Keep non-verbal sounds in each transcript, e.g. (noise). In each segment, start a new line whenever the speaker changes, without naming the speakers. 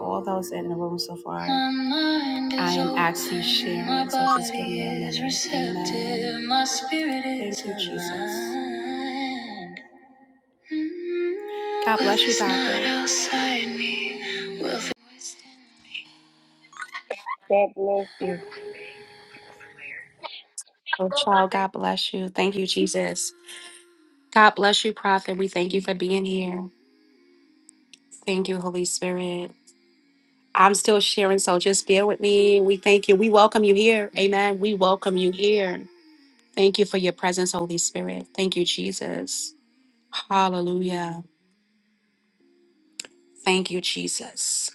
all those in the room so far.
God bless you.
Oh, child, God bless you. Thank you, Jesus. God bless you, Prophet. We thank you for being here. Thank you, Holy Spirit. I'm still sharing, so just bear with me. We thank you. We welcome you here. Amen. We welcome you here. Thank you for your presence, Holy Spirit. Thank you, Jesus. Hallelujah. Thank you, Jesus.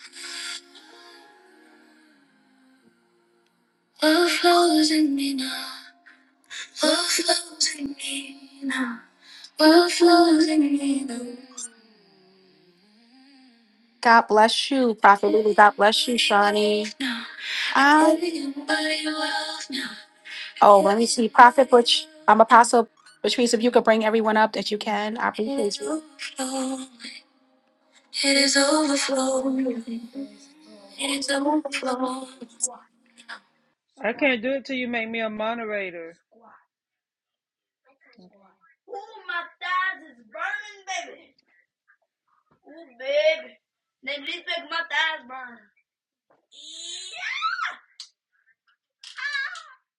God bless you, Prophet Lulu. God bless you, Shawnee. Ah, oh, let Prophet Butch, I'm Apostle Patrice, if you could bring everyone up that you can, I appreciate you.
I can't do it till you make me a moderator. Ooh, my thighs is burning, baby. Ooh, baby. Then this make my thighs burn. Yeah.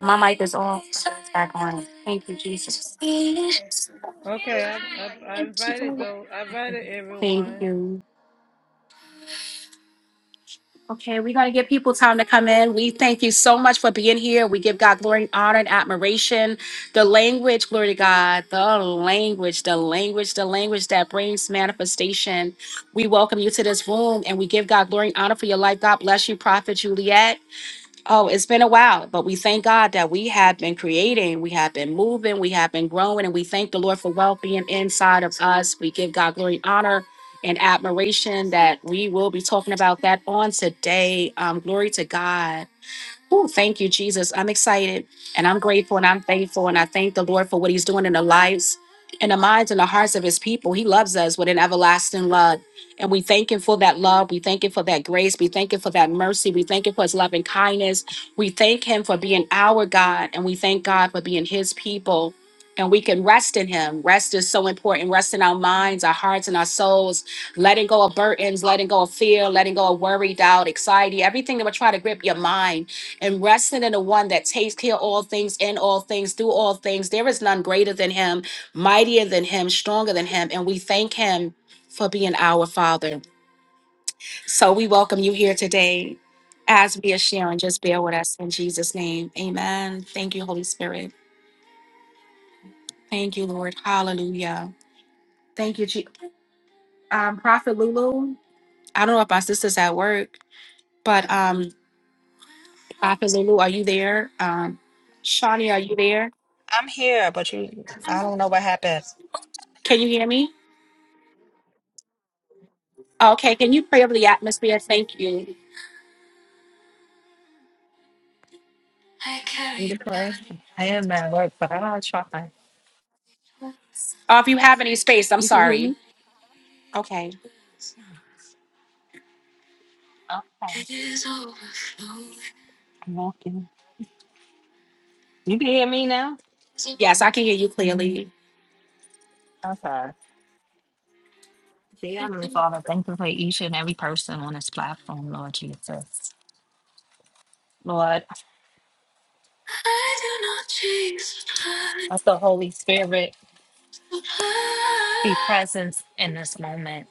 My mic is off. so It's back on. Thank you, Jesus.
Okay, I I, I invited though. I invited
Thank
everyone.
you. Okay, we're going to give people time to come in. We thank you so much for being here. We give God glory, honor, and admiration. The language, glory to God, the language, the language, the language that brings manifestation. We welcome you to this room and we give God glory and honor for your life. God bless you, Prophet Juliet. Oh, it's been a while, but we thank God that we have been creating, we have been moving, we have been growing, and we thank the Lord for wealth being inside of us. We give God glory, and honor, and admiration that we will be talking about that on today. Um, glory to God. Ooh, thank you, Jesus. I'm excited and I'm grateful and I'm thankful. And I thank the Lord for what He's doing in the lives in the minds and the hearts of His people. He loves us with an everlasting love. And we thank Him for that love. We thank Him for that grace. We thank Him for that mercy. We thank Him for His loving kindness. We thank Him for being our God. And we thank God for being His people. And we can rest in Him. Rest is so important. Rest in our minds, our hearts, and our souls. Letting go of burdens, letting go of fear, letting go of worry, doubt, anxiety, everything that would try to grip your mind and resting in the one that takes care of all things in all things through all things there is none greater than him mightier than him stronger than him and we thank him for being our father so we welcome you here today as we are sharing just bear with us in jesus name amen thank you holy spirit thank you lord hallelujah thank you Je- um, prophet lulu i don't know if my sister's at work but um prophet lulu are you there um shawnee are you there
I'm here, but you, I don't know what happened.
can you hear me Okay, can you pray over the atmosphere? Thank you.
Need to pray. I am at work, but I'm try.
Oh, if you have any space, I'm
You can hear
sorry.
me?
Okay.
Okay, I'm walking. You can hear me now?
Yes, I can hear you clearly.
Okay. Dear Heavenly Father, thank you for each and every person on this platform, Lord Jesus. Lord, let the Holy Spirit be present in this moment.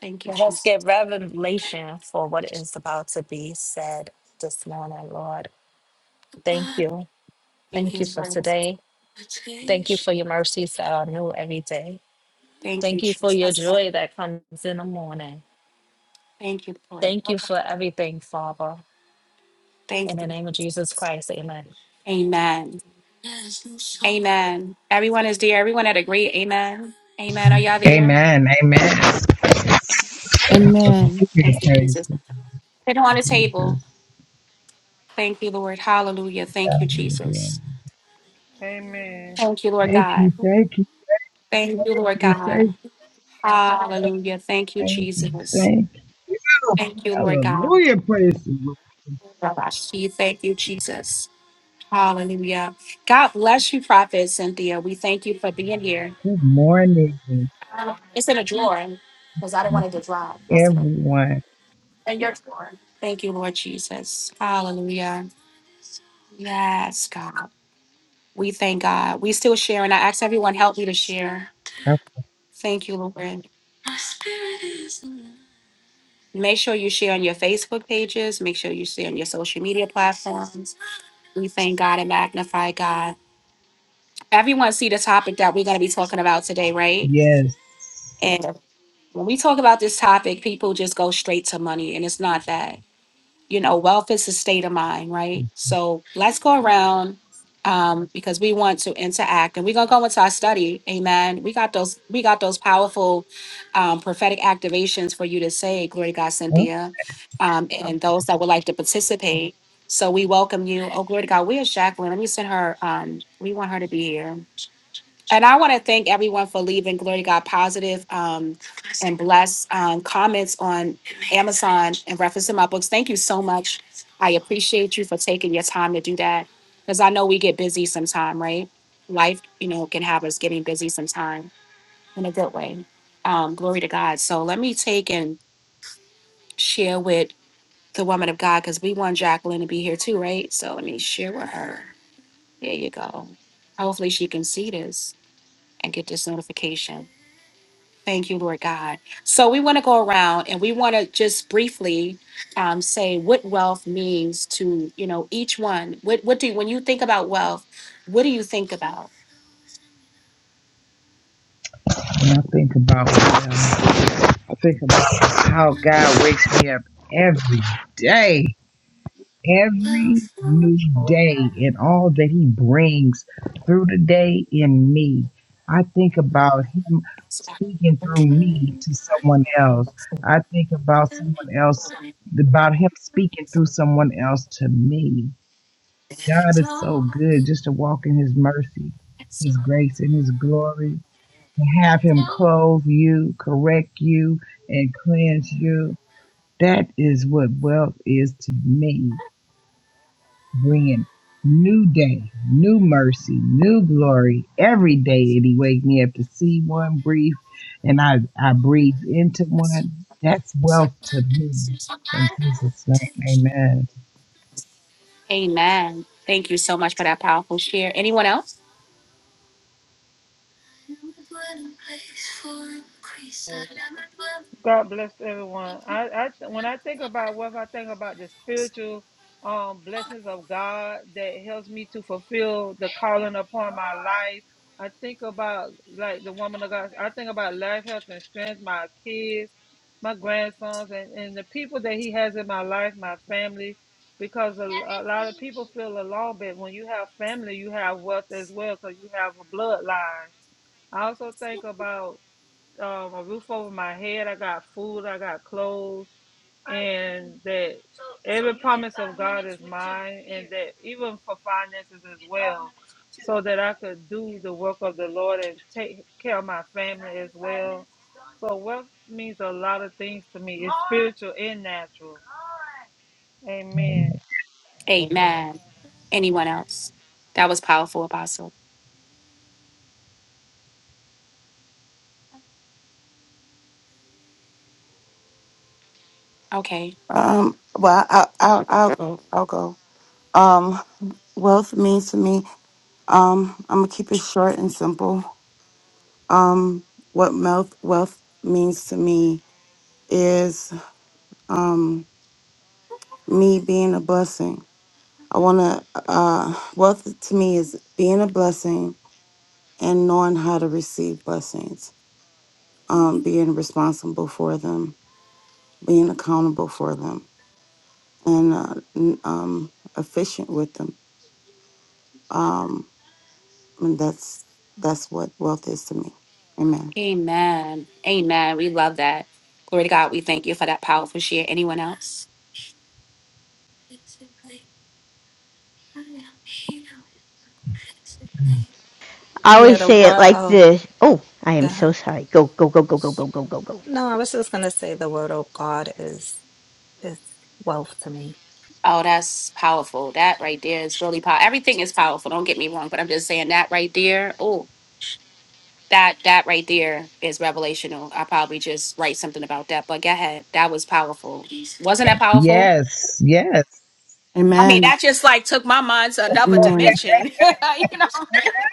Thank you,
Let us
Jesus.
get revelation for what is about to be said this morning, Lord. Thank you.
Thank
Thank
you,
you for
Lord.
today. Thank you for your mercies that are new every day.
Thank you,
Thank you for your
Jesus.
joy that comes in the morning.
Thank you, Lord.
Thank you for everything, Father.
Thank
In the
you.
name of Jesus Christ, amen.
Amen. Amen. Everyone is there. Everyone had agreed. Amen. Amen. Are y'all there?
Amen. Amen. Praise
Amen.
Thank you, Jesus.
to
Sit on the table.
Jesus.
Thank you, Lord. Hallelujah. Thank you,
God be the glory.
Jesus.
Amen.
Thank you, Lord
Thank you.
God.
Thank you.
Thank
Thank
you, Lord
you. Thank you.
God. Hallelujah. Thank you,
Thank you.
Jesus.
Thank you.
Thank you, Lord God.
Hallelujah. Praise the Lord.
Rabashi. Thank you, Jesus. Hallelujah. God bless you, Prophet Cynthia. We thank you for being here.
Good morning,
It's in a drawer because I didn't want it to drop yesterday.
everyone.
In your drawer. Thank you, Lord Jesus. Hallelujah. Yes, God. We thank God. We still share, and I ask everyone help me to share. Thank you, Lord. Make sure you share on your Facebook pages. Make sure you share on your social media platforms. We thank God and magnify God. Everyone see the topic that we're going to be talking about today, right?
Yes.
And when we talk about this topic, people just go straight to money, and it's not that. You know, wealth is a state of mind, right? So let's go around um, because we want to interact, and we're gonna go into our study. Amen. We got those. We got those powerful um, prophetic activations for you to say, "Glory to God,
Oh,
Cynthia," um, and those that would like to participate. So we welcome you. Oh, glory to God. Where's Jacqueline? Let me send her. Um, we want her to be here. And I want to thank everyone for leaving Glory to God Positive. Um, and bless um, comments on Amazon in reference to my books. Thank you so much. I appreciate you for taking your time to do that because I know we get busy sometime, right? Life, you know, can have us getting busy sometime in a good way. Um, glory to God. So let me take and share with the woman of God because we want Jacqueline to be here too, right? So let me share with her. There you go. Hopefully she can see this and get this notification. Thank you, Lord God. So we want to go around and we want to just briefly um, say what wealth means to you know each one. What what do you, when you think about wealth? What do you think about?
When I think about um, I think about how God wakes me up every day. every new day and all that he brings through the day in me. I think about him speaking through me to someone else. I think about someone else, about him speaking through someone else to me. God is so good just to walk in his mercy, his grace, and his glory. To have him clothe you, correct you, and cleanse you. That is what wealth is to me bringing new day, new mercy, new glory every day that He wake me up to see one, breathe, and I, I breathe into one. That's wealth to me. In Jesus' name, amen.
Amen. Thank you so much for that powerful share. Anyone else?
Yes. God bless everyone. I, I when I think about wealth, I think about the spiritual um blessings of God that helps me to fulfill the calling upon my life. I think about like the woman of God. I think about life, health, and strength. My kids, my grandsons, and and the people that He has in my life, my family. Because a, a lot of people feel alone, but when you have family, you have wealth as well, because you have a bloodline. I also think about um, a roof over my head. I got food. I got clothes. And that so, every so promise of God is mine, and that even for finances as well, so that I could do the work of the Lord and take care of my family as well. So wealth means a lot of things to me. It's spiritual and natural. Amen.
amen.
Amen. Anyone else? That was powerful, Apostle. Okay.
Um, well, I, I, I'll go. I'll go. Um, wealth means to me, um, I'm gonna keep it short and simple. Um, what wealth wealth means to me is um me being a blessing. I wanna uh wealth to me is being a blessing and knowing how to receive blessings. Um, being responsible for them, being accountable for them, and uh, n- um, efficient with them. Um, And that's that's what wealth is to me. Amen.
Amen. Amen. We love that. Glory to God. We thank you for that powerful share. Anyone else?
I
Yeah,
always
the
say it
word.
like
Oh,
this. Oh, I am
yeah.
so sorry. Go, go, go, go, go, go, go, go, go.
No, I was just gonna say the word of God is is wealth to me.
Oh, that's powerful. That right there is really powerful. Everything is powerful. Don't get me wrong, but I'm just saying that right there. Oh, that that right there is revelational. I probably just write something about that. But go ahead. That was powerful. Wasn't that powerful?
Yes, yes.
I mean,
Amen.
that just like took my mind to another
Amen.
dimension. (laughs) you know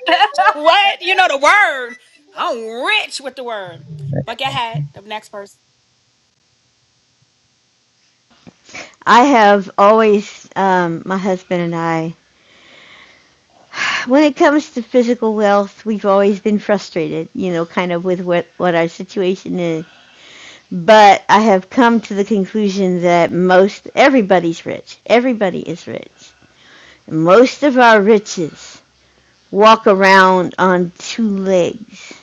(laughs) what? You know the word. I'm rich with the word. But go ahead. The next person.
I have always, um, my husband and I, when it comes to physical wealth, we've always been frustrated, you know, kind of with what, what our situation is. But I have come to the conclusion that most, everybody's rich. Everybody is rich. Most of our riches walk around on two legs.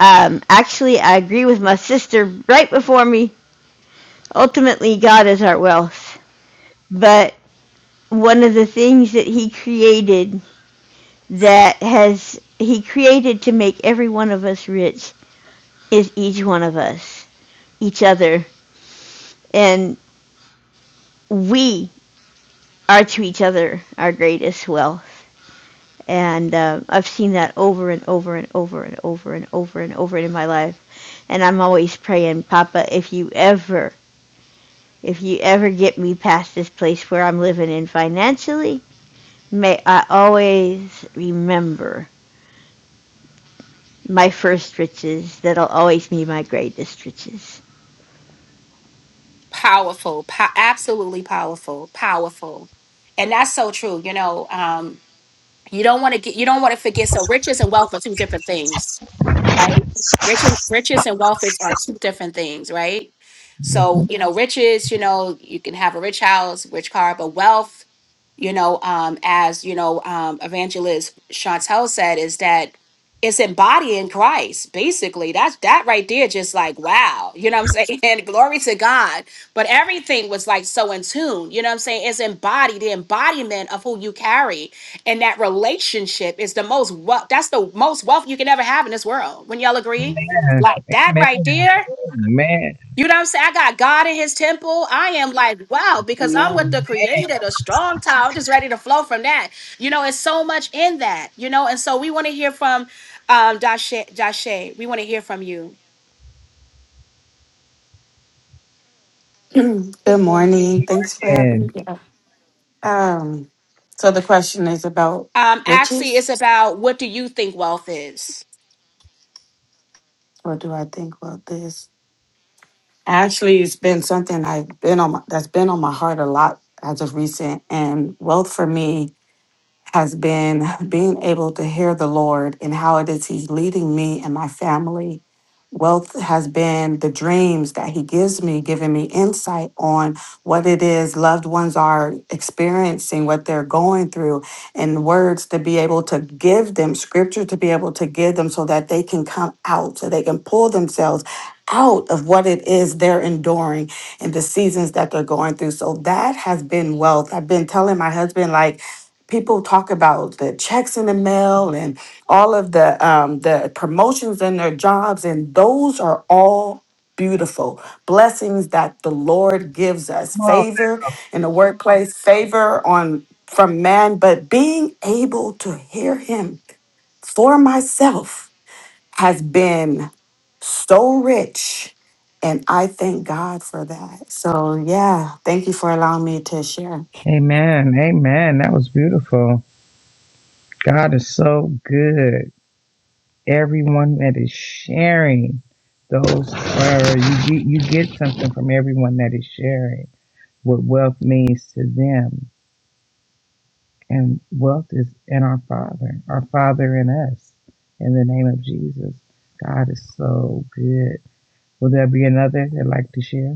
Um, actually, I agree with my sister right before me ultimately God is our wealth. But one of the things that he created that has he created to make every one of us rich is each one of us, each other, and we are to each other our greatest wealth. And uh, I've seen that over and over and over and over and over and over in my life. And I'm always praying, Papa, if you ever, if you ever get me past this place where I'm living in financially, May I always remember my first riches that'll always be my greatest riches.
Powerful. Po- absolutely powerful. Powerful. And that's so true. You know, um, You don't want to get you don't want to forget. So riches and wealth are two different things, right? Riches, riches and wealth is, are two different things, right? So
Amen.
you know, riches, you know, you can have a rich house, rich car, but wealth, you know, um, as you know, um, evangelist Chantel said, is that it's embodying Christ, basically. That's that right there, just like wow, (laughs) you know what I'm saying? (laughs) And glory to God. But everything was like so in tune, you know what I'm saying? It's embodied, the embodiment of who you carry and that relationship is the most wealth that's the most wealth you can ever have in this world when y'all agree
Amen.
like that right there
Amen.
you know what i'm saying i got god in his temple i am like wow because i'm with
Amen.
the creator the strong tower i'm just ready to flow from that you know it's so much in that you know and so we want to hear from um dashe dashe we want to hear from you
(clears throat) Good morning. Thanks for having
Amen.
me. Yeah. Um, so the question is about
um actually it's
riches.
about what do you think wealth is
What do I think about this? Actually, it's been something I've been on my, that's been on my heart a lot as of recent. And wealth for me has been being able to hear the Lord and how it is He's leading me and my family. Wealth has been the dreams that He gives me, giving me insight on what it is loved ones are experiencing, what they're going through, and words to be able to give them, scripture to be able to give them so that they can come out, so they can pull themselves out of what it is they're enduring and the seasons that they're going through. So that has been wealth. I've been telling my husband, like, people talk about the checks in the mail and all of the um, the promotions in their jobs, and those are all beautiful blessings that the Lord gives us.
Come on.
Favor in the workplace, favor on from man, but being able to hear Him for myself has been so rich. And I thank God for that. So, yeah, thank you for allowing me to share.
Amen. Amen. That was beautiful. God is so good. Everyone that is sharing those are you get you get something from everyone that is sharing what wealth means to them. And wealth is in our Father, our Father in us. In the name of Jesus. God is so good. Will there be another that like to share?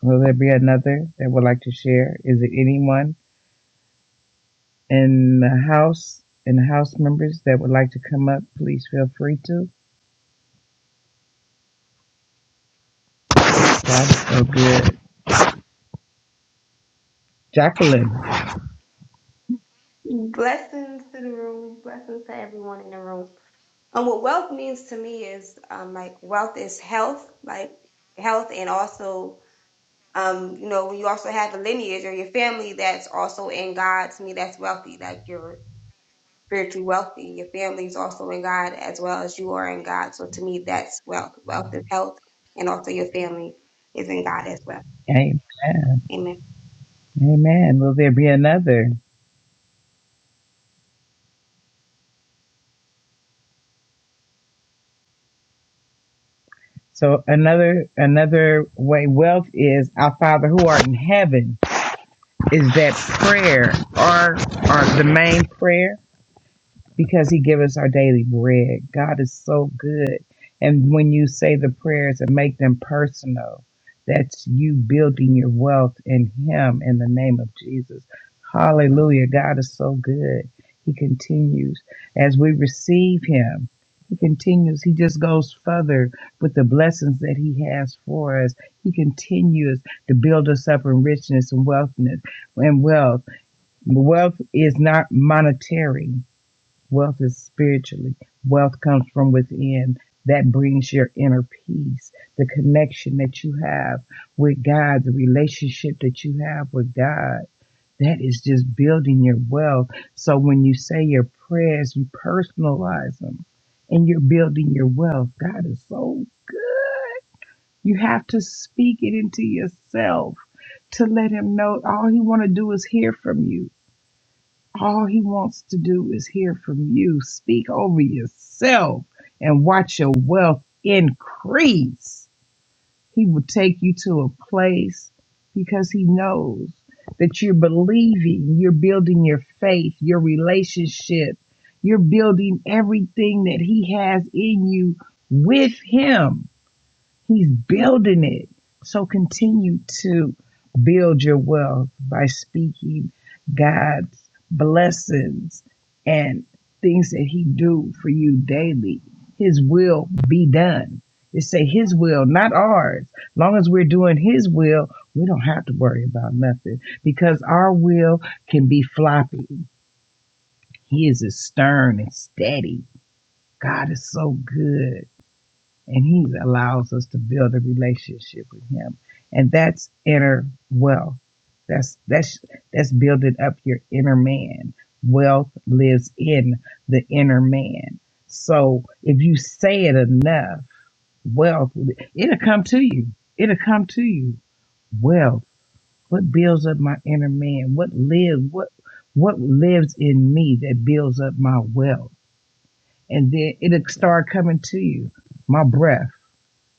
Will there be another that would like to share? Is it anyone in the house, in the house members that would like to come up? Please feel free to. That's so good. Jacqueline.
Blessings to the room, blessings to everyone in the room. And what wealth means to me is um, like wealth is health, like health, and also um, you know when you also have a lineage or your family that's also in God. To me, that's wealthy. Like you're spiritually wealthy. Your family's also in God as well as you are in God. So to me, that's wealth. Wealth is health, and also your family is in God as well.
Amen.
Amen.
Amen. Will there be another? So another another way wealth is our Father who art in heaven is that prayer or or the main prayer because he gives us our daily bread. God is so good. And when you say the prayers and make them personal, that's you building your wealth in him in the name of Jesus. Hallelujah. God is so good. He continues as we receive him. He continues. He just goes further with the blessings that he has for us. He continues to build us up in richness and wealthness and wealth. Wealth is not monetary Wealth is spiritually. Wealth comes from within. That brings your inner peace, the connection that you have with God, the relationship that you have with God. That is just building your wealth. So when you say your prayers, you personalize them and you're building your wealth. God is so good. You have to speak it into yourself to let him know all he want to do is hear from you. All he wants to do is hear from you. Speak over yourself and watch your wealth increase. He will take you to a place because he knows that you're believing, you're building your faith, your relationship, you're building everything that he has in you with him. He's building it. So continue to build your wealth by speaking God's blessings and things that he do for you daily. His will be done. They say his will, not ours. Long as we're doing his will, we don't have to worry about nothing because our will can be floppy. He is stern and steady. God is so good and he allows us to build a relationship with him and that's inner wealth that's that's that's building up your inner man wealth lives in the inner man so if you say it enough wealth it'll come to you it'll come to you wealth what builds up my inner man what lives what what lives in me that builds up my wealth and then it'll start coming to you my breath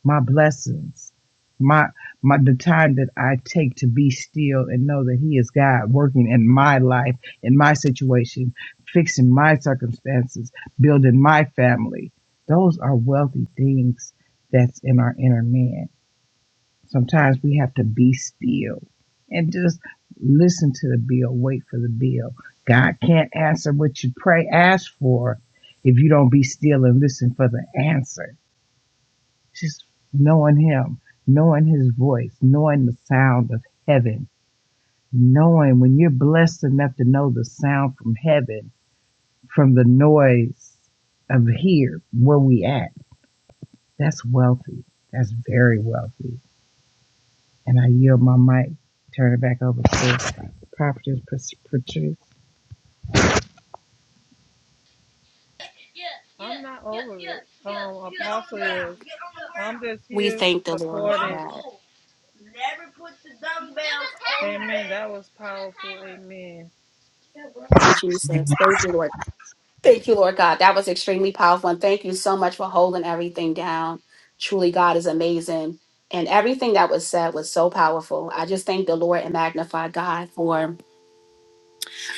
my blessings, my my the time that I take to be still and know that He is God working in my life, in my situation, fixing my circumstances, building my family. Those are wealthy things that's in our inner man. Sometimes we have to be still and just listen to the bill, wait for the bill. God can't answer what you pray, ask for if you don't be still and listen for the answer just knowing Him, knowing His voice, knowing the sound of heaven, knowing when you're blessed enough to know the sound from heaven, from the noise of here, where we at, that's wealthy. That's very wealthy. And I yield my mic, turn it back over to Prophetess Pat- Patrice.
I'm Yeah, not yeah, over yeah, it. yeah, um, Get on the Apostle ground. is. Get on the I'm ground. just
we
here One
thank the lord for
supporting.
that
rule. Never put the dumbbells on the Amen. That was powerful. Amen.
which he says thank you lord Thank you, Lord God. That was extremely powerful. And thank you so much for holding everything down. Truly, God is amazing. And everything that was said was so powerful. I just thank the Lord and magnify God for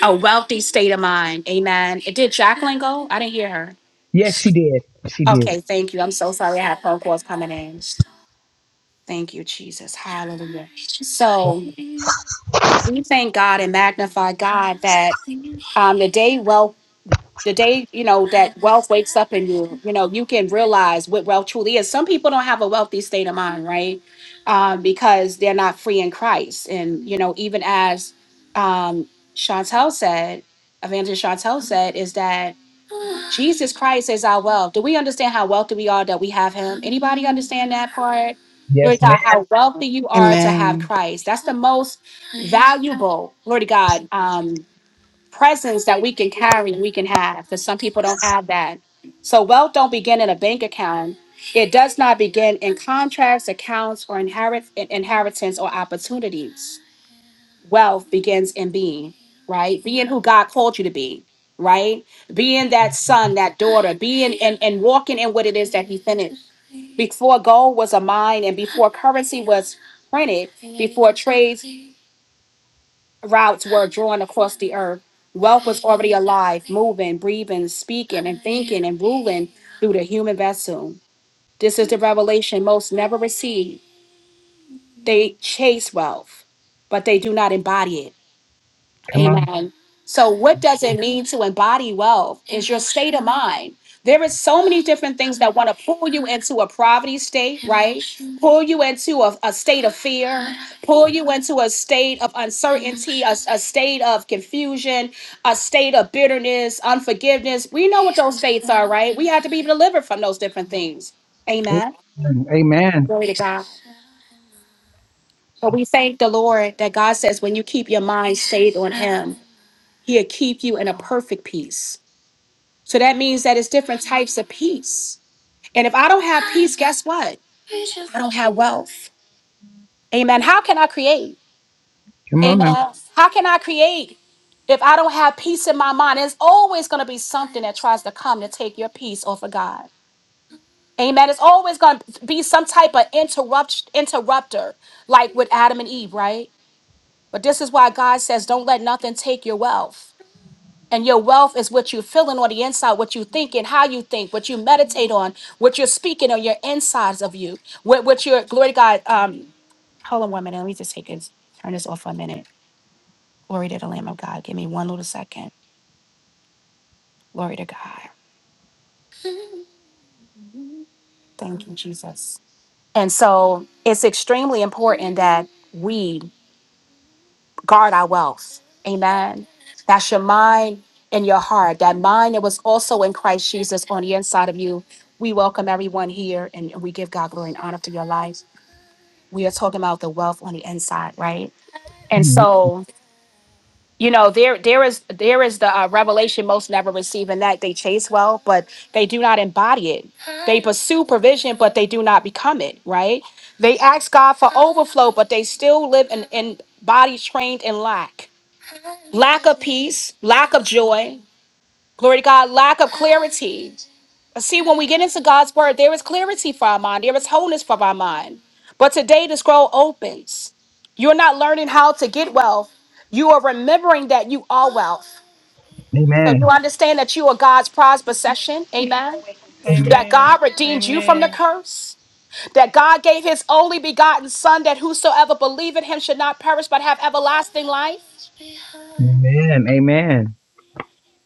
a wealthy state of mind. Amen. It did Jacqueline go? I didn't hear her.
Yes, she did. She did.
Okay, thank you. I'm so sorry I had phone calls coming in. Thank you, Jesus. Hallelujah. We thank God and magnify God that um the day well the day, you know, you know you can realize what wealth truly is some people don't have a wealthy state of mind right um, because they're not free in christ and you know even as um, chantel said evangelist chantel said is that jesus christ is our wealth do we understand how wealthy we are that we have him anybody understand that part Glory
Yes, ma'am.
God, how wealthy you are to have
Amen.
Christ. That's the most valuable, Glory to God, um, presence that we can carry and we can have because some people don't have that so wealth don't begin in a bank account it does not begin in contracts accounts or inherit in- inheritance or opportunities wealth begins in being right being who god called you to be right being that son that daughter being and, and walking in what it is that he finished before gold was a mine and before currency was printed before trades routes were drawn across the earth. Wealth was already alive, moving, breathing, speaking, and thinking and ruling through the human vessel. This is the revelation most never receive. They chase wealth, but they do not embody it.
Come on.
Amen. So, what does it mean to embody wealth? Is your state of mind. There is so many different things that want to pull you into a poverty state, right? Pull you into a, a state of fear, pull you into a state of uncertainty, a, a state of confusion, a state of bitterness, unforgiveness. We know what those states are, right? We have to be delivered from those different things. Amen.
Amen.
Glory to God. But we thank the Lord that God says when you keep your mind stayed on He'll keep you in a perfect peace. So that means that it's different types of peace. And if I don't have peace, guess what? don't have wealth. Amen. How can I create?
Come
Amen.
on now.
How can I create if I don't have peace in my mind? It's always going to be something that tries to come to take your peace off of God. Amen. It's always going to be some type of interrupt interrupter, like with Adam and Eve, right? But this is why God says, don't let nothing take your wealth. And your wealth is what you're feeling on the inside, what you think and how you think, what you meditate on, what you're speaking on your insides of you, what, what your glory to God. Um, hold on one minute. Let me just take this, turn this off for a minute. Glory to the Lamb of God. Give me one little second. Glory to God. Thank you, Jesus. And so it's extremely important that we guard our wealth. Amen. That's your mind and your heart. That mind that was also in Christ Jesus on the inside of you. We welcome everyone here and we give God glory and honor to your life. We are talking about the wealth on the inside, right? And
Amen.
so, you know, there there is there is the uh, revelation most never receive in that they chase wealth, but they do not embody it. They pursue provision, but they do not become it, right? They ask God for overflow, but they still live in, in bodies trained in lack lack of peace, lack of joy, glory to God, lack of clarity. See, when we get into God's word, there is clarity for our mind, there is wholeness for our mind. But today, the scroll opens. You're not learning how to get wealth, you are remembering that you are wealth. So you
Amen.
understand that you are God's prized possession. Amen.
Amen.
That
Amen.
God redeemed you from the
Amen.
curse. That God gave his only begotten son that whosoever believe in him should not perish but have everlasting life.
Amen.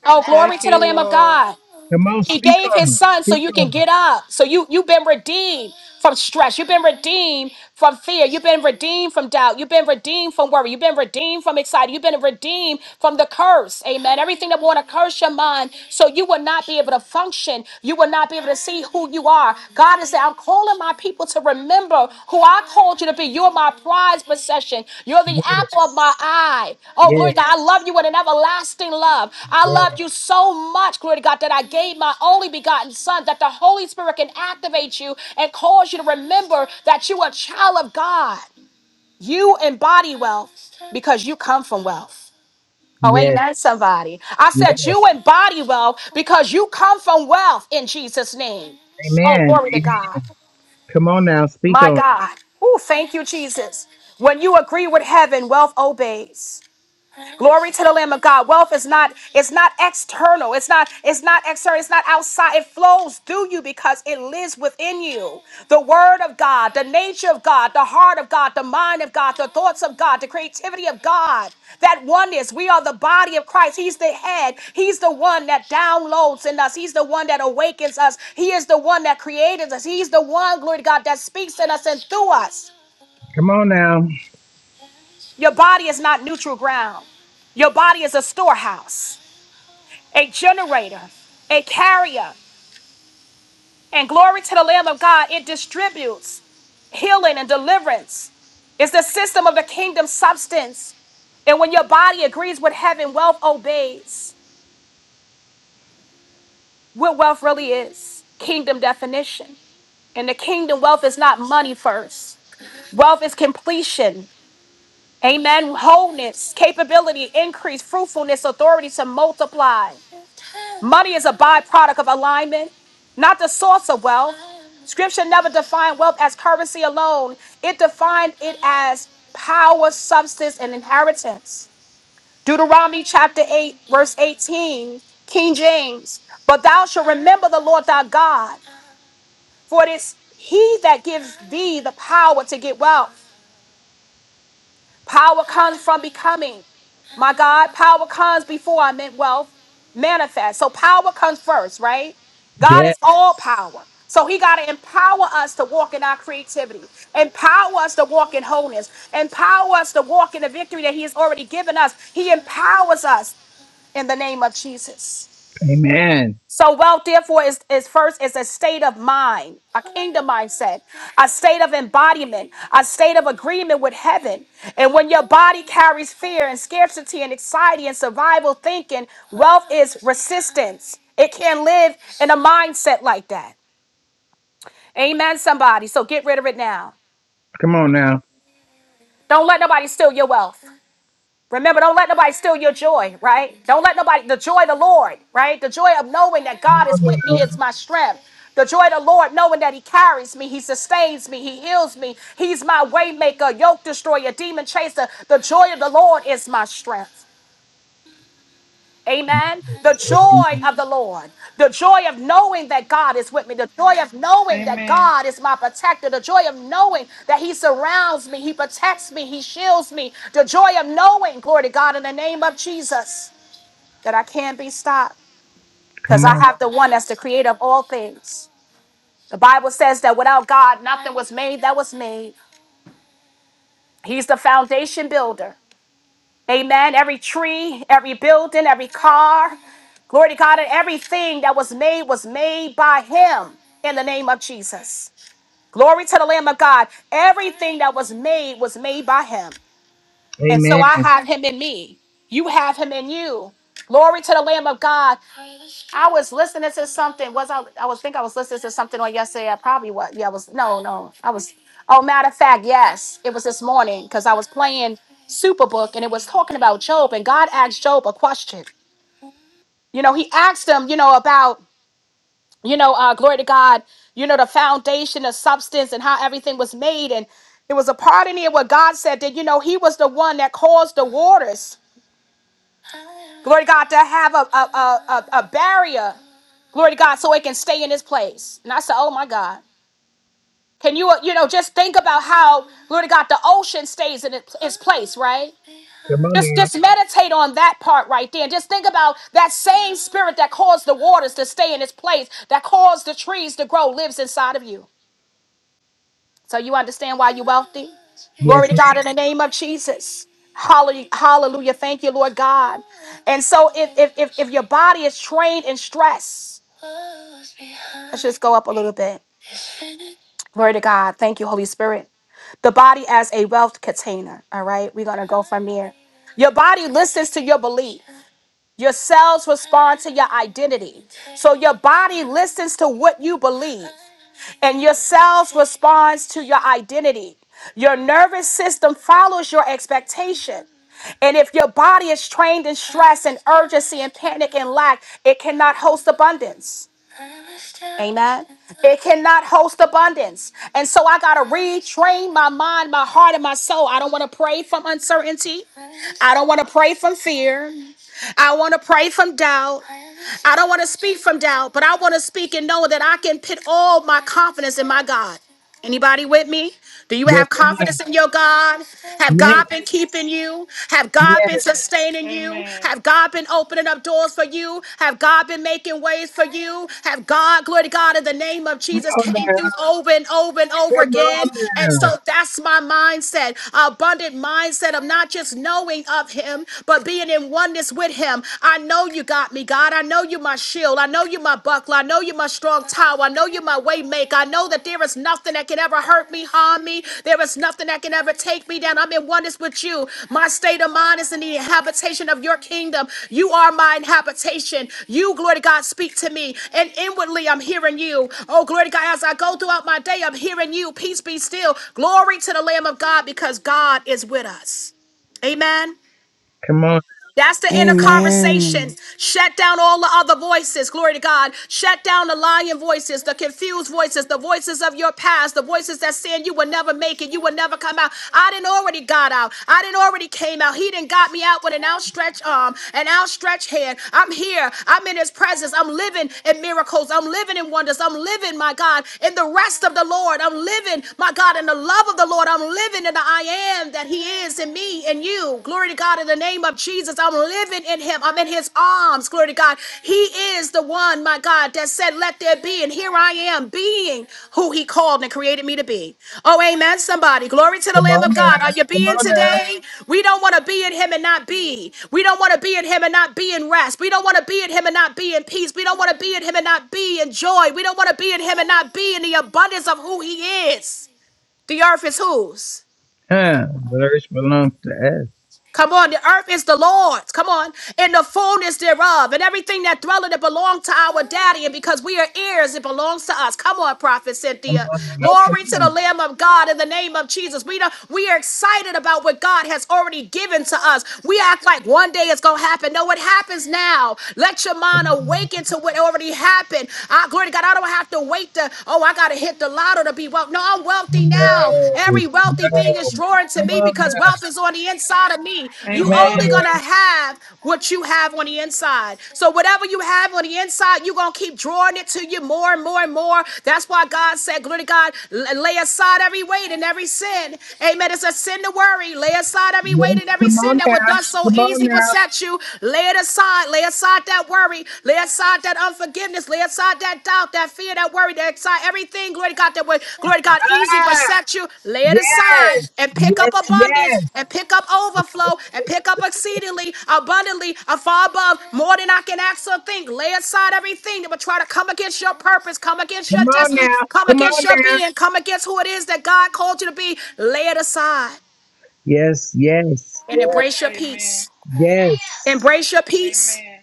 Thank
Oh,
ground.
glory to the
you,
Lamb of
Lord.
God.
Come on,
He
speak
gave his
on it.
son so
Speak
you can
on it.
get up. So you you've been redeemed from stress. You've been redeemed from fear. You've been redeemed from doubt. You've been redeemed from worry. You've been redeemed from anxiety. You've been redeemed from the curse. Amen. Everything that want to curse your mind, so you will not be able to function. You will not be able to see who you are. God is saying calling my people to remember who I called you to be. You're my prize possession. You're the apple of
Yes.
my eye. Oh, glory to God. I
Yes.
love you with an everlasting love. I
Yes.
loved you so much, glory to God, that I gave my only begotten son that the Holy Spirit can activate you and cause you to remember that you are a child of God. You embody wealth because you come from wealth. Oh, amen,
Yes.
somebody. I
Yes.
said, You embody wealth because you come from wealth in Jesus' name. Oh,
Amen.
glory to
Amen.
God.
Come on now. Speak
My
on it.
God. Oh, thank you, Jesus. When you agree with heaven, wealth obeys. Glory to the Lamb of God. Wealth is not it's not external. It's not it's not external. It's not outside. It flows through you because it lives within you. The word of God, the nature of God, the heart of God, the mind of God, the thoughts of God, the creativity of God. That oneness. We are the body of Christ. He's the head. He's the one that downloads in us. He's the one that awakens us. He is the one that created us. He's the one, glory to God, that speaks in us and through us.
Come on now.
Your body is not neutral ground. Your body is a storehouse. a generator, a carrier. And glory to the Lamb of God, it distributes healing and deliverance. It's the system of the kingdom substance. And when your body agrees with heaven, wealth obeys what wealth really is kingdom definition. And the kingdom wealth is not money first, wealth is completion. Amen. Wholeness, capability, increase, fruitfulness, authority to multiply. Money is a byproduct of alignment, not the source of wealth. Scripture never defined wealth as currency alone, it defined it as power, substance, and inheritance. Deuteronomy chapter 8, verse 18, King James. But thou shalt remember the Lord thy God, for it is he that gives thee the power to get wealth. Power comes from becoming. My God, power comes before I meant wealth manifest. So power comes first, right? God is all
Yes.
power. So he got to empower us to walk in our creativity, empower us to walk in wholeness, empower us to walk in the victory that he has already given us. He empowers us in the name of Jesus.
Amen.
So wealth, therefore, is, is first is a state of mind, a kingdom mindset, a state of embodiment, a state of agreement with heaven. And when your body carries fear and scarcity and anxiety and survival thinking, wealth is resistance. It can't live in a mindset like that. Amen, somebody. So get rid of it now.
Come on now.
Don't let nobody steal your wealth. Remember, don't let nobody steal your joy, right? Don't let nobody, the joy of the Lord, right? The joy of knowing that
Come
God
on
is with me
now.
is my strength. The joy of the Lord, knowing that He carries me, He sustains me, He heals me, He's my waymaker, yoke destroyer, demon chaser. The joy of the Lord is my strength. Amen. The
Amen.
joy of the Lord. The joy of knowing that God is with me. The joy of knowing that
Amen.
God is my protector. The joy of knowing that He surrounds me. He protects me. He shields me. The joy of knowing, glory to God, in the name of Jesus, that I can't be stopped because
Come
I
on.
have the one that's the creator of all things. The Bible says that without God, nothing was made that was made. He's the foundation builder. Amen. Every tree, every building, every car, glory to God, and everything that was made was made by Him in the name of Jesus. Glory to the Lamb of God. Everything that was made was made by Him. And so
Amen.
I have Him in me. You have Him in you. Glory to the Lamb of God. I was listening to something. Was I? I was think I was listening to something on yesterday. I probably was. Yeah, I was. No, no, I was. Oh, matter of fact, yes, it was this morning because I was playing Superbook and it was talking about Job and God asked Job a question. You know, He asked him, you know, about you know, uh, glory to God, you know, the foundation, the substance, and how everything was made and. It was a part in here where God said that, you know, he was the one that caused the waters Glory to God, to have a, a, a, a, a barrier, glory to God, so it can stay in its place. And I said, oh my God. Can you, uh, you know, just think about how, glory to God, the ocean stays in it- its place, right?
Come on
Just,
now.
just meditate on that part right there. And just think about that same spirit that caused the waters to stay in its place, that caused the trees to grow, lives inside of you. So you understand why you're wealthy? Glory
Yes,
to
ma'am.
God in the name of Jesus. Hallelujah. Hallelujah. Thank you, Lord God. And so if if if, if your body is trained in stress, let's just go up a little bit. Glory to God. Thank you, Holy Spirit. The body as a wealth container. All right. We're gonna go from there. Your body listens to your belief. Your cells respond to your identity. So your body listens to what you believe. and your cells responds to your identity. Your nervous system follows your expectation. And if your body is trained in stress and urgency and panic and lack, it cannot host abundance. Amen. It cannot host abundance. And so I got to retrain my mind, my heart, and my soul. I don't want to pray from uncertainty. I don't want to pray from fear. I want to pray from doubt. I don't want to speak from doubt, but I want to speak and know that I can put all my confidence in my God. Anybody with me? Do you
Yes,
have Yes. confidence
ma'am.
in your God? Have God been
Yes.
keeping you? Have God been
Yes.
sustaining you?
Amen.
Have God been opening up doors for you? Have God been making ways for you? Have God, glory to God, in the name of
Come
Jesus,
on
came
now.
through over and over and over
Come
again?
on
And
now.
so that's my mindset, abundant mindset of not just knowing of Him, but being in oneness with him. I know you got me, God. I know you my shield. I know you my buckler. I know you my strong tower. I know you my way maker. I know that there is nothing that can ever hurt me, harm me. There is nothing that can ever take me down. I'm in oneness with you. My state of mind is in the habitation of your kingdom. You are my inhabitation. You, glory to God, speak to me. And inwardly, I'm hearing you. Oh, glory to God, as I go throughout my day, I'm hearing you. Peace be still. Glory to the Lamb of God because God is with us. Amen.
Come on.
That's the inner
Amen.
conversation. Shut down all the other voices. Glory to God. Shut down the lying voices, the confused voices, the voices of your past, the voices that saying you will never make it, you will never come out. I didn't already got out. I didn't already came out. He didn't got me out with an outstretched arm, an outstretched hand. I'm here. I'm in his presence. I'm living in miracles. I'm living in wonders. I'm living, my God, in the rest of the Lord. I'm living, my God, in the love of the Lord. I'm living in the I am that he is in me and you. Glory to God. In the name of Jesus, I'm living in him. I'm in his arms. Glory to God. He is the one, my God, that said, Let there be. And here I am, being who he called and created me to be. Oh, amen. Somebody. Glory to the
Come
Lamb
on
of God. Are
now.
you
Come
being
on now.
today? We don't want to be in him and not be. We don't want to be in him and not be in rest. We don't want to be in him and not be in peace. We don't want to be in him and not be in joy. We don't want to be in him and not be in the abundance of who he is. The earth is whose?
Huh. The earth belongs to us.
Come on, the earth is the Lord's. Come on, and the fullness thereof, and everything that dwelleth it belongs to our daddy. And because we are heirs, it belongs to us. Come on, Prophet
Come
Cynthia.
on now. Come
Glory to
on.
the Lamb of God in the name of Jesus. We don't, we are excited about what God has already given to us. We act like one day it's gonna happen. No, it happens now. Let your mind awaken to what already happened. I, glory to God. I don't have to wait to, oh, I gotta hit the lottery model to be wealthy. No, I'm
No,
wealthy now.
no.
Every wealthy thing is drawing to
Come
me
on
because
now.
wealth is on the inside of me. You
Come on
only
Amen.
now.
gonna have what you have on the inside. So whatever you have on the inside, you're gonna keep drawing it to you more and more and more. That's why God said, Glory to God, l- lay aside every weight and every sin. Amen. It's a sin to worry. Lay aside every weight
Yes,
and every
come
sin
on
that would
now.
thus so
Come on
easily
now.
beset you. Lay it aside. Lay aside that worry, lay aside that unforgiveness, lay aside that doubt, that fear, that worry, that anxiety, everything, glory to God, that was, glory to God, easy for
Ah,
you. lay it aside
yes.
and pick up
Yes,
abundance
yes.
and pick up overflow and pick up exceedingly, abundantly, and far above, more than I can ask or think. Lay aside everything that would try to come against your purpose, come against your
Come on
destiny,
now.
come
Come
against
on
your
now.
being, come against who it is that God called you to be. Lay it aside
Yes, yes.
and
Yes,
embrace your
Amen.
peace.
yes.
Embrace your peace.
Amen.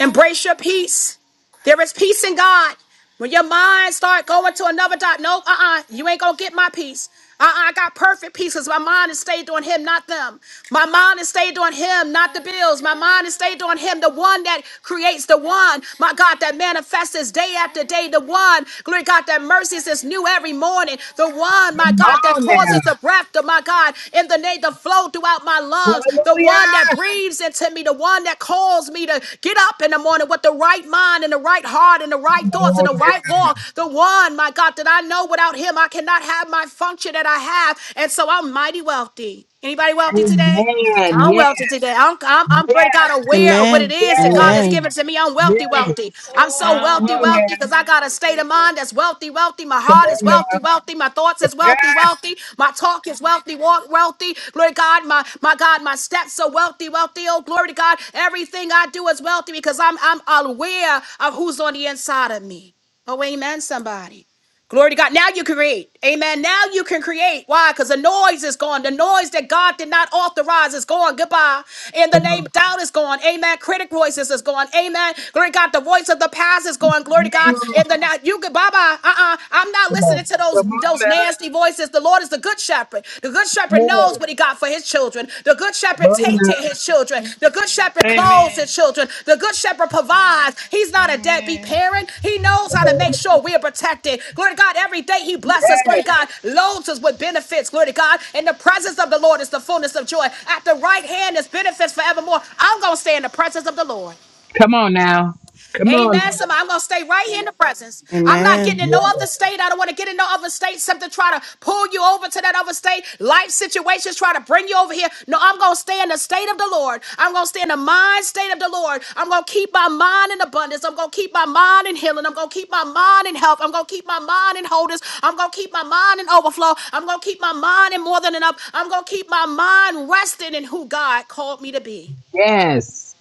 Embrace your peace. There is peace in God. When your mind start going to another dot, no, uh-uh, you ain't gonna get my peace. Uh-uh, I got perfect peace because my mind is stayed on him, not them. My mind is stayed on him, not the bills. My mind is stayed on him, the one that creates the one, my God, that manifests us day after day, the one, glory to God, that mercies is new every morning, the one, my
Come
God, that
on now.
causes the breath of my God in the name to flow throughout my lungs, the
Hallelujah.
one that breathes into me, the one that calls me to get up in the morning with the right mind and the right heart and the right
Come
thoughts and
on
the right
now.
walk, the one, my God, that I know without him I cannot have my function that I have. And so I'm mighty wealthy. Anybody wealthy today?
Amen.
I'm
Yes.
wealthy today. I'm, I'm, I'm pretty God aware
Yes.
of what
Amen.
it is that God
Yes.
has given
Amen.
to me. I'm wealthy, wealthy.
Yes.
I'm so
I'm
Come
wealthy,
on
well
wealthy
in the
because
now.
I
name
got a
of
state of mind
Jesus.
that's wealthy, wealthy. My
Come
heart is
on
wealthy,
now.
wealthy. My thoughts is wealthy,
Ah,
wealthy. My talk is wealthy, wa- wealthy. Glory to God, my, my God, my steps are wealthy, wealthy. Oh, glory to God. Everything I do is wealthy because I'm, I'm aware of who's on the inside of me. Oh, amen, somebody. Glory to God. Now you can create. Amen. Now you can create. Why? Because the noise is gone. The noise that God did not authorize is gone. Goodbye. In the
come
name, of doubt is gone. Amen. Critic voices is gone. Amen. Glory to God. The voice of the past is gone. Glory to God.
on.
In the now, you can bye bye. Uh uh. I'm not
Come on.
listening to those
Come on
those
now.
nasty voices. The Lord is the good shepherd. The good shepherd knows what
Yeah.
he got. God, for his children. The good
Come
shepherd
on
takes to
now.
his children. The good shepherd clothes
Amen.
his children. The good shepherd provides. He's not a deadbeat
Amen.
parent. He knows how to make sure we are protected. Glory to God. Every day he blesses us. Glory to
Yes.
God. Loads us with benefits. Glory to God. In the presence of the Lord is the fullness of joy. At the right hand is benefits forevermore. I'm going to stay in the presence of the Lord.
Come on now. Come on
Amen. Somebody, I'm gonna stay right here in the presence. I'm not getting in
now.
no
Amen.
Yes.
other state. I don't want to get in no other state. Something try to pull you over to that other state. Life situations try to bring you over here. No, I'm gonna stay in the state of the Lord. I'm gonna stay in the mind state of the Lord. I'm gonna keep my mind in abundance. I'm gonna keep my mind in healing. I'm gonna keep my mind in health. I'm gonna keep my mind in wholeness. I'm gonna keep my mind in overflow. I'm gonna keep my mind in more than enough. I'm gonna keep my mind resting in who God called me to be.
Yes.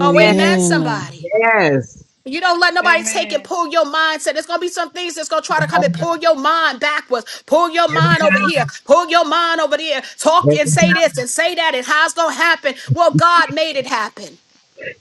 Oh,
Yes.
amen, somebody.
yes.
You don't let nobody take and
Amen.
pull your mindset. There's gonna be some things that's gonna try to come and pull your mind backwards, pull your
Every
mind over
time.
here, pull your mind over there, talk
Every
and say
time.
this and say that, and how it's gonna happen. Well, God made it happen.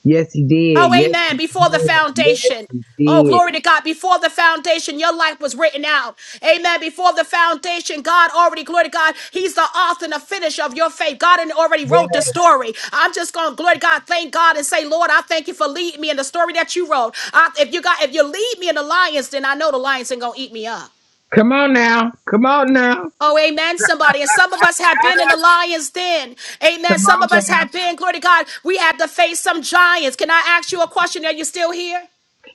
Yes, he did.
Oh,
Yes,
amen.
he
Before the
did.
foundation.
Yes, he
Oh,
did.
glory to God. Before the foundation, your life was written out. Amen. Before the foundation, God already, glory to God, He's the author and the finisher of your faith. God had already wrote the
Yes.
story. I'm just going to, glory to God, thank God and say, Lord, I thank you for leading me in the story that you wrote. I, if you got, if you lead me in the lions, then I know the lions ain't going to eat me up.
Come on now. Come on now.
Oh, amen, somebody. And some of us have been in the lion's den. Amen.
Come
Some
on
of us
now.
have been, glory to God, we had to face some giants. Can I ask you a question? Are you still here?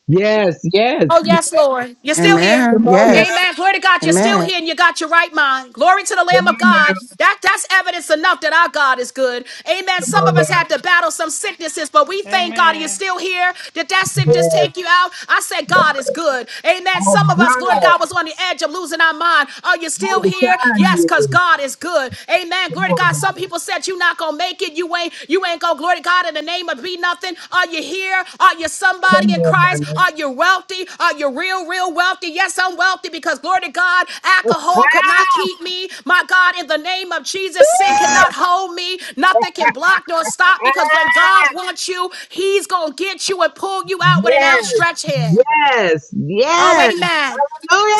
Yes,
Oh,
yes.
yes, Lord. You're still here.
Amen.
Come on now.
Yes.
Amen. Glory to God. You're still
Amen.
here and you got your right mind. Glory to the
Come
Lamb of
on now.
God. That, that's evidence enough that our God is good. Amen.
Come
Some
on
of us had
now.
to battle some sicknesses, but we thank God you're
Amen.
still here. Did that sickness
Yes.
take you out? I said, God is good. Amen.
All
Some of
the
us, Lord
time.
God, was on the edge of losing our mind. Are you
All
still
the
here?
time.
Yes, because
Yes.
God is good. Amen.
Come
Glory to
on
God. Some
now.
people said you not gonna make it. You ain't you ain't gonna glory to God in the name of be nothing. Are you here? Are you somebody
Come
in
on
Christ?
now.
Are you wealthy? Are you real, real wealthy? Yes, I'm wealthy because glory to God,
(laughs)
alcohol could not
Ah!
keep me. My God, in the name of Jesus, sin
Ah!
cannot hold me. Nothing can block nor stop because when God wants you, He's gonna get you and pull you out with an
Yes,
outstretched hand.
yes,
Oh,
yes.
amen.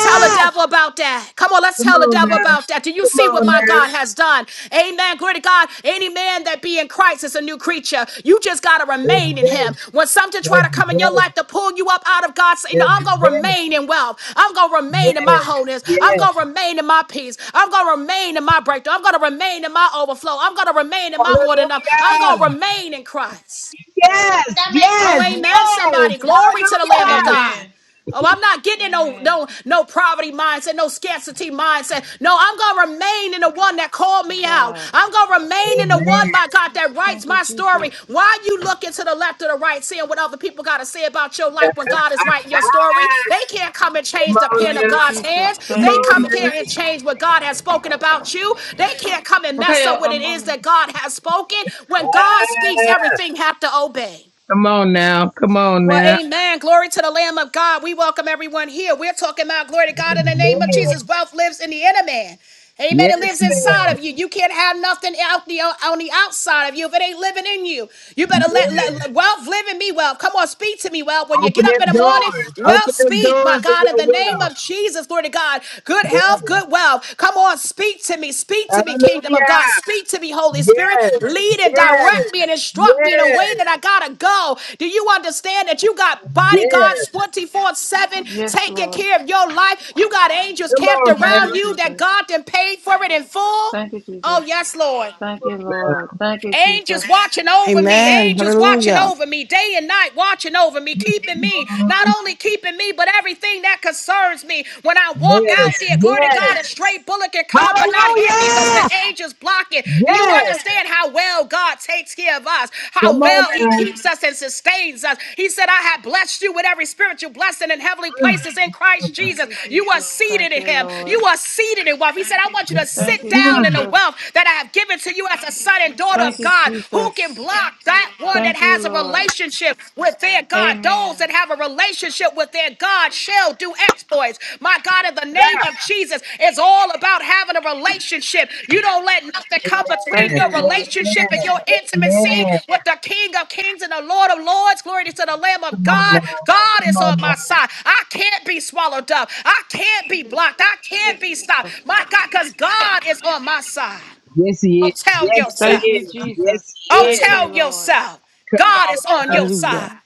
Tell the devil about that. Come on, let's
Come
tell the
on
devil
now.
about that. Do you
Come
see what
on
my
now.
God has done? Amen. Glory to God. Any man that be in Christ is a new creature. You just got to
Every
remain in
day,
him. When something try to
every
come in your
day,
life to pull you up out of God's, you know, I'm
every
going to
day.
remain in wealth. I'm going to remain in my
Yes,
wholeness. I'm
yes.
going to remain in my peace. I'm going to remain in my breakthrough. I'm going to remain in my overflow. I'm going to remain in my more than enough. I'm going
Hallelujah.
to remain in Christ.
Yes,
Stop making
Oh,
the
yes, yes.
noise.
amen, somebody. Glory to the Lamb of
Hallelujah.
God.
Amen.
Oh, I'm not getting in no
Amen.
no no poverty mindset, no scarcity mindset. No, I'm gonna remain in the one that called me out.
God.
I'm gonna remain in the
Amen.
one, my God, that writes
Thank you,
my
Jesus.
story. Why you looking to the left or the right, seeing what other people gotta say about your
(laughs)
life when God is writing your story? They can't come and change
Come
the
on
pen
Thank
of
now.
you,
God's
Jesus.
hands.
Come
Thank
They
you,
on
come
now.
can't and
Jesus.
change what God has spoken about you. They can't come and mess up
Micaiah,
what it
I'm on
is that
the
God has spoken. When God speaks,
Ah,
everything have to obey.
Come on now. Come on
Well,
now.
amen. Glory to the Lamb of God. We welcome everyone here. We're talking about glory to God in the name of
Amen.
Jesus. Wealth lives in the inner man. Amen. It
Yes,
lives
ma'am.
inside of you. You can't have nothing out the on the outside of you if it ain't living in you. You better let,
Yes.
let, let wealth live in me, wealth. Come on, speak to me, wealth. When you get
Open
up in
them
the morning,
doors.
wealth
Open them
speak, my
doors of
God, in
your
the name
will.
of Jesus. Jesus, glory to God. Good health,
Yes.
good wealth. Come on, speak to me. Speak to me, kingdom of
Hallelujah.
God. Speak to me, Holy Spirit.
Yes.
Lead and direct me and
Yes.
instruct me in a
Yes.
way that I gotta go. Do you understand that you got bodyguards
Yes.
24 7 taking care of your life? You got angels
Come
camped
on now.
around you that God then paid for it in full? Oh, yes, Lord.
Come on now.
Angels watching over me.
Amen.
Angels watching
Hallelujah.
over me. Day and night watching over me. Keeping me. Not only keeping me, but everything that concerns me. When I
Yes, Mhm.
walk out
yes.
there, glory to God, a
Yes.
straight bullet can come but not hit me because the
Hallelujah!
angels block it. Do you
Yes.
understand how well God takes care of us? How
Come on
well He
now.
keeps us and sustains us. He said, I have blessed you with every spiritual blessing in heavenly
Mm,
places in Christ
Thank
Jesus.
you,
You are
Jesus.
seated
Thank
in
you,
Him. You
Lord.
are seated in wealth. He said, I want you to
Thank
sit
you,
down in
mm.
the
Jesus.
wealth that I have given to you you as a son and daughter
Thank
of
you,
God. Who can
Jesus.
block that one that
Thank you,
has a
Lord.
relationship with their God? Those
Amen.
that have a relationship with their God shall do exploits. My God, in the name
Ah,
of Jesus, it's all about having a relationship. You don't let nothing come between
Thank
amen.
your
you, Lord.
relationship and
Amen.
your intimacy
Amen.
with the King of Kings and the Lord of Lords. Glory to the Lamb of
Come on
God.
now.
God
Come
is on
on now.
my side. I can't be swallowed up. I can't be blocked. I can't be stopped.
Jesus.
My God, because God is on my side.
Yes, he
Oh,
is.
tell
Yes, he
Thank you,
yourself.
is.
Jesus.
Yes, he
Oh,
Thank
is.
you,
tell
Lord.
yourself.
Come
God
on
is on
now.
your
Hallelujah.
side.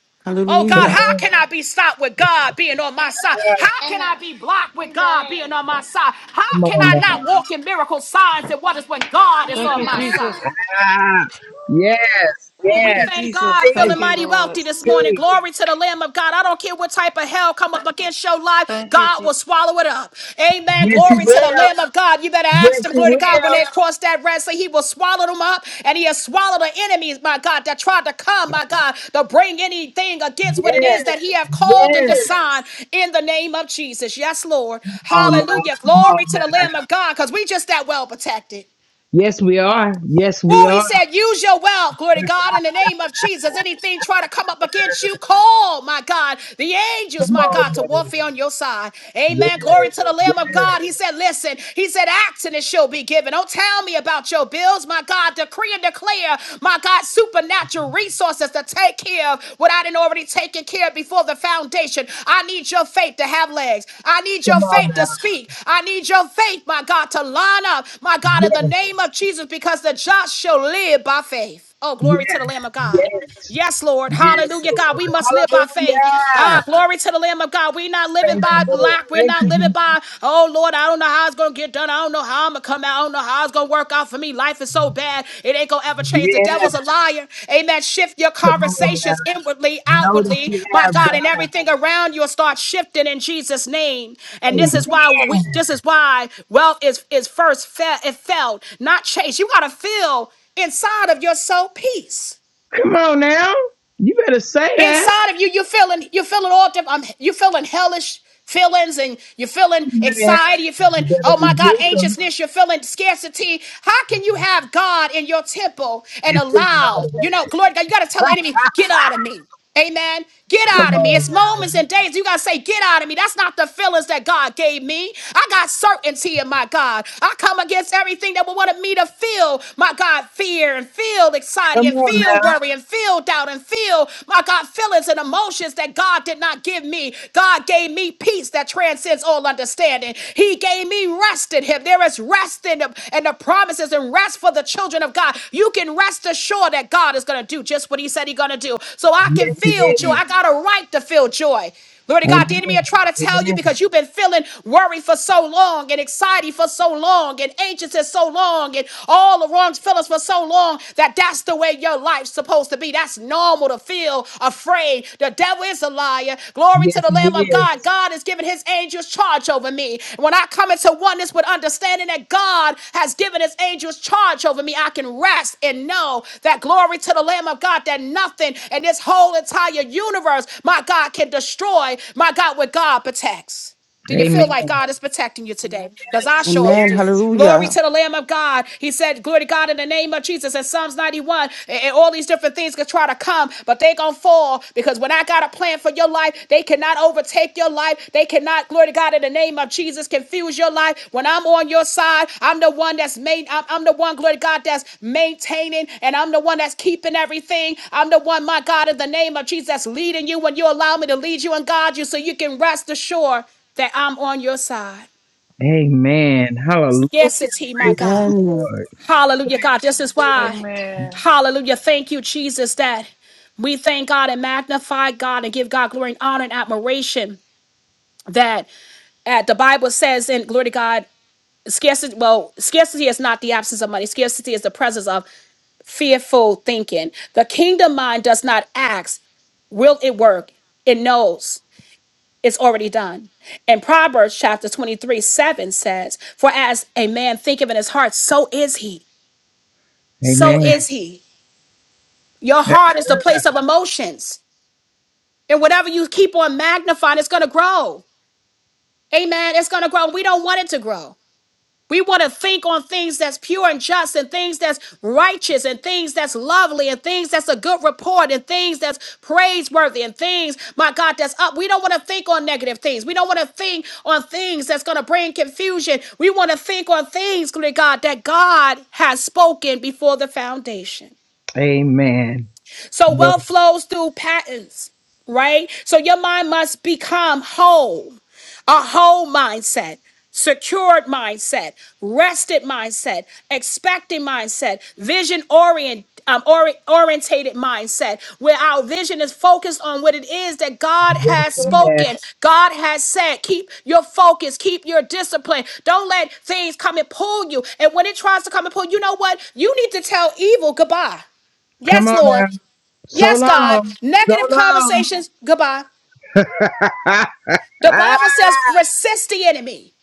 Oh God,
Come
Hallelujah.
how
on.
can I be stopped with God being on my side?
Now.
How can
Anna,
I be blocked
I'm
with God being
going.
on my side? How
Come
can
on
I not
now.
walk in miracle signs and wonders when God is
Thank
on
you,
my
Jesus.
side?
Ah, yes,
Ooh,
Thank
we
you,
thank
yes.
Jesus.
God, feeling
Thank
Speak,
you,
mighty
Lord.
wealthy this morning.
speak.
Glory to the Lamb of God. I don't care what type of hell come up against your life,
Thank you,
God will
Jesus.
swallow it up. Amen.
Yes, he
Glory to the
will.
Lamb of God. You better ask
Yes,
them,
he
glory to God, when
will.
they cross that red sea, He will swallow them up, and He has swallowed the enemies, my God, that tried to come, my God, to bring anything against what it is
Yes,
that He have called and
yes.
designed in the name of Jesus. Yes, Lord.
Come on now.
Hallelujah.
Come on
Glory to the
now.
Lamb of God, because we just that well protected.
Yes, we are. Yes, we
Woo, he
are.
said, use your wealth, glory to God, in the name of Jesus. Anything try to come up against you, call, my God, the angels,
Come
my God,
on
to
now.
warfare on your side. Amen. Glory
Yes,
to the Lamb of
yes.
God. He said, listen, he said, act and it shall be given. Don't tell me about your bills, my God. Decree and declare, my my God, supernatural resources to take care of what I didn't already taken care of before the foundation. I need your faith to have legs. I need your
Come on
faith to
now.
speak. I need your faith, my God, to line up, my God, in the
Yes,
name of Jesus, because the just shall live by faith. Oh, glory to the
yes,
Lamb of God.
yes.
Yes, Lord.
Yes,
Hallelujah, God. We must live
Lord.
by faith.
Hallelujah.
Ah, glory to the Lamb of God. We're not living
Praise the
by
Lord.
lack. We're
Thank
not
you,
living
Jesus.
by, oh, Lord, I don't know how it's going to get done. I don't know how I'm going to come out. I don't know how it's going to work out for me. Life is so bad. It ain't going to ever change. The devil's a
Yes.
liar. Amen. Shift your
Come on
conversations
now.
inwardly,
Know that
outwardly,
you
my
have
God, and
God.
everything around you will start shifting in Jesus' name. And this is why we,
Amen.
this is why wealth is, is first fe- it felt, not chased. You got to feel inside of your soul peace.
Come on now. You better say that.
Inside of you, you're feeling you're feeling all different. Um, you're feeling hellish feelings, and you're feeling
Amen.
anxiety. You're feeling
You better
oh my God,
rebuke him
anxiousness. You're feeling scarcity. How can you have God in your temple and
and fill it all
allow
of
you know
that.
glory to God? You got to tell the
Ah,
enemy, get out of me. Amen. Get
come
out of me. It's
on now.
moments and days. You got to say, get out of me. That's not the feelings that God gave me. I got certainty in my God. I come against everything that would want me to feel, my God, fear and fear feel anxiety
Come
and
on
feel
now.
worry and feel doubt and feel, my God, feelings and emotions that God did not give me. God gave me peace that transcends all understanding. He gave me rest in Him. There is rest in Him and the promises and rest for the children of God. You can rest assured that God is going to do just what He said He's going to do. So I can
Yes, he
feel joy.
is.
I got a right to feel joy. Glory to God. The enemy will
Amen.
try to tell you
Amen.
because you've been feeling worried for so long and anxiety for so long and anxious for so long and all the wrong feelings for so long that that's the way your life's supposed to be. That's normal to feel afraid. The devil is a liar. Glory to
Yes,
the
he
Lamb of God.
is.
God has given his angels charge over me. When I come into oneness with understanding that God has given his angels charge over me, I can rest and know that glory to the Lamb of God, that nothing in this whole entire universe, my God, can destroy, my God, what God protects. Do you
Amen.
feel like God is protecting you today? Because I
Yes.
surely
Amen.
do.
yes.
Hallelujah.
Glory to the Lamb of God. He said, Glory to God in the name of Jesus in Psalms 91. And, and all these different things could try to come, but they're going to fall because when I got a plan for your life, they cannot overtake your life. They cannot, glory to God in the name of Jesus, confuse your life. When I'm on your side, I'm the one that's main, I'm, I'm the one, glory to God, that's maintaining and I'm the one that's keeping everything. I'm the one, my God, in the name of Jesus, that's leading you when you allow me to lead you and guide you so you can rest assured that I'm on your side.
Amen. Hallelujah.
Scarcity, my
Praise
God.
the
Amen.
Hallelujah, God. This is
Lord.
why.
Amen.
Hallelujah. Thank you, Jesus, that we thank God and magnify God and give God glory and honor and admiration. That uh, the Bible says in glory to God, scarcity, well, scarcity is not the absence of money. Scarcity is the presence of fearful thinking. The kingdom mind does not ask, will it work? It knows. It's already done. And Proverbs chapter 23, 7 says, For as a man thinketh in his heart, so is he. So
Amen.
Amen. is he. Your heart is the place of emotions. And whatever you keep on magnifying, it's going to grow. Amen. It's going to grow. We don't want it to grow. We want to think on things that's pure and just and things that's righteous and things that's lovely and things that's a good report and things that's praiseworthy and things, my God, that's up. We don't want to think on negative things. We don't want to think on things that's going to bring confusion. We want to think on things, glory to God, that God has spoken before the foundation.
Amen.
So wealth flows through patterns, right? So your mind must become whole, a whole mindset. Secured mindset, rested mindset, expecting mindset, vision orient, um, ori- orientated mindset, where our vision is focused on what it is that God
just
has
said. that.
spoken, God has said. Keep your focus, keep your discipline. Don't let things come and pull you. And when it tries to come and pull, you know what? You need to tell evil goodbye.
Come
Yes,
on
Lord.
now. So
Yes, God.
long. So
Negative
long. (laughs)
conversations, goodbye.
Ah!
The
ah.
Bible says, resist the enemy.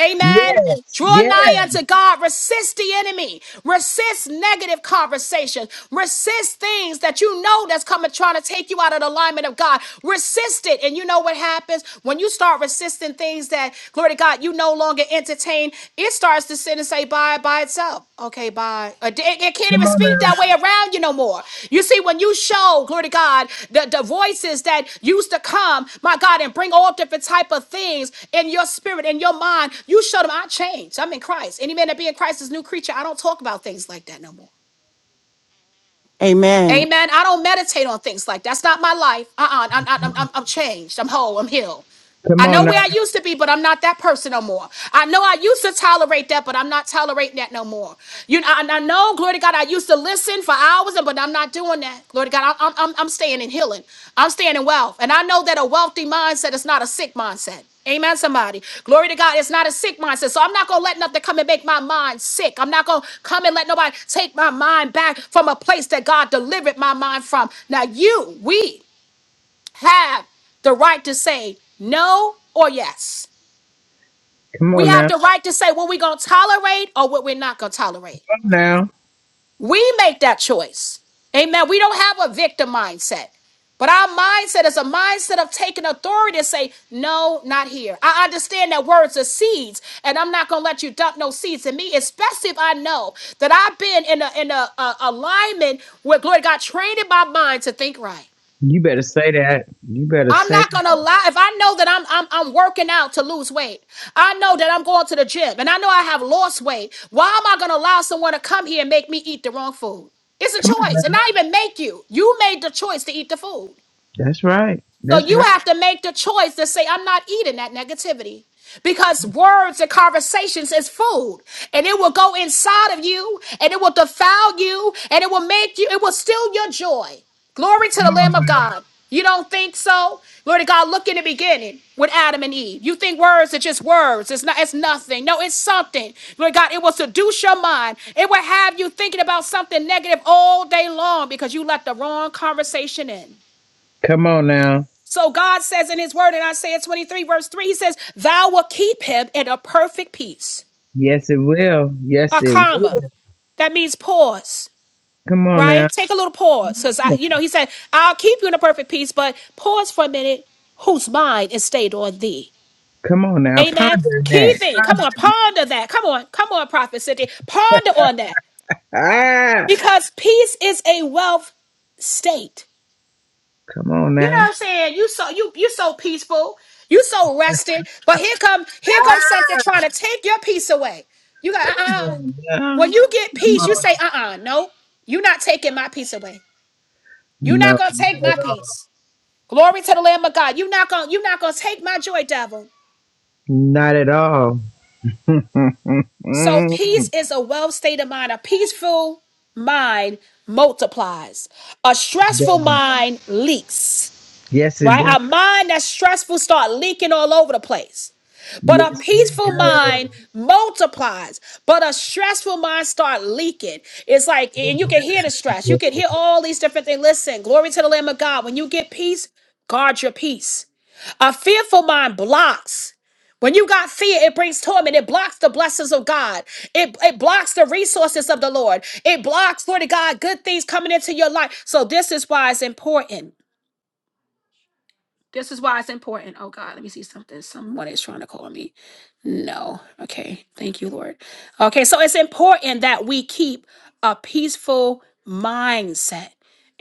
Amen.
yes.
Draw
Yes.
nigh unto God. Resist the enemy. Resist negative conversations. Resist things that you know that's coming trying to take you out of the alignment of God. Resist it. And you know what happens when you start resisting things that, glory to God, you no longer entertain? It starts to sin and say bye by by itself. Okay, bye. Uh, It, it can't
Come
even
on
speak
now.
that way around you no more. You see, when you show, glory to God, the, the voices that used to come, my God, and bring all different type of things in your spirit, in your mind, you show them, I changed. I'm in Christ. Any man that be in Christ is a new creature. I don't talk about things like that no more.
Amen.
Amen. I don't meditate on things like that. that's not my life. Uh-uh. I'm, I'm, I'm, I'm I'm changed. I'm whole. I'm healed.
Come
I
on
know where
now.
I used to be, but I'm not that person no more. I know I used to tolerate that, but I'm not tolerating that no more. You know, and I know, glory to God, I used to listen for hours, and but I'm not doing that. Glory to God, I'm, I'm, I'm staying in healing. I'm staying in wealth. And I know that a wealthy mindset is not a sick mindset. Amen, somebody. Glory to God. It's not a sick mindset. So I'm not going to let nothing come and make my mind sick. I'm not going to come and let nobody take my mind back from a place that God delivered my mind from. Now, you, we, have the right to say no or yes.
Come
We
on
have
now.
the right to say what we're going to tolerate or what we're not going to tolerate.
Come on now.
We make that choice. Amen. We don't have a victim mindset. But our mindset is a mindset of taking authority to say, no, not here. I understand that words are seeds, and I'm not going to let you dump no seeds in me, especially if I know that I've been in a, in a, a alignment with, glory to God, training my mind to think right.
You better say that. You better
I'm
say.
not gonna lie. If I know that I'm I'm I'm working out to lose weight, I know that I'm going to the gym, and I know I have lost weight. Why am I gonna allow someone to come here and make me eat the wrong food? It's a
Come on
choice, and
now.
not even make you. You made the choice to eat the food.
That's right.
So
That's
you
right.
have to make the choice to say, I'm not eating that negativity because words and conversations is food and it will go inside of you and it will defile you and it will make you, it will steal your joy. Glory to the
Come
Lamb
on
of
now.
God. You don't think so? Glory to God, look in the beginning with Adam and Eve. You think words are just words. It's not, it's nothing. No, it's something. Glory to God, it will seduce your mind. It will have you thinking about something negative all day long because you let the wrong conversation in.
Come on now.
So God says in his word in Isaiah 23, verse 3, he says, Thou will keep him in a perfect peace.
Yes, it will. Yes,
A
it
comma.
will.
That means pause,
Come on
right?
now.
Take a little pause. Because I, you know, he said, I'll keep you in a perfect peace, but pause for a minute, whose mind is stayed on thee.
Come on now.
Amen.
Ponder that.
Keeping. Come
Ponder.
on, ponder that. Come on, come on, Prophet Cynthia. Ponder on that.
Ah.
Because peace is a wealth state.
Come on
You know what
now.
I'm saying? You so you you so peaceful, you so rested, but here come here comes something
Ah.
trying to take your peace away. You got
Come
uh uh
on now.
When you get
Come
peace, you
on.
say uh uh no, you're not taking my peace away. You're
No.
not gonna take
not
my
at all.
peace. Glory to the Lamb of God. You're not gonna you're not gonna take my joy, devil.
Not at all. (laughs)
So
Mm,
peace is a well state of mind. A peaceful mind multiplies. A stressful
does.
mind leaks.
Yes, it
Right?
does.
A mind that's stressful start leaking all over the place. But a
Yes, it
peaceful mind multiplies, but a stressful mind start leaking. It's like, and you can hear the stress. You
does.
can hear all these different things. Listen, glory to the Lamb of God. When you get peace, guard your peace. A fearful mind blocks. When you got fear, it brings torment. It blocks the blessings of God. It, it blocks the resources of the Lord. It blocks, Lord God, good things coming into your life. So this is why it's important. This is why it's important. Oh God, let me see something. Someone is trying to call me. No. Okay. Thank you, Lord. Okay. So it's important that we keep a peaceful mindset.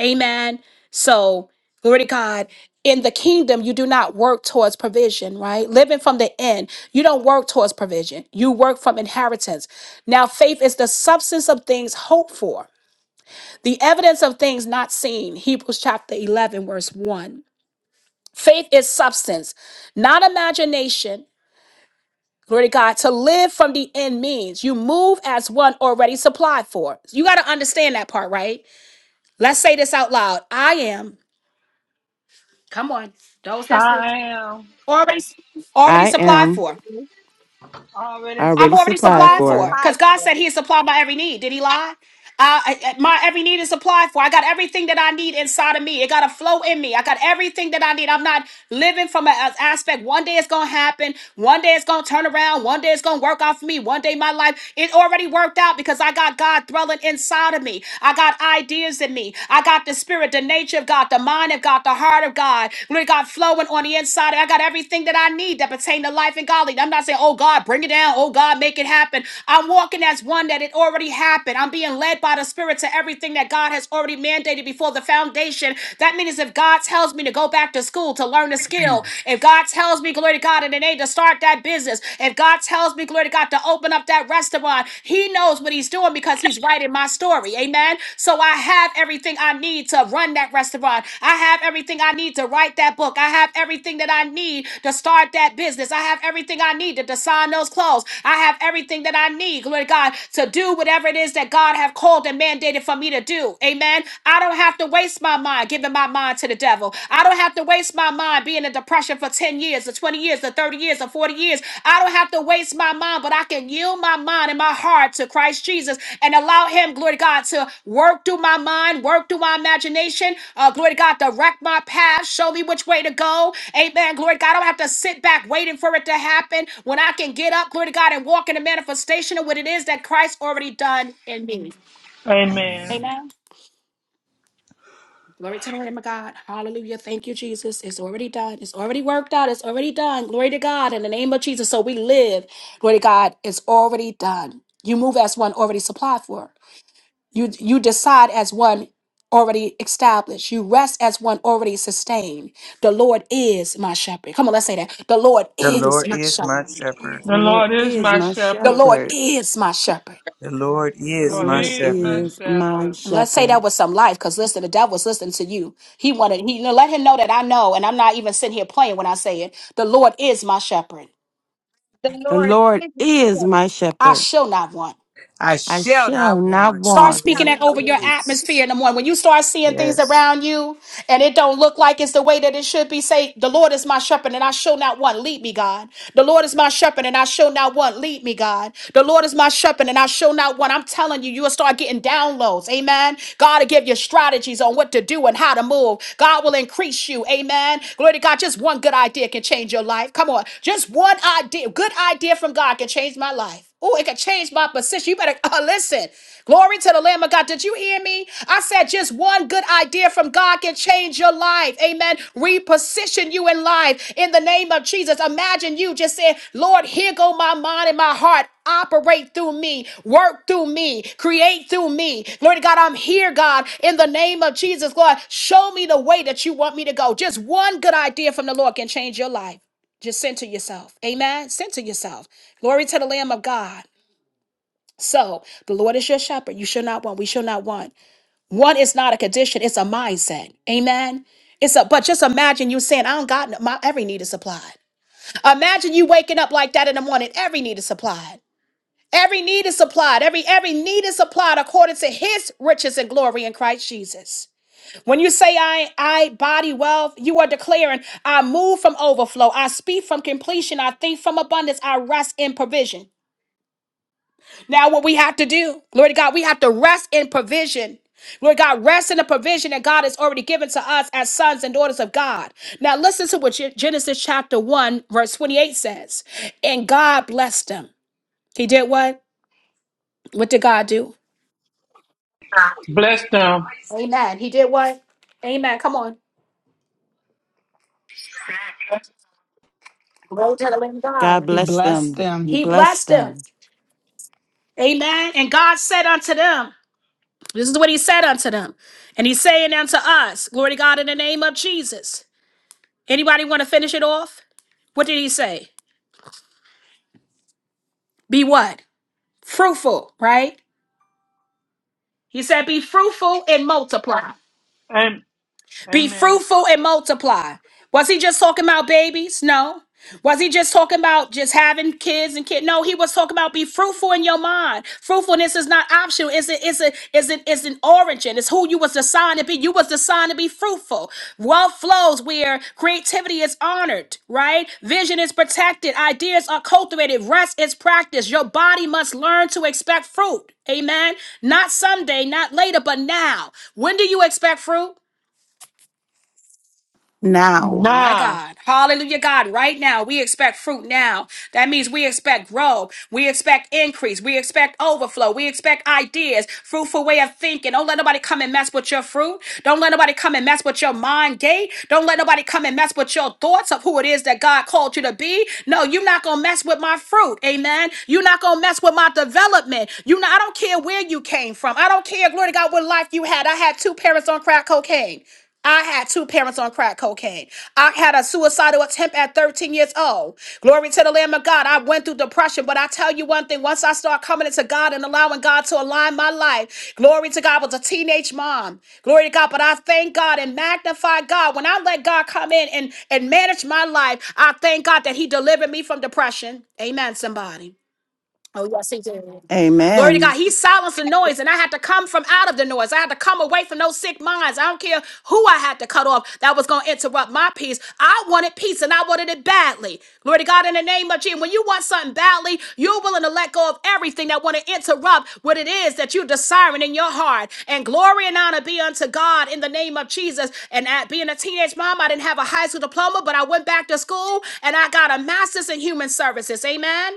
Amen. So, glory to God. In the kingdom, you do not work towards provision, right? Living from the end, you don't work towards provision. You work from inheritance. Now, faith is the substance of things hoped for, the evidence of things not seen. Hebrews chapter 11, verse 1. Faith is substance, not imagination. Glory to God. To live from the end means you move as one already supplied for. You got to understand that part, right? Let's say this out loud. I am. Come on, those that's
I am.
already already
I
supplied
am
for.
Already
I'm
already
already
supplied
supplied
Already
supplied for
for.
for.
because
supplied.
God said He is supplied by every need. Did He lie? Uh, I- I- my every need is applied for. I got everything that I need inside of me. It got to flow in me. I got everything that I need. I'm not living from an aspect. One day it's gonna happen. One day it's gonna turn around. One day it's gonna work out for me. One day my life it already worked out because I got God dwelling inside of me. I got ideas in me. I got the spirit, the nature of God, the mind of God, the heart of God. Glory to God flowing on the inside. I got everything that I need that pertain to life and godly. I'm not saying, oh God, bring it down. Oh God, make it happen. I'm walking as one that it already happened. I'm being and led by the Spirit to everything that God has already mandated before the foundation. That means if God tells me to go back to school to learn a skill, if God tells me, glory to God, in the name to start that business, if God tells me, glory to God, to open up that restaurant, He knows what He's doing because He's writing my story. Amen. So I have everything I need to run that restaurant. I have everything I need to write that book. I have everything that I need to start that business. I have everything I need to design those clothes. I have everything that I need, glory to God, to do whatever it is that God God have called and mandated for me to do. Amen. I don't have to waste my mind giving my mind to the devil. I don't have to waste my mind being in depression for 10 years or 20 years or 30 years or 40 years. I don't have to waste my mind, but I can yield my mind and my heart to Christ Jesus and allow him, glory to God, to work through my mind, work through my imagination. Uh, glory to God, direct my path, show me which way to go. Amen. Glory to God. I don't have to sit back waiting for it to happen. When I can get up, glory to God, and walk in the manifestation of what it is that Christ already done me.
Amen.
Amen.
Amen. Glory to the Lamb of God. Hallelujah. Thank you, Jesus. It's already done. It's already worked out. It's already done. Glory to God. In the name of Jesus. So we live. Glory to God. It's already done. You move as one already supplied for. You you decide as one already established. You rest as one already sustained. The Lord is my shepherd. Come on, let's say that. The Lord
The
is
Lord
my
is
shepherd.
my shepherd.
The
The Lord
Lord is
is
my
my
The
shepherd.
Lord
shepherd.
is my shepherd.
The Lord
The
The
is
Lord
my
Lord
is my
shepherd.
is my
shepherd.
Let's say that
shepherd.
was some life, because listen, the devil was listening to you. He wanted he let him know that I know, and I'm not even sitting here playing when I say it. The Lord is my shepherd.
The Lord is my
I
shepherd.
shall not want.
I
I
shall
shall
not
not
want in
Start
want.
the
speaking
name of
that over your
Jesus.
atmosphere in the morning. When you start seeing things
Yes.
around you and it don't look like it's the way that it should be, say, The Lord is my shepherd and I shall not want. Lead me, God. The Lord is my shepherd and I shall not want. Lead me, God. The Lord is my shepherd and I shall not want. I'm telling you, you'll start getting downloads. Amen. God will give you strategies on what to do and how to move. God will increase you. Amen. Glory to God. Just one good idea can change your life. Come on. Just one idea, good idea from God can change my life. Oh, it could change my position. You better (laughs) uh, listen. Glory to the Lamb of God. Did you hear me? I said just one good idea from God can change your life. Amen. Reposition you in life in the name of Jesus. Imagine you just saying, Lord, here go my mind and my heart. Operate through me, work through me, create through me. Glory to God, I'm here, God, in the name of Jesus. Lord, show me the way that you want me to go. Just one good idea from the Lord can change your life. Just center yourself. Amen. Center yourself. Glory to the Lamb of God. So the Lord is your shepherd. You shall not want. We shall not want. Want is not a condition, it's a mindset. Amen. It's a but just imagine you saying, I don't got no, my every need is supplied. Imagine you waking up like that in the morning. Every need is supplied. Every need is supplied. Every every need is supplied according to his riches and glory in Christ Jesus. When you say I I body wealth, you are declaring I move from overflow, I speak from completion, I think from abundance, I rest in provision. Now what we have to do, Lord God, we have to rest in provision. Lord God, rest in the provision that God has already given to us as sons and daughters of God. Now listen to what Gen- Genesis chapter 1 verse 28 says. And God blessed them. He did what? What did God do?
Bless them.
Amen. He did what? Amen. Come on. Glory to the living
God
God.
He
bless
blessed
them.
them.
You
He
bless
blessed them.
them
Amen. And God said unto them, this is what he said unto them. And he's saying unto us, glory to God in the name of Jesus. Anybody want to finish it off? What did he say? Be what? Fruitful, right? He said, be fruitful and multiply.
Am-
Be
Amen.
fruitful and multiply. Was he just talking about babies? No. Was he just talking about just having kids and kid? No, he was talking about be fruitful in your mind. Fruitfulness is not optional. It's a, it's a, it's an, it's an origin. It's who you was designed to be. You was designed to be fruitful. Wealth flows where creativity is honored, right? Vision is protected. Ideas are cultivated. Rest is practiced. Your body must learn to expect fruit. Amen. Not someday, not later, but now. When do you expect fruit?
now.
My
Now.
God. Hallelujah, God. Right now, we expect fruit now. That means we expect growth. We expect increase. We expect overflow. We expect ideas, fruitful way of thinking. Don't let nobody come and mess with your fruit. Don't let nobody come and mess with your mind gate. Don't let nobody come and mess with your thoughts of who it is that God called you to be. No, you're not going to mess with my fruit. Amen. You're not going to mess with my development. You know, I don't care where you came from. I don't care, glory to God, what life you had. I had two parents on crack cocaine. I had two parents on crack cocaine. I had a suicidal attempt at 13 years old. Glory to the Lamb of God. I went through depression, but I tell you one thing once I start coming into God and allowing God to align my life, glory to God, I was a teenage mom. Glory to God, but I thank God and magnify God. When I let God come in and, and manage my life, I thank God that He delivered me from depression. Amen, somebody. Oh, yes, he did. Glory to
Amen.
God. He silenced the noise, and I had to come from out of the noise. I had to come away from those sick minds. I don't care who I had to cut off that was going to interrupt my peace. I wanted peace, and I wanted it badly. Glory to God in the name of Jesus. When you want something badly, you're willing to let go of everything that want to interrupt what it is that you're desiring in your heart. And glory and honor be unto God in the name of Jesus. And at being a teenage mom, I didn't have a high school diploma, but I went back to school and I got a master's in human services. Amen.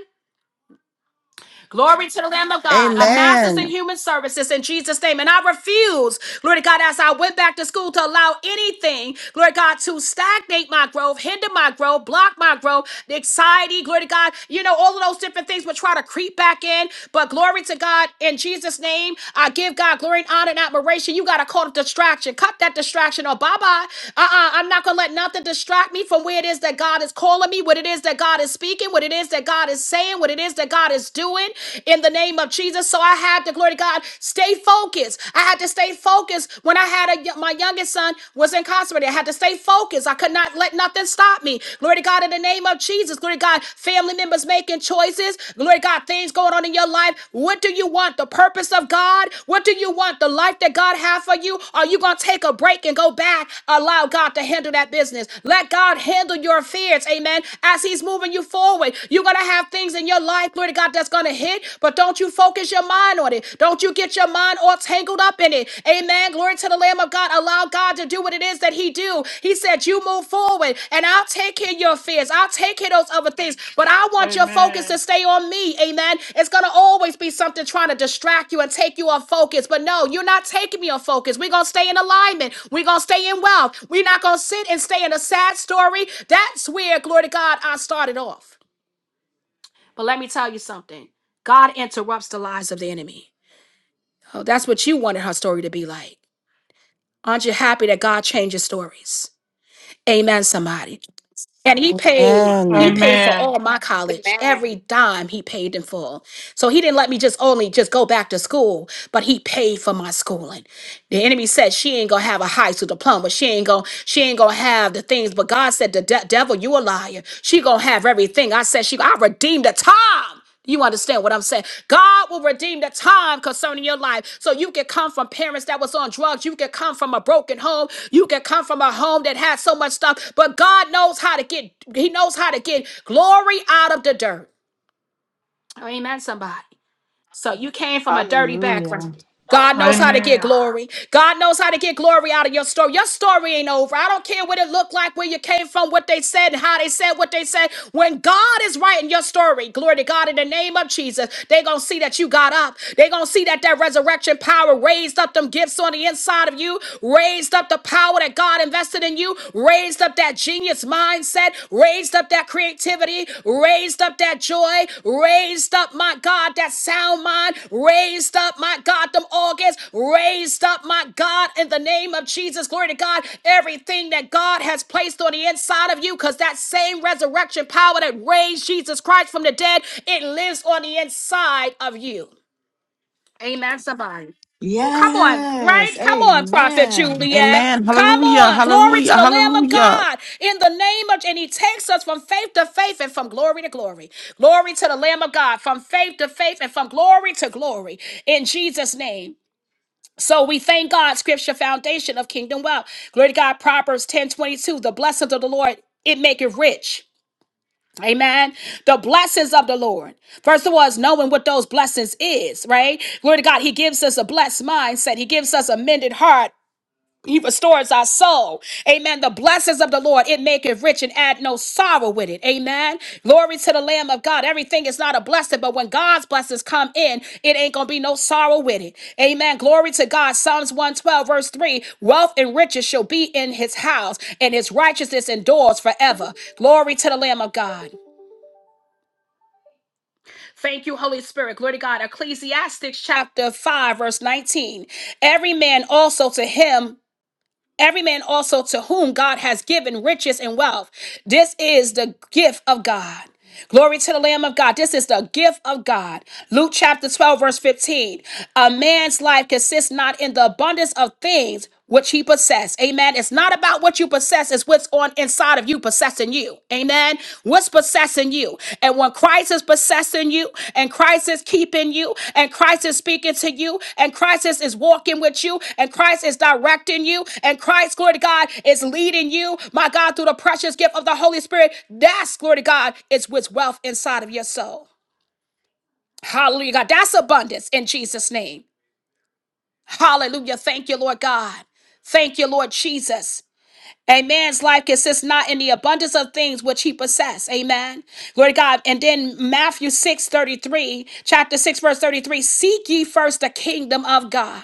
Glory to the Lamb of God. Our master's in
Amen.
human services in Jesus' name. And I refuse, glory to God, as I went back to school to allow anything, glory to God, to stagnate my growth, hinder my growth, block my growth, the anxiety, glory to God. You know, all of those different things will try to creep back in. But glory to God in Jesus' name. I give God glory and honor and admiration. You got to call it distraction. Cut that distraction or bye bye. Uh uh. I'm not going to let nothing distract me from where it is that God is calling me, what it is that God is speaking, what it is that God is saying, what it is that that God is doing in the name of Jesus. So I had to, glory to God, stay focused. I had to stay focused when I had a, my youngest son was incarcerated. I had to stay focused. I could not let nothing stop me. Glory to God in the name of Jesus. Glory to God, family members making choices. Glory to God, things going on in your life. What do you want? The purpose of God? What do you want? The life that God has for you? Are you going to take a break and go back? Allow God to handle that business. Let God handle your affairs. Amen. As He's moving you forward, you're going to have have things in your life, glory to God, that's going to hit, but don't you focus your mind on it. Don't you get your mind all tangled up in it. Amen. Glory to the Lamb of God. Allow God to do what it is that He do. He said, "You move forward, and I'll take care of your fears. I'll take care of those other things, but I want your focus
Amen.
to stay on Me." Amen. It's going to always be something trying to distract you and take you off focus, but no, you're not taking me off focus. We're going to stay in alignment. We're going to stay in wealth. We're not going to sit and stay in a sad story. That's where, glory to God, I started off. But let me tell you something God interrupts the lies of the enemy. Oh, that's what you wanted her story to be like. Aren't you happy that God changes stories? Amen, somebody. And he paid. He
Amen.
paid for
Amen.
all my college,
Amen.
every dime he paid in full. So he didn't let me just only just go back to school, but he paid for my schooling. The enemy said she ain't gonna have a high school diploma. She ain't gonna she ain't gonna have the things. But God said, "The de- devil, you a liar. She gonna have everything." I said, "She, I redeemed the time." You understand what I'm saying? God will redeem the time concerning your life. So you can come from parents that was on drugs. You can come from a broken home. You can come from a home that had so much stuff. But God knows how to get. He knows how to get glory out of the dirt. Amen. Somebody. So you came from a dirty
Hallelujah.
background. God knows how to get
Amen.
glory. God knows how to get glory out of your story. Your story ain't over. I don't care what it looked like, where you came from, what they said, how they said what they said. When God is writing your story, glory to God in the name of Jesus, they going to see that you got up. they going to see that that resurrection power raised up them gifts on the inside of you, raised up the power that God invested in you, raised up that genius mindset, raised up that creativity, raised up that joy, raised up, my God, that sound mind, raised up, my God, them organs, raised up, my God, in the name of Jesus. Glory to God, everything that God has placed on the inside of you, because that same resurrection power that raised Jesus Christ from the dead, it lives on the inside of you. Amen, somebody. Come on,
Yes.
right? Come on, Prophet
Amen.
Juliet.
Amen.
Come
Hallelujah.
on, glory to
Hallelujah.
the Lamb of
Hallelujah.
God in the name of, and He takes us from faith to faith and from glory to glory. Glory to the Lamb of God, from faith to faith and from glory to glory in Jesus' name. So we thank God, scripture foundation of kingdom wealth. Glory to God, Proverbs ten twenty two. the blessings of the Lord, it make it rich Amen. The blessings of the Lord. First of all, is knowing what those blessings is, right? Glory to God. He gives us a blessed mindset. He gives us a mended heart. He restores our soul. Amen. The blessings of the Lord, it maketh rich and add no sorrow with it. Amen. Glory to the Lamb of God. Everything is not a blessing, but when God's blessings come in, it ain't going to be no sorrow with it. Amen. Glory to God. Psalms 112, verse 3 Wealth and riches shall be in his house, and his righteousness endures forever. Glory to the Lamb of God. Thank you, Holy Spirit. Glory to God. Ecclesiastics chapter 5, verse 19. Every man also to him, every man also to whom God has given riches and wealth. This is the gift of God. Glory to the Lamb of God. This is the gift of God. Luke chapter 12, verse 15. A man's life consists not in the abundance of things which he possesses. Amen. It's not about what you possess, it's what's on inside of you possessing you you. Amen. What's possessing you? And when Christ is possessing you, and Christ is keeping you, and Christ is speaking to you, and Christ is is walking with you, and Christ is directing you, and Christ, glory to God, is leading you, my God, through the precious gift of the Holy Spirit, that's, glory to God, is what's wealth inside of your soul. Hallelujah, God. That's abundance in Jesus' name. Hallelujah. Thank you, Lord God. Thank you, Lord Jesus. A man's life consists not in the abundance of things which he possesses. Amen. Glory to God. And then Matthew 6 33, chapter 6, verse 33 Seek ye first the kingdom of God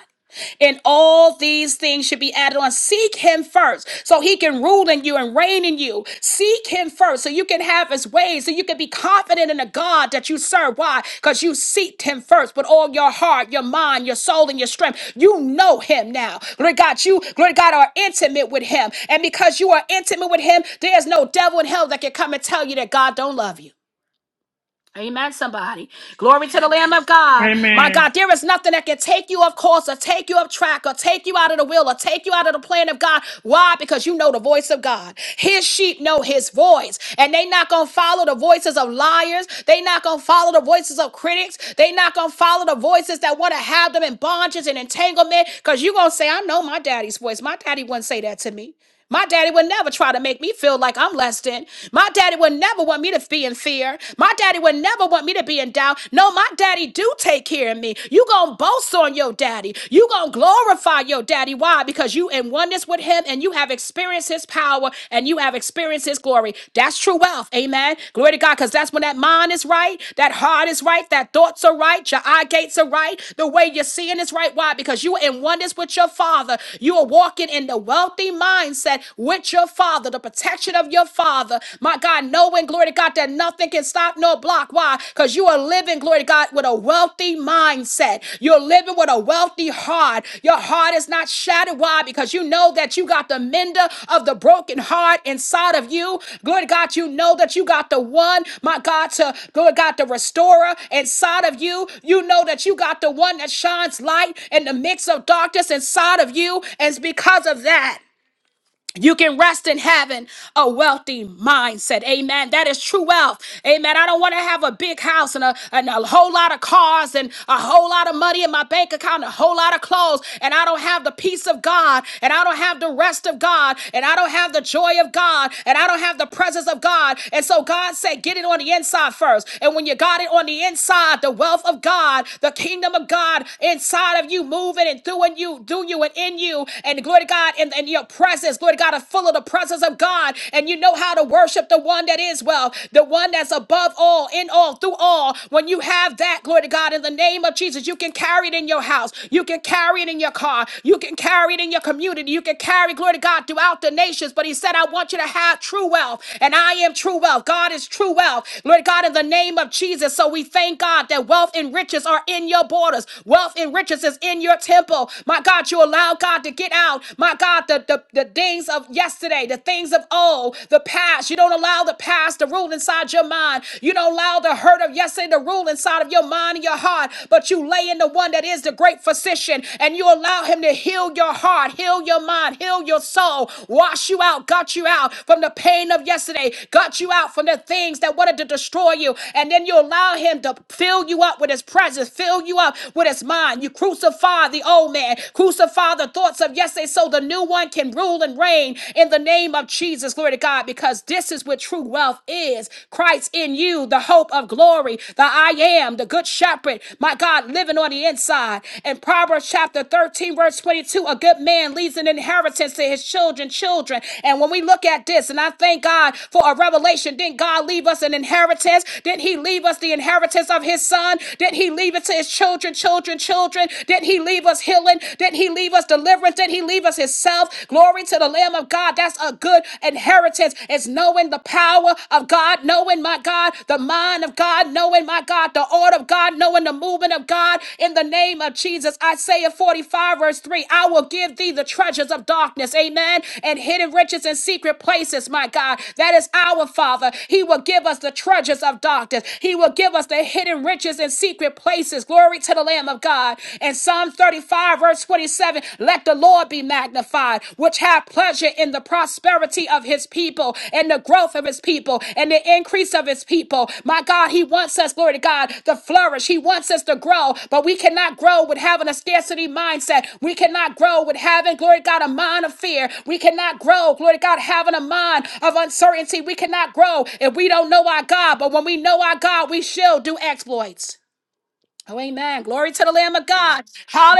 and all these things should be added on. Seek him first so he can rule in you and reign in you. Seek him first so you can have his ways, so you can be confident in the God that you serve. Why? Because you seeked him first with all your heart, your mind, your soul, and your strength. You know him now. Lord God, you, Lord God, are intimate with him. And because you are intimate with him, there's no devil in hell that can come and tell you that God don't love you. Amen, somebody. Glory to the Lamb of God. My
Amen.
God, there is nothing that can take you off course or take you off track or take you out of the will or take you out of the plan of God. Why? Because you know the voice of God. His sheep know his voice. And they not gonna follow the voices of liars. They not gonna follow the voices of critics. They not gonna follow the voices that want to have them in bondage and entanglement. Because you gonna say, I know my daddy's voice. My daddy wouldn't say that to me. My daddy would never try to make me feel like I'm less than. My daddy would never want me to be in fear. My daddy would never want me to be in doubt. No, my daddy do take care of me. You gonna boast on your daddy. You gonna glorify your daddy. Why? Because you in oneness with him and you have experienced his power and you have experienced his glory. That's true wealth. Amen. Glory to God. Because that's when that mind is right, that heart is right, that thoughts are right, your eye gates are right, the way you're seeing is right. Why? Because you are in oneness with your father. You are walking in the wealthy mind mindset with your father, the protection of your father. My God, knowing, glory to God, that nothing can stop nor block. Why? Because you are living, glory to God, with a wealthy mindset. You're living with a wealthy heart. Your heart is not shattered. Why? Because you know that you got the mender of the broken heart inside of you. Glory to God, you know that you got the one, my God, to, glory to God, the restorer inside of you. You know that you got the one that shines light in the midst of darkness inside of you. And it's because of that. You can rest in having a wealthy mindset. Amen. That is true wealth. Amen. I don't want to have a big house and a, and a whole lot of cars and a whole lot of money in my bank account and a whole lot of clothes. And I don't have the peace of God and I don't have the rest of God and I don't have the joy of God and I don't have the presence of God. And so God said, get it on the inside first. And when you got it on the inside, the wealth of God, the kingdom of God inside of you, moving and through and you, through you and in you. And glory to God, God, and, and your presence, Lord God, are full of the presence of God. And you know how to worship the one that is well, the one that's above all, in all, through all. When you have that, glory to God, in the name of Jesus, you can carry it in your house. You can carry it in your car. You can carry it in your community. You can carry, glory to God, throughout the nations. But he said, I want you to have true wealth. And I am true wealth. God is true wealth. Lord God, in the name of Jesus. So we thank God that wealth and riches are in your borders. Wealth and riches is in your temple. My God, you allow God. God, to get out, my God, the, the, the things of yesterday, the things of old, the past. You don't allow the past to rule inside your mind. You don't allow the hurt of yesterday to rule inside of your mind and your heart, but you lay in the one that is the great physician and you allow him to heal your heart, heal your mind, heal your soul, wash you out, got you out from the pain of yesterday, got you out from the things that wanted to destroy you. And then you allow him to fill you up with his presence, fill you up with his mind. You crucify the old man man. Crucify the thoughts of yesterday so the new one can rule and reign in the name of Jesus. Glory to God, because this is what true wealth is. Christ in you, the hope of glory, the I am, the good shepherd, my God, living on the inside. In Proverbs chapter 13, verse 22, a good man leaves an inheritance to his children, children. And when we look at this, and I thank God for a revelation, didn't God leave us an inheritance? Didn't he leave us the inheritance of his son? Didn't he leave it to his children, children, children? healing? Didn't he leave us healing? Didn't he leave us deliverance? Didn't he leave us himself? Glory to the Lamb of God. That's a good inheritance. It's knowing the power of God, knowing my God, the mind of God, knowing my God, the order of God, knowing the movement of God. In the name of Jesus, Isaiah 45, verse 3 I will give thee the treasures of darkness, amen, and hidden riches in secret places, my God. That is our Father. He will give us the treasures of darkness, He will give us the hidden riches in secret places. Glory Glory to the Lamb of God. And Psalm 35, verse 27, let the Lord be magnified, which have pleasure in the prosperity of his people and the growth of his people and the increase of his people. My God, he wants us, glory to God, to flourish. He wants us to grow, but we cannot grow with having a scarcity mindset. We cannot grow with having, glory to God, a mind of fear. We cannot grow, glory to God, having a mind of uncertainty. We cannot grow if we don't know our God, but when we know our God, we shall do exploits. Oh, amen. Glory to the Lamb of God.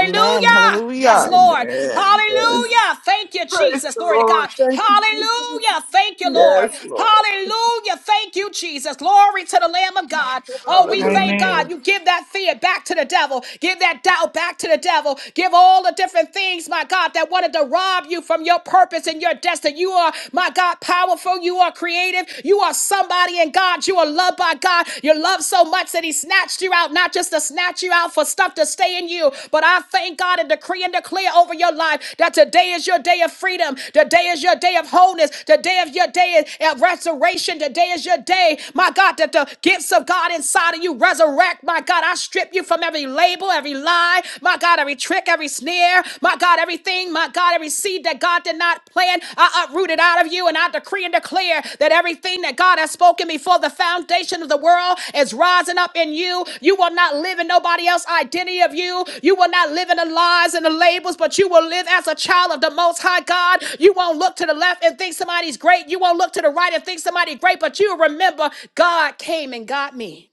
Amen.
Yes,
Hallelujah.
Lord.
Amen. Yes.
Hallelujah. Thank you,
Praise
Jesus.
the
Glory to God.
Lord. Thank you, Jesus.
Hallelujah. Thank you, Lord.
Yes, Lord.
Hallelujah. Thank you, Jesus. Glory to the Lamb of God. Oh, we thank God.
Amen.
Hallelujah.
You give that fear back to the devil. Give that doubt back to the devil. Give all the different things, my God, that wanted to rob you from your purpose and your destiny. You are, my God, powerful. You are creative creative. You are somebody in God. You are loved by God. You're loved so much that He snatched you out, not just to snatch you out for stuff to stay in you, but I thank God and decree and declare over your life that today is your day of freedom. Today is your day of wholeness. Today is your day of restoration. Today is your day, my God, that the gifts of God inside of you resurrect. My God, I strip you from every label, every lie, my God, every trick, every snare. My God, everything, my God, every seed that God did not plant, I uproot it out of you. And I decree and declare that everything that God has spoken before the foundation of the world is rising up in you. You will not live in nobody else's identity of you. You will not live in the lies and the labels, but you will live as a child of the Most High God. You won't look to the left and think somebody's great. You won't look to the right and think somebody's great, but you remember God came and got me.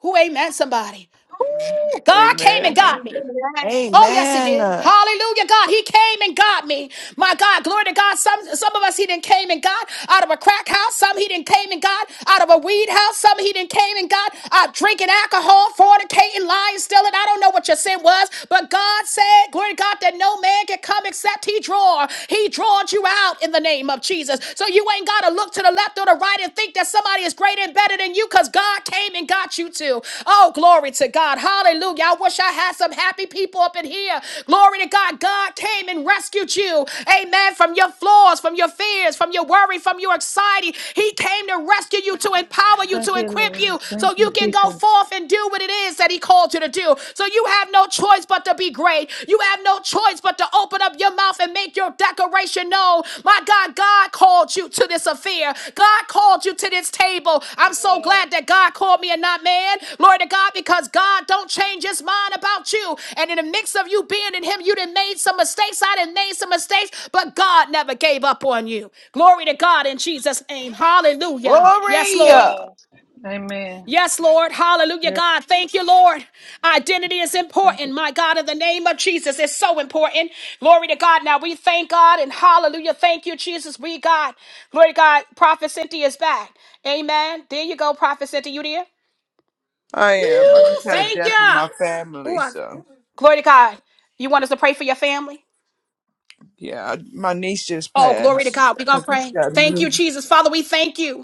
Who amen somebody? God came and
Amen. Amen.
got me. Oh, yes, he
Amen.
did.
Amen.
Hallelujah, God. He came and got me. My God, glory to God. Some some of us he didn't came and got out of a crack house. Some he didn't came and got out of a weed house. Some he didn't came and got out drinking alcohol, fornicating, lying, stealing. I don't know what your sin was, but God said, glory to God, that no man can come except he draw. He drawed you out in the name of Jesus. So you ain't gotta look to the left or the right and think that somebody is greater and better than you because God came and got you too. Oh, glory to God. Hallelujah. I wish I had some happy people up in here. Glory to God. God came and rescued you. Amen. From your flaws, from your fears, from your worry, from your anxiety. He came to rescue you, to empower you, to
Thank you,
equip you
Lord.
so
Thank
you
you,
can go
Jesus.
forth and do what it is that He called you to do. So you have no choice but to be great. You have no no choice but to open up your mouth and make your declaration known. My God, God called you to this affair. God called you to this table. I'm so glad that God called me and not man. Glory to God, because God don't change his mind about you. And in the mix of you being in him, you done made some mistakes. I done made some mistakes, but God never gave up on you. Glory to God in Jesus' name. Hallelujah. Yes,
Glory.
Lord.
God.
Amen. Amen.
Yes, Lord. Hallelujah,
Yeah,
God. Thank you, Lord. Identity is
Thank
important.
you.
My God, in the name of Jesus, it's so important. Glory to God. Now we thank God and hallelujah. Thank you, Jesus. We, God. Glory to God. Prophet Cynthia is back. Amen. There you go, Prophet Cynthia. You there?
I am. I
Woo,
just had a
thank
death in
you.
my family, so.
Glory to God. You want us to pray for your family?
Yeah, I, my niece just
Oh, glory to
passed.
God. We're
I
going to
just
pray.
got to
Thank
move.
you, Jesus. Father, we thank you.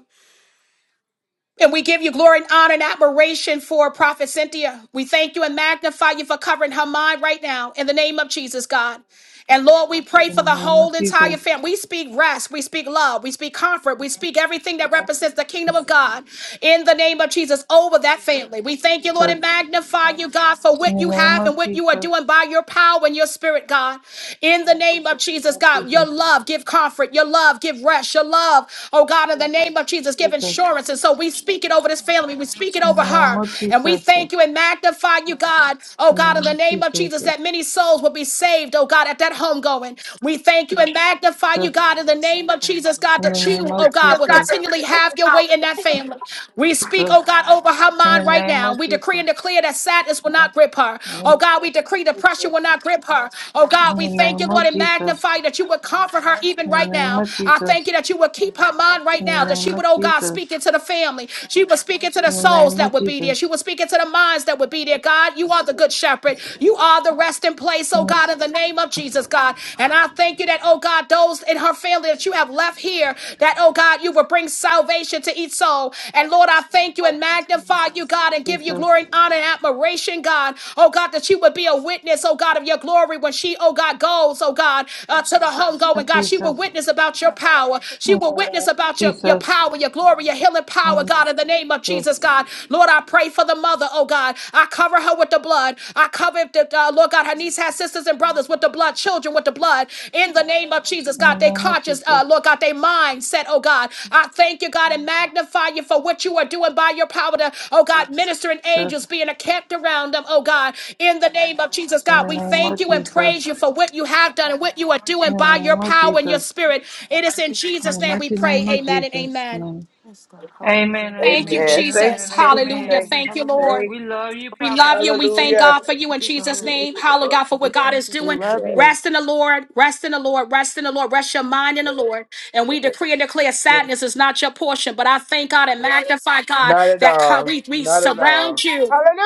And we give you glory and honor and admiration for Prophet Cynthia. We thank you and magnify you for covering her mind right now in the name of Jesus, God. And Lord, we pray for
In
the
the name of
whole entire
Jesus.
family. We speak rest, we speak love, we speak comfort, we speak everything
In the
that
name
represents the
of
kingdom of
Jesus.
God in the name of Jesus over that family. We thank you, Lord,
Jesus.
and magnify you, God, for
In
what
the
you
name
have and
of
what you are doing by your power and your spirit, God. In the name of Jesus, God, your
Jesus.
love give comfort, your love give rest, your love, oh God, in the name of Jesus, give
Jesus. Jesus.
insurance. And so so we speak it over this family. We speak it
In
over
the name
her.
of
And we
Jesus. In
thank you and magnify you, God. Oh,
the
God,
name
in the
of
name of
Jesus.
Jesus, that many souls will be saved, oh, God, at that homegoing. We thank you and magnify you,
Jesus.
God, in the name of Jesus, God,
In the
that
name
you, oh,
of
God, will
Jesus.
continually have your way in that family. We speak,
Jesus.
oh, God, over her
In the
mind right
name
now.
of
We decree
Jesus.
and declare that sadness will not grip her.
In the name
Oh, God, we decree depression
of Jesus.
will not grip her. Oh,
In
God,
the
we thank you,
name
Lord,
of
and
Jesus.
magnify that you would comfort her even
In the
right
name
now.
of
I thank
Jesus.
you that you would keep her mind right
In the
now, that she
name of
would, oh, God,
Jesus.
speak into speaking to the family. She was speaking to the
In the
souls
name
that
of
would be there. She
Jesus.
was speaking to the minds that would be there. God, you are the good shepherd. You are the resting place, oh God, in the name of Jesus, God. And I thank you that, oh God, those in her family that you have left here, that, oh God, you will bring salvation to each soul. And Lord, I thank you and magnify you, God, and give you
Jesus.
glory and honor and admiration, God. Oh God, that she would be a witness, oh God, of your glory when she, oh God, goes, oh God, uh, to the home going, God. She will
Jesus.
witness about your power.
In
She
the name of
will witness about your, your
Jesus.
power, your glory glory, your healing power, God, in the name of Jesus, God. Lord, I pray for the mother, oh God. I cover her with the blood. I cover, the, uh, Lord God, her niece has sisters and brothers with the blood, children with the blood, in the name of Jesus,
In the
God. They
name of
conscious,
Jesus.
uh, Lord God, they mindset, oh God. I thank you, God, and
God.
magnify you for what you are doing by your power to, oh God, ministering
Jesus.
angels being kept around them, oh God, in the name of Jesus,
In
God.
the
We
name
thank
of
you and
Jesus.
praise you for what you have done and what you are
In
doing
the
by your
name of
power and your
Jesus.
spirit. It is in
In
Jesus'
the
name we
mighty
pray.
name
Yes,
of
Amen and
Jesus'
amen.
name.
God. Hallelujah.
Amen and
Thank you,
Hallelujah.
amen,
Amen.
Amen.
Thank
amen
Jesus.
and
you, thank you,
Amen.
Hallelujah.
thank
amen.
Hallelujah.
you,
Thank you,
thank.
Lord.
you.
We love you,
We
Hallelujah.
love
Prophetess
you and we thank
Cynthia.
Hallelujah.
God for you in Jesus'
Hallelujah.
Praise
name.
the
Hallelujah
Lord.
God, for
We
what God
Thank
is doing.
you,
love
Yes,
you.
Rest in the Lord. Rest in the Lord. Rest in the Lord. Rest your mind in the Lord. And we decree and declare
yes.
sadness is not your portion. But I thank God and magnify God
Not at
that God,
all.
we, we
Not at
surround
all.
you.
Hallelujah.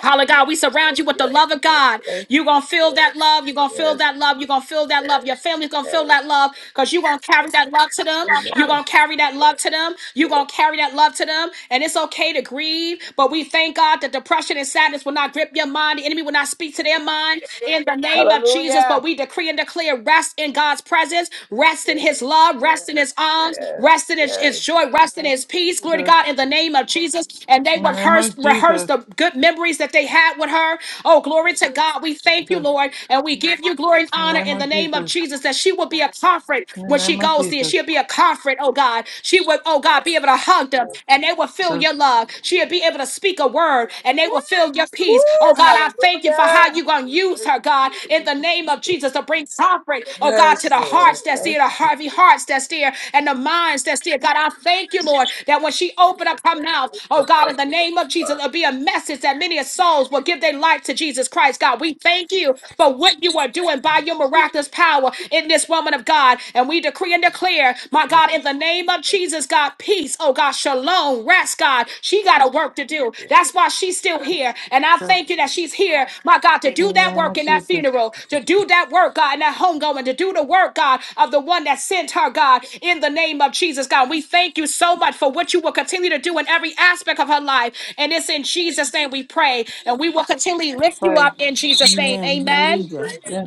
Holla God, we surround you with the
Yes,
love of
Lord.
God.
Thank you.
You're gonna feel that love. You're gonna feel
Yes,
that love. You're gonna feel that love. Your family's gonna feel that
yes.
love because you're gonna carry that love to them. You're
Amen.
gonna carry that love to them. You're gonna carry that love to them. And it's okay to grieve, but we thank God that depression and sadness will not grip your mind. The enemy will not speak to their mind in the name of Jesus. But
Hallelujah.
we decree and declare rest in God's presence, rest in his love, rest in
Yes,
his his arms,
yes,
rest in his,
yes.
his joy, rest in his peace. Glory to
Jesus.
God in the name of Jesus. And they
In the name
rehearsed,
of
rehearsed
Jesus.
the good memories that they had with her. Oh, glory to God. We thank you,
Jesus.
Lord, and we give you glory and
In the
honor
name
in the
of
name of
Jesus.
Jesus that she will be a comfort
In
when
the
she
name of
goes there.
Jesus.
She'll be a comfort, oh God. She would, oh God, be able to hug them and they will feel your
Jesus.
love. She'll be able to speak a word and they will feel your
Woo!
peace. Oh God, I thank you, Father for how
Hallelujah.
you're going to use her, God, in the name of Jesus, to bring comfort, oh God, to
Yes,
the
Lord.
hearts that's there,
Thank
the
you.
Harvey hearts that's there, and the minds that's there. God, I thank you, Lord, that when she opened up her mouth, oh God, in the name of Jesus,
Lord.
it'll be a message that many souls will give their life to Jesus Christ. God, we thank you for what you are doing by your miraculous power in this woman of God. And we decree and declare, my God, in the name of Jesus, God. God, peace. Oh God, shalom, rest, God. She got a work to do. That's why she's still here. And I thank you
Jesus.
that she's here, my God, to do
In the
that
name
work
of
in that
Jesus.
funeral, to do that work, God, in that homegoing, to do the work, God, of the one that sent her, God, in the name of Jesus, God. We thank you so much for what you will continue to do in every aspect of her life. And it's in Jesus' name we pray. And we will continually lift you
Pray.
up in Jesus' name.
Amen.
Amen.
Hallelujah.
In-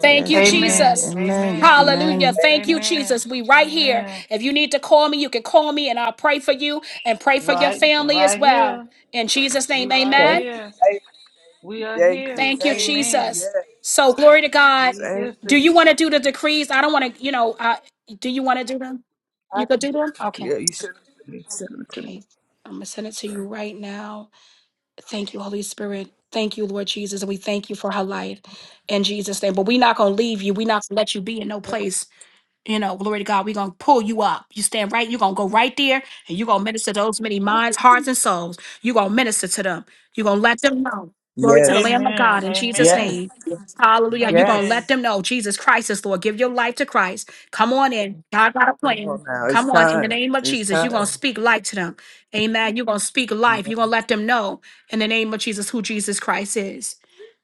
Thank you,
Yes. Amen.
Amen.
Jesus.
Amen.
Amen.
Hallelujah.
Amen.
Thank
Thank
you.
you,
Amen.
Jesus. We right here.
Amen.
If you need to call me, you can call me and I'll pray for you and pray for your
Right,
family as
right
well.
here.
In Jesus'
We
name,
right
Thank
amen.
you.
here.
Thank you.
We are
Thank you.
here.
Thank you,
Thank you.
Amen.
Jesus.
Yes.
So glory to God.
We
Thank you.
his
Do
is.
you want to do the decrees? I don't want to, you know, uh, do you want to do them?
I
You could
can
do
do it.
them? Okay.
Yeah, you should have.
Okay. I'm going to send it to you right now. Thank you, Holy Spirit. Thank you, Lord Jesus. And we thank you for her life in Jesus' name. But we're not going to leave you. We're not going to let you be in no place You know, glory to God, we're going to pull you up. You stand right, you're going to go right there and you're going to minister to those many minds, hearts, and souls. You're going to minister to them. You're going to let them know. Glory to the
Yes,
Lamb of
Amen.
God in Jesus'
Amen.
yes,
name. Yes. Hallelujah. You're going to let
Amen.
yes.
them know Jesus Christ is Lord. Give your life to Christ. Come on in. God got a
Come
plan.
on now.
Come
It's
on in the
time.
name of
It's
Jesus. You're going to
time.
speak life to them. Amen. You're going to speak life. You're going to let them know in the name of Jesus who Jesus Christ is.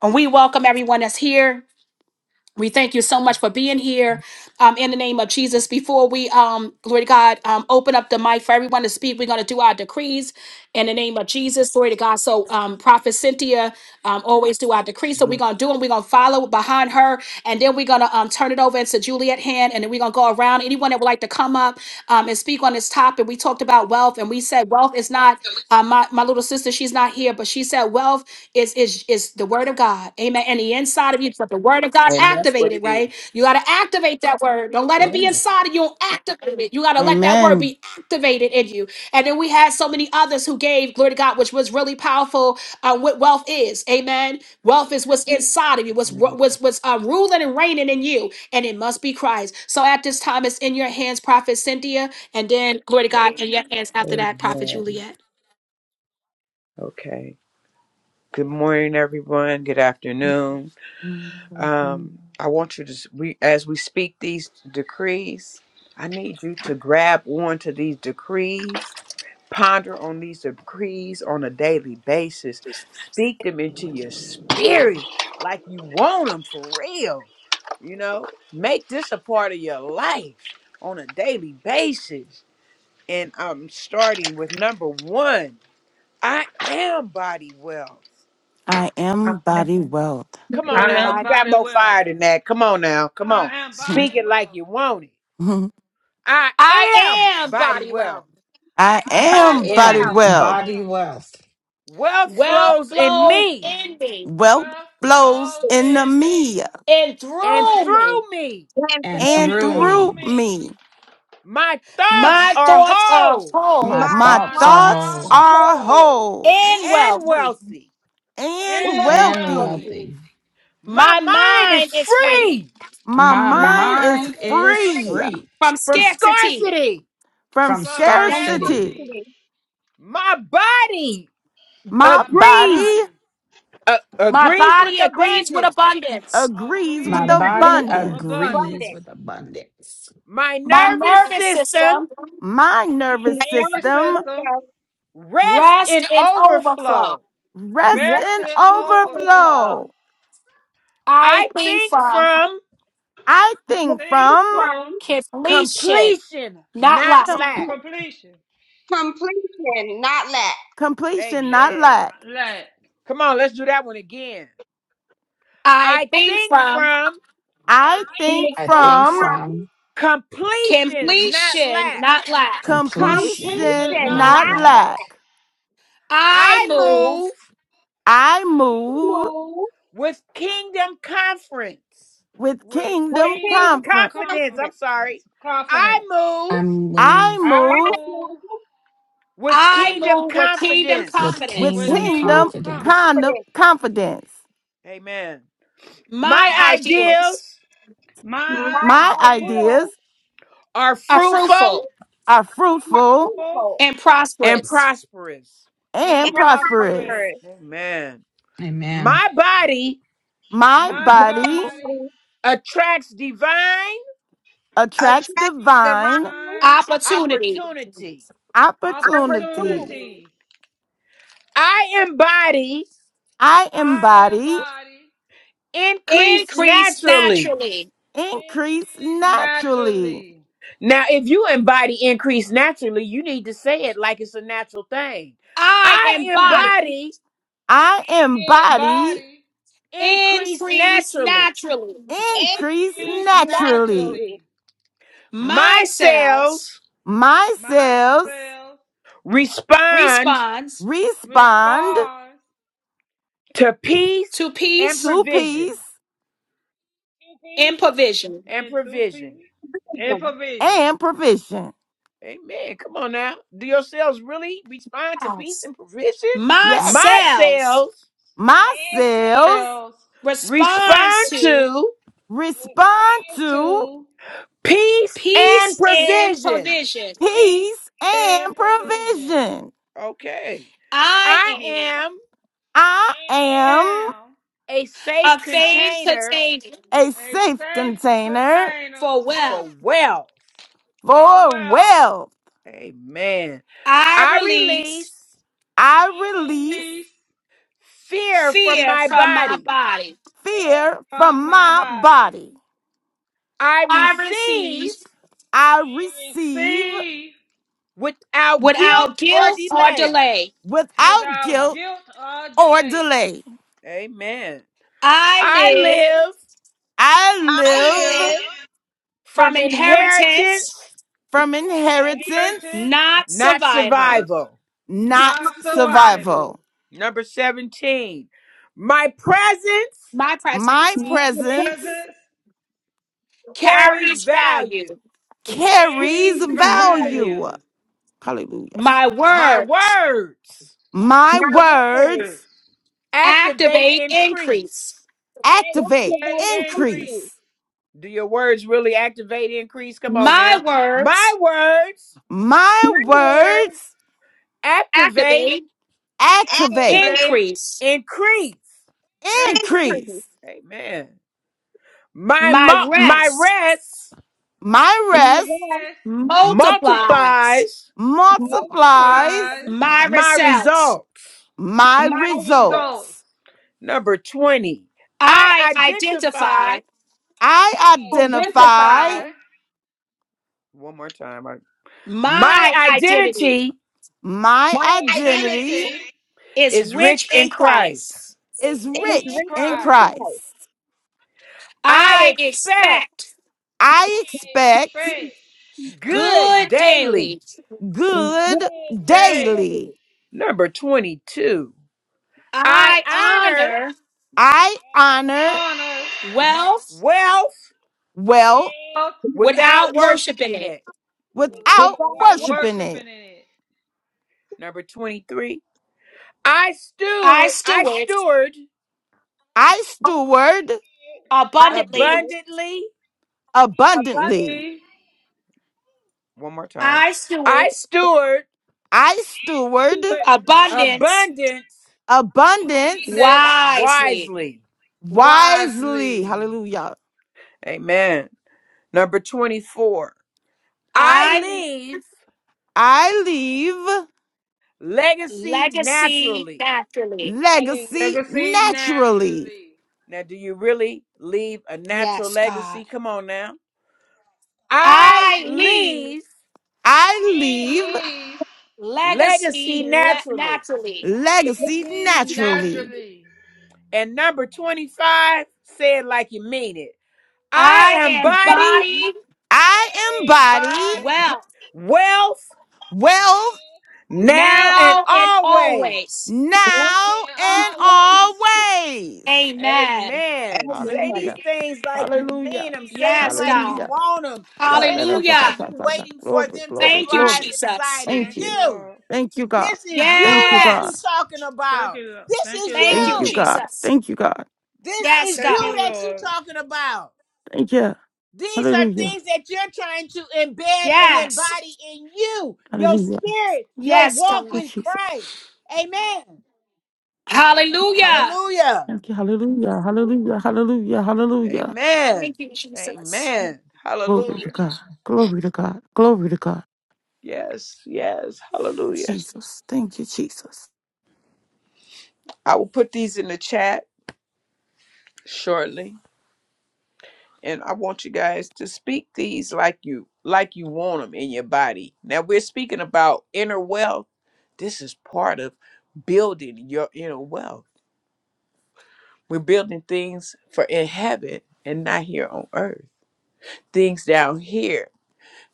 And we welcome everyone that's here. We thank you so much for being here um, in the name of Jesus. Before we, um, glory to God, um, open up the mic for everyone to speak, we're going to do our decrees in the name of Jesus. Glory to God. So, um, Prophet Cynthia um, always do our decrees. So, we're going to do them. We're going to follow behind her. And then we're going to um, turn it over into Juliet Hand. And then we're going to go around. Anyone that would like to come up um, and speak on this topic, we talked about wealth. And we said wealth is not, uh, my, my little sister sister, she's not here, but she said wealth is is is the word of God. Amen. And the inside of you, but the word of God
And that's what
activated,
it is.
right? You got to activate that word. Don't let it be inside of you. Activate it. You got to let that word
Amen.
be activated in you. And then we had so many others who gave glory to God, which was really powerful. Uh, what wealth is, amen. Wealth is what's inside of you, what's what's what's uh, ruling and reigning in you, and it must be Christ. So at this time, it's in your hands, Prophet Cynthia. And then, glory to God, in your hands after that, Prophet
Amen.
Juliet.
Okay. Good morning, everyone. Good afternoon. Um, I want you to, s- we, as we speak these decrees, I need you to grab onto these decrees Ponder on these decrees on a daily basis. Speak them into your spirit like you want them for real. You know, make this a part of your life on a daily basis. And I'm starting with number one I am body wealth.
I
I
am
am,
body wealth.
Come on
I
Damn
now.
am
You
body.
got
body
more
wealth.
fire than that. Come on now. Come
I
on.
am body
Speak it like
wealth.
you want it.
(laughs)
I
I
am
am
body
body
wealth.
well.
I
I
I
Body
am
am body
am
wow.
body
wealth.
body
wealth.
wealth,
Wealth
Well
flows in
flows
me
in me.
Wealth
Wealth
flows
flows
into
in
me
me
and
and
through
through
me.
me.
And
and
and
and
through
blessed
through
through
me,
me.
me.
My thoughts
My
are
thoughts are
whole
whole
my
my
My
My
thoughts are
heart
thoughts
my
thoughts
whole
are
are
whole.
whole
whole
and
and
wealthy.
wealthy.
and
and
and
wealthy.
wealthy.
Unlawful.
wealthy.
My
My
mind is
mind is free
free
My
My
My
My
mind
mind
is
is
mind
mind is
is
free
free
free.
free
from
from
scarcity.
scarcity.
from
from
from
From
scarcity.
scarcity.
scarcity.
confidence.
My body
My
My
body
agrees
body
uh,
My
agrees with
body agrees with
abundance.
abundance.
agrees with
My
agrees
That
body
will bring
abundance.
you
agrees
abundance.
abundance.
with abundance.
My
My
nervous
nervous
system
system
My nervous
My
Every
system
nervous
system.
system
rests
rests
in
in overflow.
overflow.
rests in
Rested
rushing
overflow.
overflow.
overflow.
I
I
think
think
from
from
I
I
think
think
from
From
from
completion,
completion,
not
not
lack.
com-
from
I,
lack.
completion,
completion, not lack.
completion, not
Amen.
lack.
not lack. I
Come on, let's do that one again.
I
I
think
think
from
from
I
think
think
I think
from
from
from
completion, not
completion,
lack.
not lack.
he
Completion
completion,
should
completion,
not
not
not
lack.
lack.
lack.
I
I move
move,
I move
Move
with Kingdom Conference.
with
with
with
kingdom
kingdom
kingdom
comfort.
Confidence,
confidence.
I'm
confidence.
That's
sorry. I
confidence.
move
I
I
move
I
I
move
do
move
with
I
Kingdom
move with kingdom
Confidence.
with
with
confidence.
with
with
kingdom
kingdom
kingdom
kingdom
confidence.
con-
confidence.
confidence.
confidence.
Amen. My
My ideas
ideals
My
My
My
ideas
ideas
ideas
are
are fruitful
fruitful
are
are
fruitful
equal
people.
and
and
prosperous.
prosperous.
and
and
and prosperous.
prosperous.
prosperous.
Amen.
Amen.
My body
My
My
body
body,
Stability
attracts divine
attracts
attracts
divine
divine
my
Opportunity.
opportunity.
opportunities.
opportunity
opportunities.
I embody
I
I
embody
embody
increase
Increase
naturally.
naturally.
increase
Increase
naturally.
naturally.
Now, if you embody increase naturally, you need to say it like it's a natural thing.
I
I
embody
embody
I
In
embody
body,
increase
increase
naturally.
naturally.
increase
increase
and
naturally.
naturally.
naturally.
My
My
cells
cells
My
My
cells
cells
respond
responds
respond
responds
to peace
to
and
peace
to peace
provision.
to
and
peace
provision.
And
and to
provision.
peace and provision.
and provision.
Amen. Come on now. Do your cells really respond to peace
Yes.
and provision?
My
My
Yes,
cells
cells
my
My
cells
cells
responds
respond
to
to
respond
respond to
to
peace and
peace and
provision.
provision.
peace
peace
and
and
provision.
provision.
Okay.
I
I
am
am
I
I
am
am
a
a
safe
faith
container
container
a
a
safe
safe
container
container
for
for
wealth.
wealth.
for
For
wealth.
well,
Amen.
I
I
release
release
I
I
release
release
fear from
fear
my
from my
body.
body.
fear
fear
from
from
my
my
body.
body.
I
I receive
receive
I receive
Receive
without
without
guilt or
guilt or
delay.
delay.
without
without
guilt
guilt or
or
delay.
delay.
Amen.
I
I
live
live
I
I
I live
live
live
from
from
inheritance,
inheritance,
from
from
inheritance,
inheritance,
not
not
survival.
survival.
not
not
not survival.
survival.
survival.
Number 17. My presence
My
My
presence
My
My
opportunity
presence
presence
carries
carries value.
value.
carries
carries
value.
value.
value.
Hallelujah.
My
My
words
words
My
My
First,
words
activate
activate increase.
increase.
word
activate,
Activate
activate
increase.
increase.
increase.
Do your words really activate increase? Come on
My
now. My
words
words
My
My word
First,
words
activate
activate
activate,
activate
Activate
increase.
increase.
increase.
increase.
increase.
Amen. My
My
mo- my
rest
rest
My
My
rest
word
Yes,
multiplies.
multiplies
multiplies
multiplies
multiply.
My
my
results.
results.
my
My
my
result
results.
results.
Number 20,
I
I
identify.
identify,
I
identify.
Identify
identify
one more time, I- my
My identity
identity
My
my
my
identity
identity
identity
is
is
rich
rich
in
in
Christ.
Christ.
is
is
rich
is
rich
in
rich
in
in
Christ.
Christ.
Christ.
I
I
expect
expect.
I
I
expect
expect.
good
good
daily.
daily.
Whoa.
good
Give daily
daily.
Number 22, I
I
honor
honor
I honor
honor,
wealth
wealth
wealth
wealth,
without
without worshiping
worshiping
it.
it.
without
without
Without work,
worshiping it.
worshiping in it.
Number 23, I
I
stood, I
steward
steward
I steward
I do
abundantly.
it
abundantly.
abundantly.
abundantly.
Orderly,
One more time.
I steward
I steward
I steward
abundance
abundance
abundance
abundance,
wisely.
wisely.
wisely.
wisely.
Hallelujah.
Amen. Number 24. I
I'm
leave
I leave.
legacy
legacy
naturally.
naturally.
legacy
legacy
naturally.
naturally.
Now, do you really leave a natural
Yes, God.
legacy? Come on now. I
I leave
leave
I leave
leave
legacy
legacy le-
naturally.
naturally.
legacy
legacy
naturally.
naturally.
And number 25, say it like you mean it. I am
I
body,
embody
I embody
body,
wealth
wealth,
wealth
will,
now and
now and
always.
always.
now,
now and
and always.
always.
Amen.
Amen. Say
Amen.
these
Hallelujah.
things like you
Hallelujah.
mean them. Say them
Yes,
like you
Hallelujah.
God.
Hallelujah.
want them. Say
Lord, let us-
them
ta-
like
Hallelujah.
ta-
you
ta- ta.
waiting for
Glory,
them to
glory,
Thank you,
thrive
glory.
inside
Jesus.
of
Thank
Thank you,
you.
you.
Lord.
Thank you, God.
This is you
Thank you,
that you
God.
Yes.
talking
Thank
about.
you, Lord.
This
Thank you,
is
Thank you,
Thank
Lord.
you,
you.
God.
Jesus.
Thank you, God.
This
Yes,
is
Thank
you
you,
God.
that you
Lord.
talking about.
Thank you.
These are
Hallelujah.
things that you're trying to embed and
Yes.
embody in you, your
Hallelujah.
spirit, your
Yes,
Thank
walk
you,
God.
with
Jesus.
Christ. Amen.
Thank you, Lord.
Hallelujah.
Hallelujah.
Thank you. Hallelujah. Hallelujah. Hallelujah. Hallelujah.
Amen.
Thank you, Jesus.
Amen.
Glory
Hallelujah.
to God. Glory to God. Glory to God.
Yes, yes. Hallelujah.
Jesus. Thank you, Jesus.
I will put these in the chat shortly and I want you guys to speak these like you like you want them in your body. Now we're speaking about inner wealth. This is part of building your inner wealth. We're building things for in heaven and not here on earth. Things down here,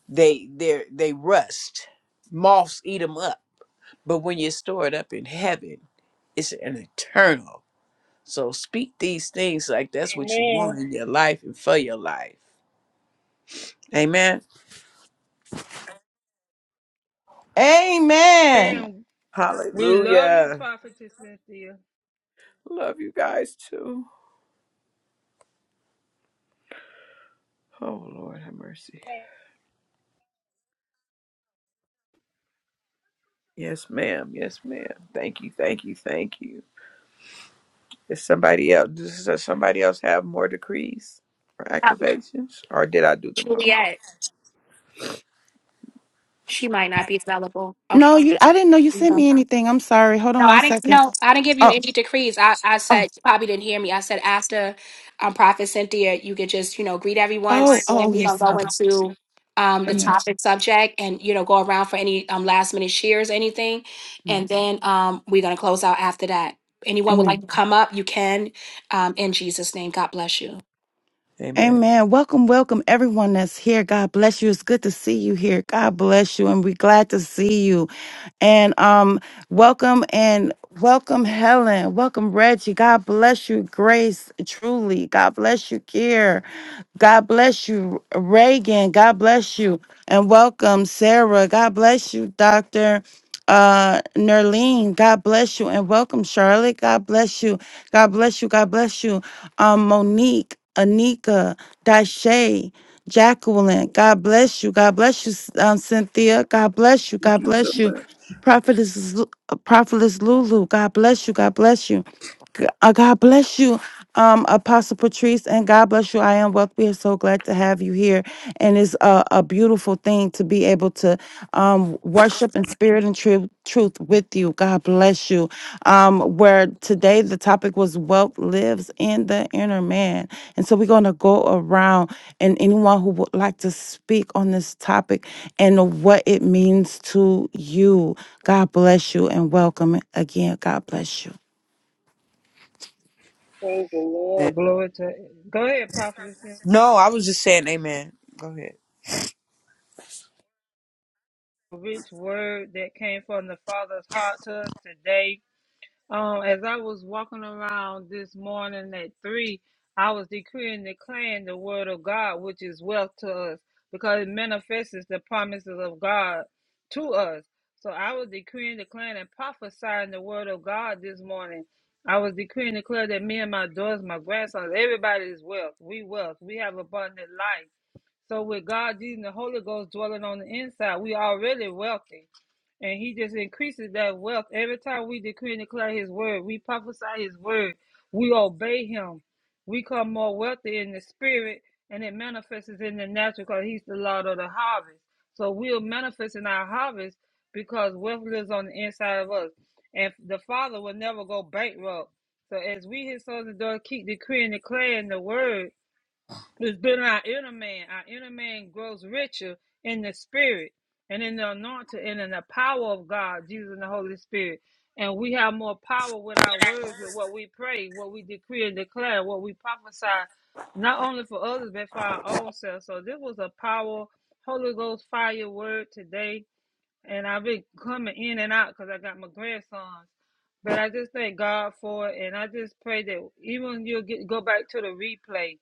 they they they rust. Moths eat them up. But when you store it up in heaven, it's an eternal. So speak these things like that's what you
Amen.
want in your life and for your life. Amen.
Amen.
Man, we love you,
Hallelujah.
Prophetess Cynthia.
Love you guys too. Oh Lord have mercy. Yes, ma'am. Thank you, thank you, thank you. It's-
Um, Juliet, she might not be available. Okay.
No, you I didn't know you sent me anything. I'm sorry. Hold on
No, I
one
didn't.
second.
No, I didn't give you
Oh,
any decrees. I, I
oh,
said you probably didn't hear me. I said after um, Prophet Cynthia, you could just you know greet everyone,
oh,
and
oh,
we're gonna
yes.
go
Okay.
into um, the
Amen.
topic subject, and you know go around for any um, last minute shares, anything, and
Amen.
then um, we're gonna close out after that. Anyone would like
Amen.
to come up, you can. Um, in Jesus' name, God bless you.
Amen. Welcome, welcome everyone that's here. God bless you. It's good to see you here. God bless you. And we're glad to see you. And um, welcome and welcome, Helen. Welcome, Reggie. God bless you, Grace. Truly, God bless you, Kier. God bless you, Reagan. God bless you. And welcome, Sarah. God bless you, Dr. Uh, Nerlene. God bless you. And welcome, Charlotte. God bless you. God bless you. God bless you. Um, Monique, Anika, Dashay, Jacqueline. God bless you. God bless you, S- um, Cynthia. God bless you. God bless you. Prophetess, Lu- uh, Prophetess Lulu. God bless you. God bless you. G- uh, God bless you, um, Apostle Patrice, and God bless you. I am wealth. We are so glad to have you here, and it's a, a beautiful thing to be able to um, worship in spirit and truth, truth with you. God bless you. Um, where today the topic was wealth lives in the inner man, and so we're going to go around, and anyone who would like to speak on this topic and what it means to you, God bless you, and welcome again. God bless you.
Praise the Lord. Glory to Go ahead, Prophetess Cynthia.
no, I was just saying amen. Go ahead.
Rich word that came from the Father's heart to us today. Um, as I was walking around this morning at three, I was decreeing and declaring the word of God, which is wealth to us, because it manifests the promises of God to us. So I was decreeing, declaring, and prophesying the word of God this morning. I was decreeing, declaring that me and my daughters, my grandsons, everybody is wealth. We wealth. We have abundant life. So with God, Jesus, and the Holy Ghost dwelling on the inside, we already wealthy. And he just increases that wealth. Every time we decree and declare his word, we prophesy his word, we obey him. We come more wealthy in the spirit and it manifests in the natural because he's the Lord of the harvest. So we'll manifest in our harvest because wealth lives on the inside of us. And the Father will never go bankrupt. So as we his sons and daughters keep decreeing and declaring the word, it's been our inner man. Our inner man grows richer in the spirit and in the anointing and in the power of God, Jesus and the Holy Spirit. And we have more power with our words, with what we pray, what we decree and declare, what we prophesy, not only for others, but for our own self. So this was a power, Holy Ghost fire word today and I've been coming in and out because I got my grandsons. But I just thank God for it, and I just pray that even you'll get go back to the replay,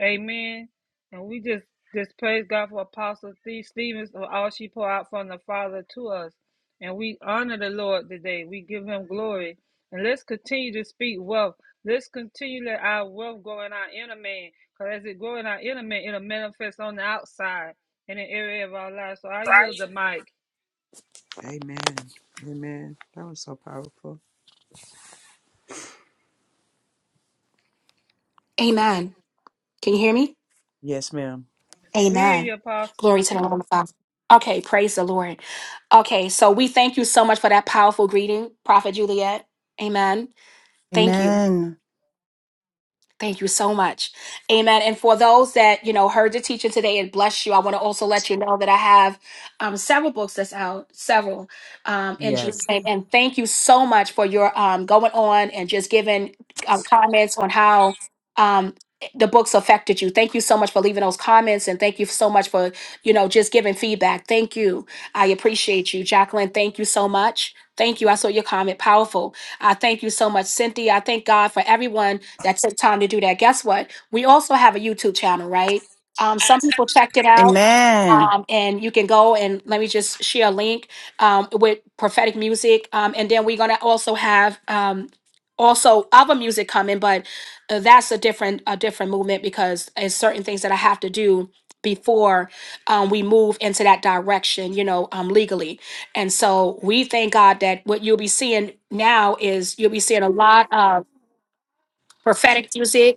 Amen. And we just just praise God for Apostle Steve Stevens for all she poured out from the Father to us, and we honor the Lord today. We give Him glory, and let's continue to speak wealth. Let's continue to let our wealth grow in our inner man, because as it grow in our inner man, it'll manifest on the outside in an area of our lives. So I yield the mic.
Amen. Amen. That was so powerful.
Amen. Can you hear me?
Yes, ma'am.
We hear
Amen.
you, Apostle.
Glory to the Lord. Father. Okay, praise the Lord. Okay, so we thank you so much for that powerful greeting, Prophet Juliet. Amen. Thank you.
Amen.
Thank you so much. Amen. And for those that, you know, heard the teaching today and bless you, I want to also let you know that I have um, several books that's out, several um, in
Yes.
Jesus' name. And thank you so much for your um, going on and just giving um, comments on how um, the books affected you. Thank you so much for leaving those comments. And thank you so much for, you know, just giving feedback. Thank you. I appreciate you. Jacqueline, thank you so much. Thank you. I saw your comment. Powerful. I thank you so much, Cynthia. I thank God for everyone that took time to do that. Guess what? We also have a YouTube channel, right? Um, some people checked it out.
Amen.
Um, and you can go and let me just share a link um, with prophetic music. Um, and then we're going to also have um, also other music coming, but uh, that's a different a different movement because it's certain things that I have to do before um, we move into that direction, you know, um, legally. And so we thank God that what you'll be seeing now is you'll be seeing a lot of prophetic music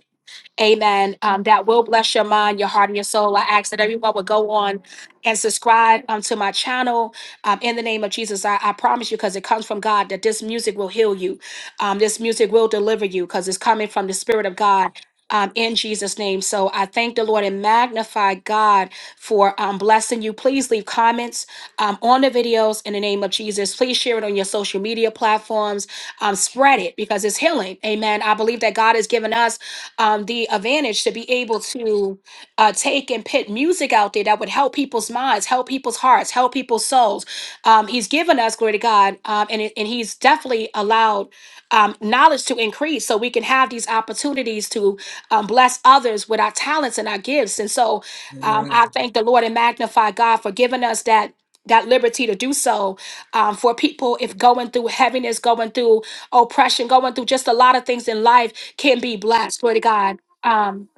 Amen. Um, that will bless your mind, your heart, and your soul. I ask that everyone would go on and subscribe um, to my channel. Um, in the name of Jesus, I, I promise you, because it comes from God, that this music will heal you. Um, this music will deliver you, because it's coming from the Spirit of God. Um, in Jesus' name. So I thank the Lord and magnify God for um, blessing you. Please leave comments um, on the videos in the name of Jesus. Please share it on your social media platforms. Um, spread it because it's healing. Amen. I believe that God has given us um, the advantage to be able to uh, take and put music out there that would help people's minds, help people's hearts, help people's souls. Um, he's given us, glory to God, um, and, it- and he's definitely allowed um, knowledge to increase so we can have these opportunities to um, bless others with our talents and our gifts. And so um,
Amen.
I thank the Lord and magnify God for giving us that. That liberty to do so um, for people if going through heaviness, going through oppression, going through just a lot of things in life can be blessed, glory to God, um,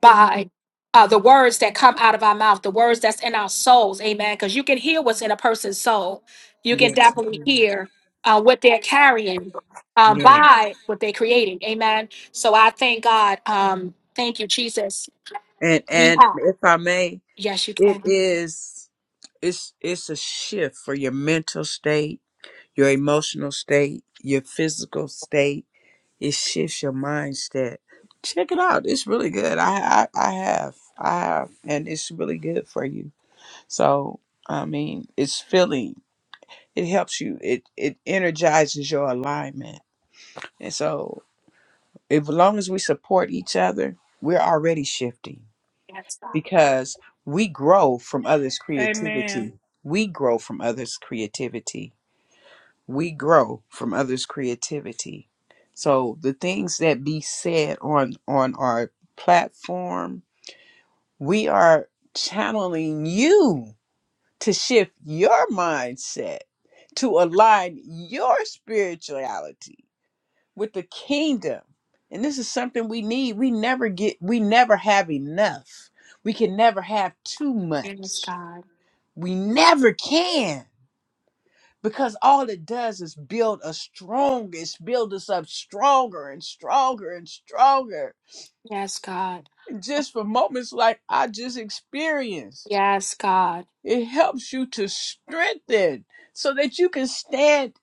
by uh, the words that come out of our mouth, the words that's in our souls, amen. Because you can hear what's in a person's soul. You can
Yes.
definitely hear uh, what they're carrying um,
Yes.
by what they're creating, amen. So I thank God. Um, thank you, Jesus.
And
We
and
have,
if I may,
yes, you
it
can.
is it's it's a shift for your mental state your emotional state, your physical state. It shifts your mindset. Check it out. It's really good. I, I I have I have, and it's really good for you. So I mean, it's filling. It helps you. It it energizes your alignment. And so, if, as long as we support each other, we're already shifting
Yes, God.
because we grow from others' creativity.
Amen.
We grow from others' creativity we grow from others' creativity. So the things that be said on on our platform, we are channeling you to shift your mindset to align your spirituality with the kingdom. And this is something we need. We never get we never have enough. We can never have too
Yes,
much.
God.
We never can. because all it does is build us strong it's build us up stronger and stronger and stronger
Yes, God.
just for moments like i just experienced
Yes, God.
it helps you to strengthen so that you can stand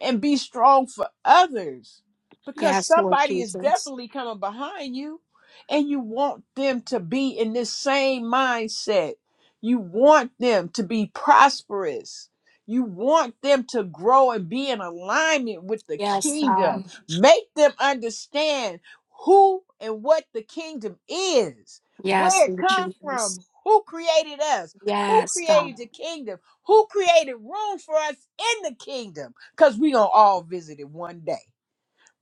and be strong for others because
Yes, Lord
somebody is
Jesus.
definitely coming behind you and you want them to be in this same mindset. You want them to be prosperous. You want them to grow and be in alignment with the
Yes,
kingdom.
God.
Make them understand who and what the kingdom is,
Yes,
where it
Lord
comes
Jesus.
from, who created us, who
Yes, God.
created the kingdom? Who created room for us in the kingdom? Because we gonna all visit it one day.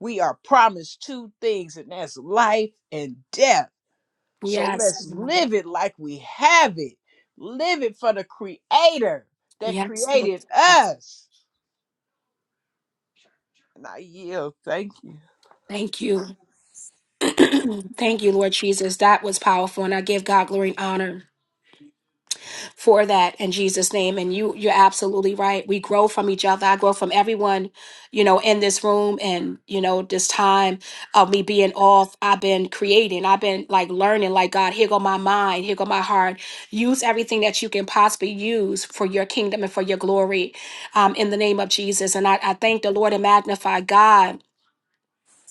We are promised two things, and that's life and death. So
Yes,
let's
God.
live it like we have it. Live it for the creator that
Yes, Lord
created
Jesus.
us. And I yield. Thank you.
Thank you. (clears throat) Thank you, Lord Jesus. That was powerful. And I give God glory and honor. for that in Jesus name and you you're absolutely right. We grow from each other. I grow from everyone, you know, in this room and you know this time of me being off. I've been creating. I've been like learning like God, here go my mind, here go my heart. Use everything that you can possibly use for your kingdom and for your glory um in the name of Jesus. And I, I thank the Lord and magnify God.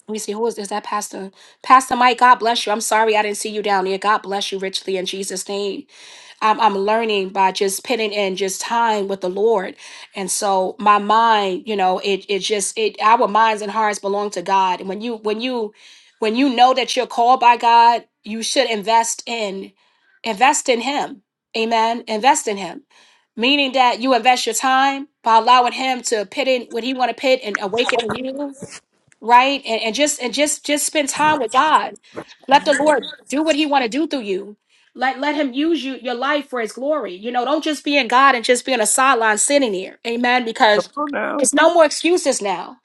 Let me see who is is that Pastor Pastor Mike, God bless you. I'm sorry I didn't see you down there. God bless you richly in Jesus' name. I'm, I'm learning by just putting in just time with the Lord. And so my mind, you know, it it just it our minds and hearts belong to God. And when you when you when you know that you're called by God, you should invest in invest in him. Amen. Invest in him. Meaning that you invest your time by allowing him to pit in what he want to pit and awaken in you right? And, and just and just just spend time with God. Let the Lord do what He want to do through you. Let let Him use you your life for His glory. You know, don't just be in God and just be on a sideline sitting here, Amen. Because
Well,
it's no more excuses now.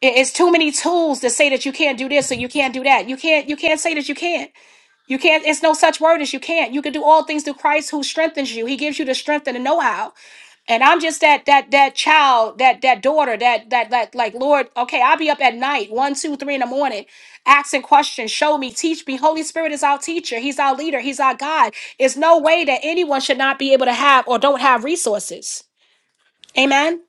It- It's too many tools to say that you can't do this or you can't do that. You can't you can't say that you can't. You can't. It's no such word as you can't. You can do all things through Christ who strengthens you. He gives you the strength and the know how and I'm just that that that child, that that daughter, that that that like Lord, okay, I'll be up at night, one, two, three in the morning, asking questions, show me, teach me. Holy Spirit is our teacher, He's our leader, He's our God. It's no way that anyone should not be able to have or don't have resources. Amen.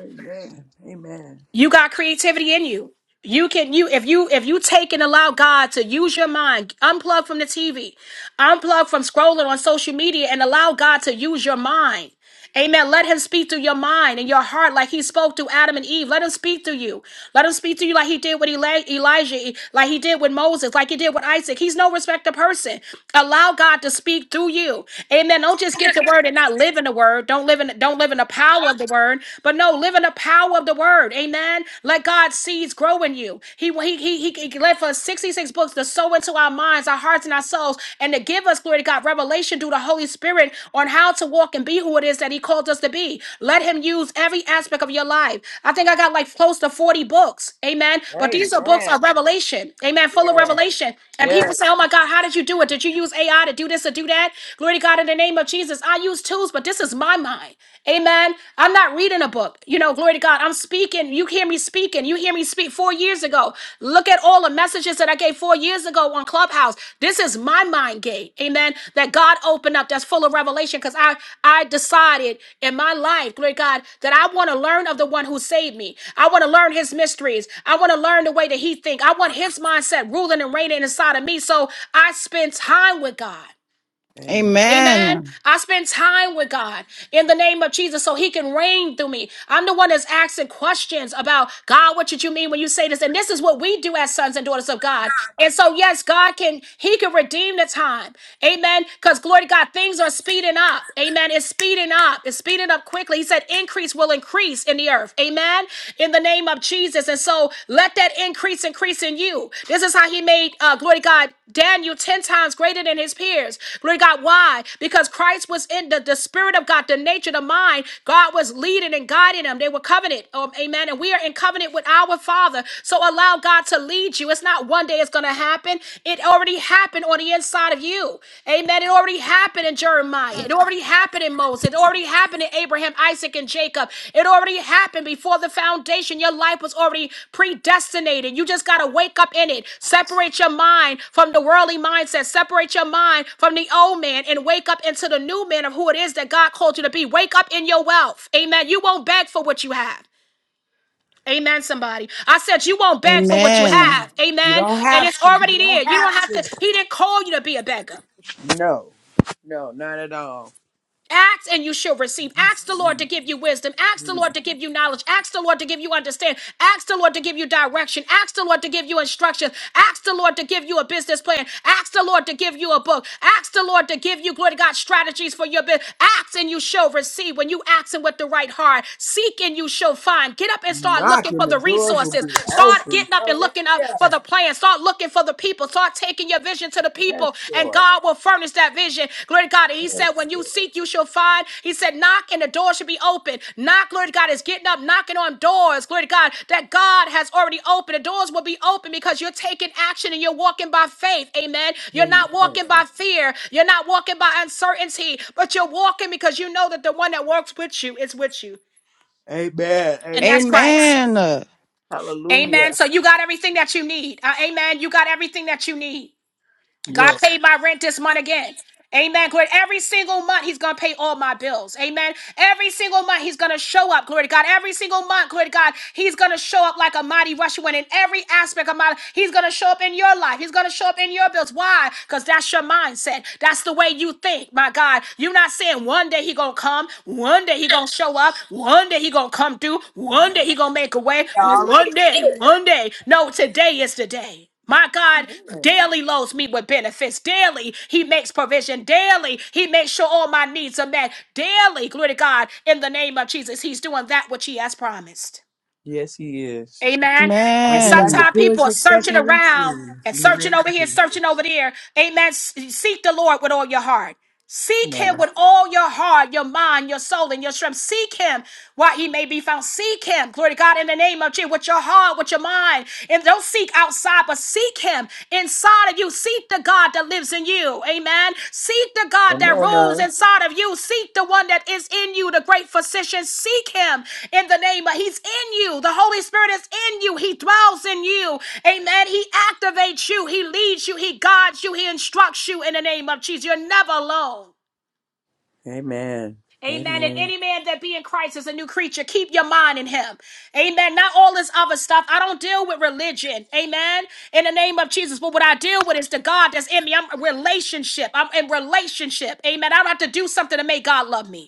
amen. Amen.
You got creativity in you. You can you if you if you take and allow God to use your mind, unplug from the TV, unplug from scrolling on social media, and allow God to use your mind. Amen. Let him speak through your mind and your heart like he spoke to Adam and Eve. Let him speak through you. Let him speak to you like he did with Eli- Elijah, like he did with Moses, like he did with Isaac. He's no respecter person. Allow God to speak through you. Amen. Don't just get the word and not live in the word. Don't live in don't live in the power of the word, but no, live in the power of the word. Amen. Let God's seeds grow in you. He he he, he left us 66 books to sow into power into our minds, our hearts, and our souls, and to give us, glory to God, revelation through the Holy Spirit on how to walk and be who it is that He called us to be. Let Him use every aspect of your life. I think I got like close to 40 books. Amen. But these are books of
Amen.
revelation. Amen. Full of revelation. And people
Yes.
say, oh my God, how did you do it? Did you use AI to do this or do that? Glory to God in the name of Jesus. I use tools, but this is my mind. Amen. I'm not reading a book. You know, glory to God. I'm speaking. You hear me speaking. You hear me speak four years ago. Look at all the messages that I gave four years ago on Clubhouse. This is my mind gate. Amen. That God opened up that's full of revelation because I, I decided in my life, glory to God, that I want to learn of the one who saved me. I want to learn his mysteries. I want to learn the way that he think. I want his mindset ruling and reigning inside of me. So I spend time with God.
Amen.
Amen.
Amen.
I spend time with God in the name of Jesus so he can reign through me. I'm the one that's asking questions about God, what did you mean when you say this? And this is what we do as sons and daughters of God. And so, yes, God can, he can redeem the time. Amen. Because glory to God, things are speeding up. Amen. It's speeding up. It's speeding up quickly. He said, increase will increase in the earth. Amen. In the name name of Jesus. And so let that increase increase in you. This is how he made, uh, glory to God, Daniel 10 times greater than his peers. Glory to God. Why? Because Christ was in the, the spirit of God, the nature, the mind. God was leading and guiding them. They were covenant. Um, amen. And we are in covenant with our Father. So allow God to lead you. It's not one day it's going to happen. It already happened on the inside of you. Amen. It already happened in Jeremiah. It already happened in Moses. It already happened in Abraham, Isaac, and Jacob. It already happened before the foundation. Your life was already predestinated. You just got to wake up in it. Separate your mind from the worldly mindset. Separate your mind from the old man and wake up into the new man of who it is that God called you to be. Wake up in your wealth. Amen. You won't beg for what you have. Amen, somebody. I said you won't beg for what you
Amen.
have.
You
Amen.
don't
And
have
it's
to. You
already there.
don't
You
have
don't have to,
to.
he didn't call you to be a beggar.
No. No, not at all.
Ask and you shall receive. Ask the Lord to give you wisdom. Ask the Lord to give you knowledge. Ask the Lord to give you understanding. Ask the Lord to give you direction. Ask the Lord to give you instructions. Ask the Lord to give you a business plan. Ask the Lord to give you a book. Ask the Lord to give you, glory to God, strategies for your business. Ask and you shall receive. When you ask and with the right heart, seek and you shall find. Get up and start looking
knocking,
for
the
the
doors will
resources.
be
Start
open.
getting up and looking up
Hallelujah.
for the plan. Start looking for the people. Start taking your vision to the
Yes,
people, and
Lord.
God will furnish that vision. Glory to God. And He said, When you seek, you shall find. He said, Knock, and the door should be open. Knock, glory to God, is getting up, knocking on doors, glory to God, that God has already opened. The doors will be open because you're taking action and you're walking by faith. Amen. You're
Amen.
not walking by fear, you're not walking by uncertainty, but you're walking because you know that the one that works with you is with you,
Amen.
and
Amen.
that's Christ.
Amen.
Hallelujah.
Amen. So you got everything that you need. Uh, amen. You got everything that you need. God
Yes.
paid my rent this month again. Amen. Glory. Every single month, He's going to pay all my bills. Amen. Every single month, He's going to show up. Glory to God. Every single month, glory to God, He's going to show up like a mighty rushing wind in every aspect of my life. He's going to show up in your life. He's going to show up in your bills. Why? Because that's your mindset. That's the way you think, my God. You're not saying one day He going to come, one day He going to show up, one day He going to come through, one day He going to make a way, oh, one day, one day. No, today is the day. My God daily loads me with benefits. Daily, He makes provision. Daily, He makes sure all my needs are met. Daily, glory to God, in the name of Jesus, He's doing that which He has promised.
Yes, He is.
Amen. And
Amen.
sometimes people are searching around and searching over here, searching over there. Amen. S- Seek the Lord with all your heart.
Come
Seek him
on.
with all your heart, your mind, your soul, and your strength. Seek him while he may be found. Seek him, glory to God, in the name of Jesus, with your heart, with your mind. And don't seek outside, but seek him inside of you. Seek the God that lives in you. Amen. Seek the God that
Come
that
on
rules
now.
inside of you. Seek the one that is in you, the great physician. Seek him in the name of He's in you. The Holy Spirit is in you. He dwells in you. Amen. He activates you. He leads you. He guides you. He instructs you in the name of Jesus. You're never alone.
Amen.
Amen. And
Amen.
any man that be in Christ is a new creature. Keep your mind in him. Amen. Not all this other stuff. I don't deal with religion. Amen. In the name of Jesus. But what I deal with is the God that's in me. I'm a relationship. I'm in relationship. Amen. I don't have to do something to make God love me.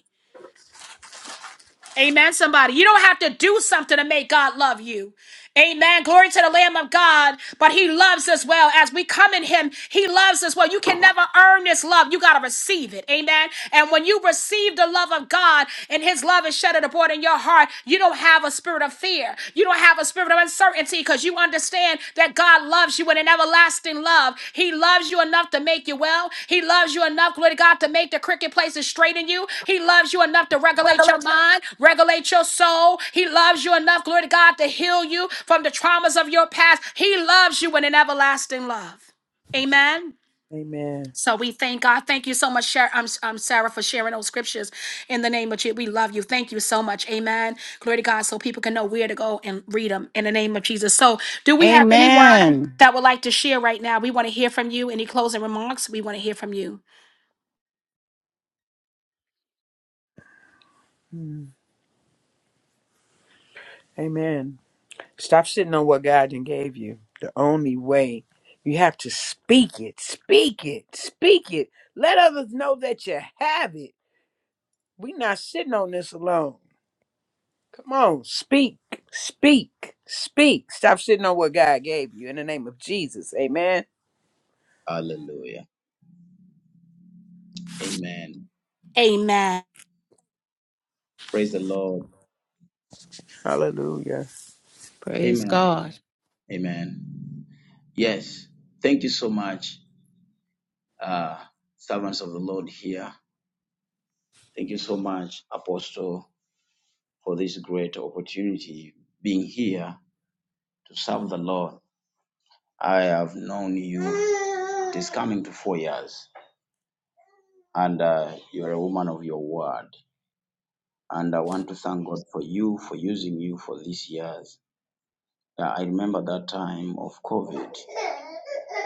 Amen, somebody. You don't have to do something to make God love you. Amen. Glory to the Lamb of God. But He loves us well. As we come in Him, He loves us well. You can never earn this love. You got to receive it. Amen. And when you receive the love of God and His love is shed abroad in your heart, you don't have a spirit of fear. You don't have a spirit of uncertainty because you understand that God loves you with an everlasting love. He loves you enough to make you well. He loves you enough, glory to God, to make the cricket places straight in you. He loves you enough to regulate your mind, regulate your soul. He loves you enough, glory to God, to heal you from the traumas of your past. He loves you with an everlasting love. Amen.
Amen.
So we thank God. Thank you so much, Sarah, um, um, Sarah, for sharing those scriptures in the name of Jesus. We love you. Thank you so much. Amen. Glory to God. So people can know where to go and read them in the name of Jesus. So, do we have anyone
Amen.
that would like to share right now? We want to hear from you. Any closing remarks? We want to hear from you.
Hmm. Amen. Stop sitting on what God done gave you. The only way you have to speak it, speak it, speak it. Let others know that you have it. We're not sitting on this alone. Come on, speak, speak, speak. Stop sitting on what God gave you in the name of Jesus. Amen.
Hallelujah. Amen.
Amen.
Praise the Lord.
Hallelujah.
Praise
Amen.
God.
Amen. Yes. Thank you so much, uh, servants of the Lord here. Thank you so much, Apostle, for this great opportunity being here to serve the Lord. I have known you it is coming to four years, and uh, you are a woman of your word. And I want to thank God for you, for using you for these years. Uh, I remember that time of COVID.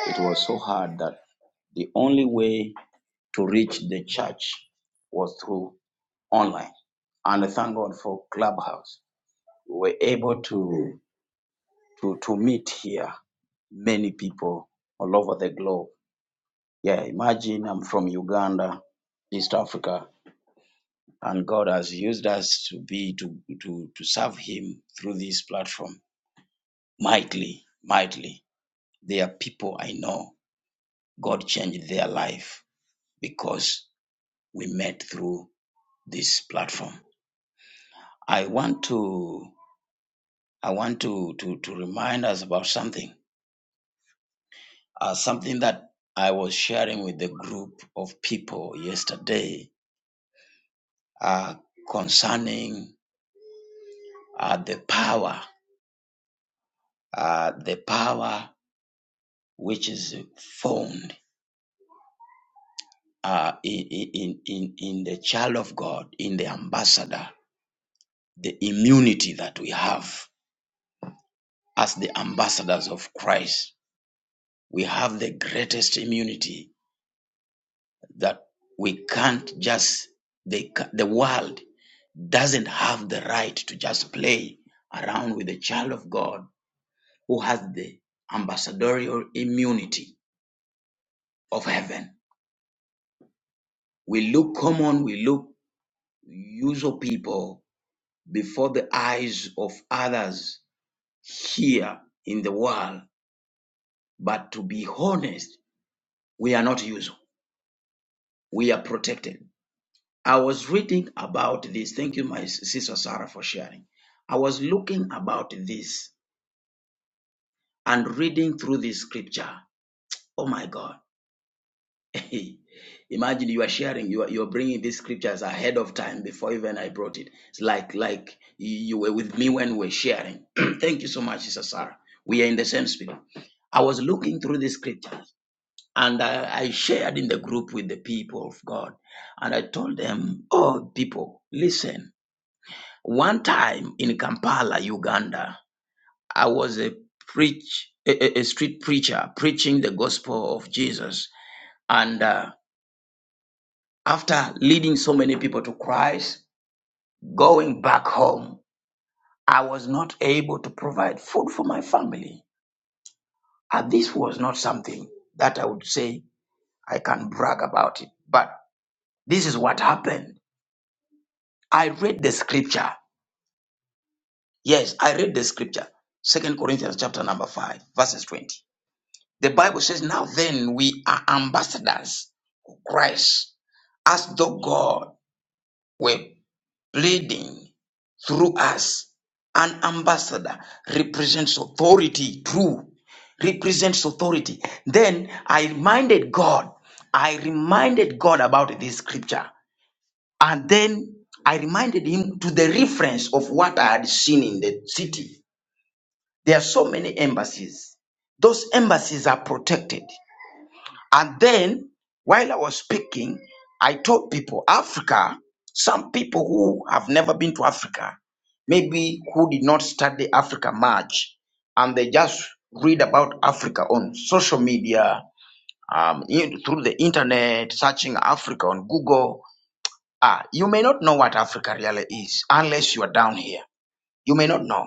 It was so hard that the only way to reach the church was through online. And thank God for Clubhouse. We were able to, to, to meet here many people all over the globe. Yeah, imagine I'm from Uganda, East Africa, and God has used us to be to, to, to serve Him through this platform mightily, mightily. There are people I know God changed their life because we met through this platform. I want to I want to to, to remind us about something, uh, something that I was sharing with the group of people yesterday uh, concerning uh, the power, uh, the power which is found uh, in, in in in the child of God, in the ambassador, the immunity that we have as the ambassadors of Christ. We have the greatest immunity that we can't just they, the world doesn't have the right to just play around with the child of God who has the ambassadorial immunity of heaven. We look common, we look usual people before the eyes of others here in the world, but to be honest, we are not usual. We are protected I was reading about this. Thank you, my sister Sarah, for sharing. I was looking about this and reading through this scripture. Oh my God. (laughs) Imagine you are sharing, you are, you are bringing these scriptures ahead of time before even I brought it. It's like like you were with me when we were sharing. (clears throat) Thank you so much, Sister Sarah. We are in the same spirit. I was looking through the scriptures and I, I shared in the group with the people of God and I told them, Oh, people, listen. One time in Kampala, Uganda, I was a preach a, a- a street preacher preaching the gospel of Jesus, and uh, after leading so many people to Christ, going back home, I was not able to provide food for my family. And this was not something that I would say I can brag about it. But this is what happened. I read the scripture. Yes, I read the scripture. Second Corinthians chapter number five, verses 20. The Bible says, Now then, we are ambassadors of Christ, as though God were pleading through us. An ambassador represents authority, true, represents authority. Then I reminded God, I reminded God about this scripture. And then I reminded him to the reference of what I had seen in the city. There are so many embassies. Those embassies are protected. And then, while I was speaking, I told people Africa, some people who have never been to Africa, maybe who did not study Africa much, and they just read about Africa on social media, um, in- through the internet, searching Africa on Google. Ah, you may not know what Africa really is unless you are down here. You may not know.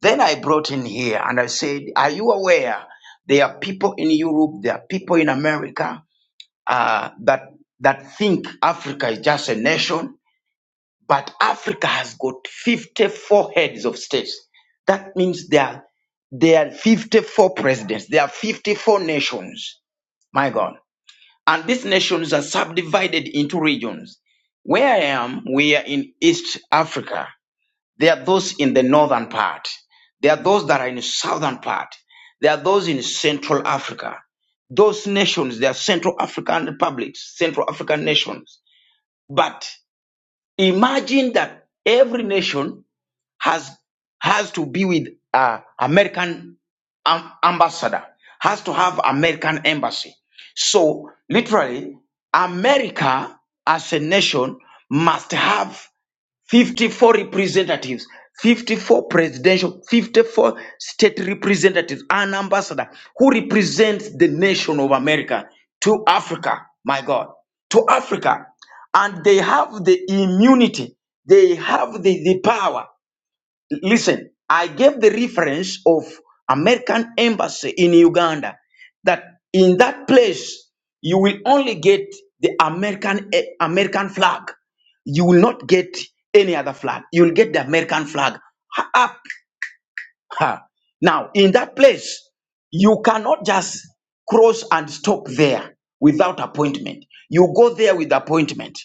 Then I brought in here and I said, Are you aware there are people in Europe, there are people in America, uh, that that think Africa is just a nation, but Africa has got 54 heads of states. That means there are, there are 54 presidents, there are 54 nations. My God. And these nations are subdivided into regions. Where I am, we are in East Africa. There are those in the northern part. There are those that are in the southern part. There are those in Central Africa. Those nations, they are Central African republics, Central African nations. But imagine that every nation has has to be with uh, American am- ambassador, has to have American embassy. So literally, America as a nation must have 54 representatives, 54 presidential, 54 state representatives, an ambassador who represents the nation of America to Africa, my God, to Africa. And they have the immunity, they have the, the power Listen, I gave the reference of American embassy in Uganda that in that place you will only get the American eh, American flag. You will not get any other flag. You will get the American flag Ha- up. ha. Now, in that place, you cannot just cross and stop there without appointment. You go there with appointment.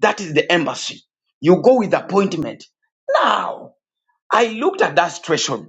That is the embassy. You go with appointment. Now, I looked at that situation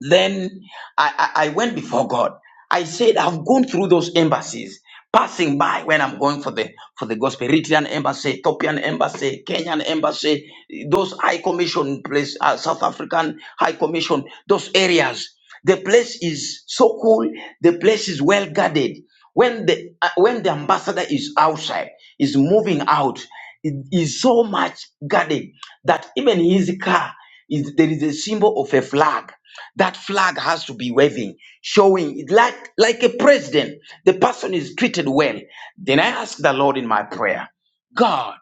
then I, I, I went before God. I said, I've gone through those embassies, passing by when I'm going for the for the gospel, Eritrean embassy, Ethiopian embassy, Kenyan embassy, those high commission place, uh, South African high commission, those areas. The place is so cool. The place is well guarded. When the uh, when the ambassador is outside, is moving out, it is so much guarded that even his car is there is a symbol of a flag that flag has to be waving, showing it like, like a president. The person is treated well. Then I ask the Lord in my prayer, God,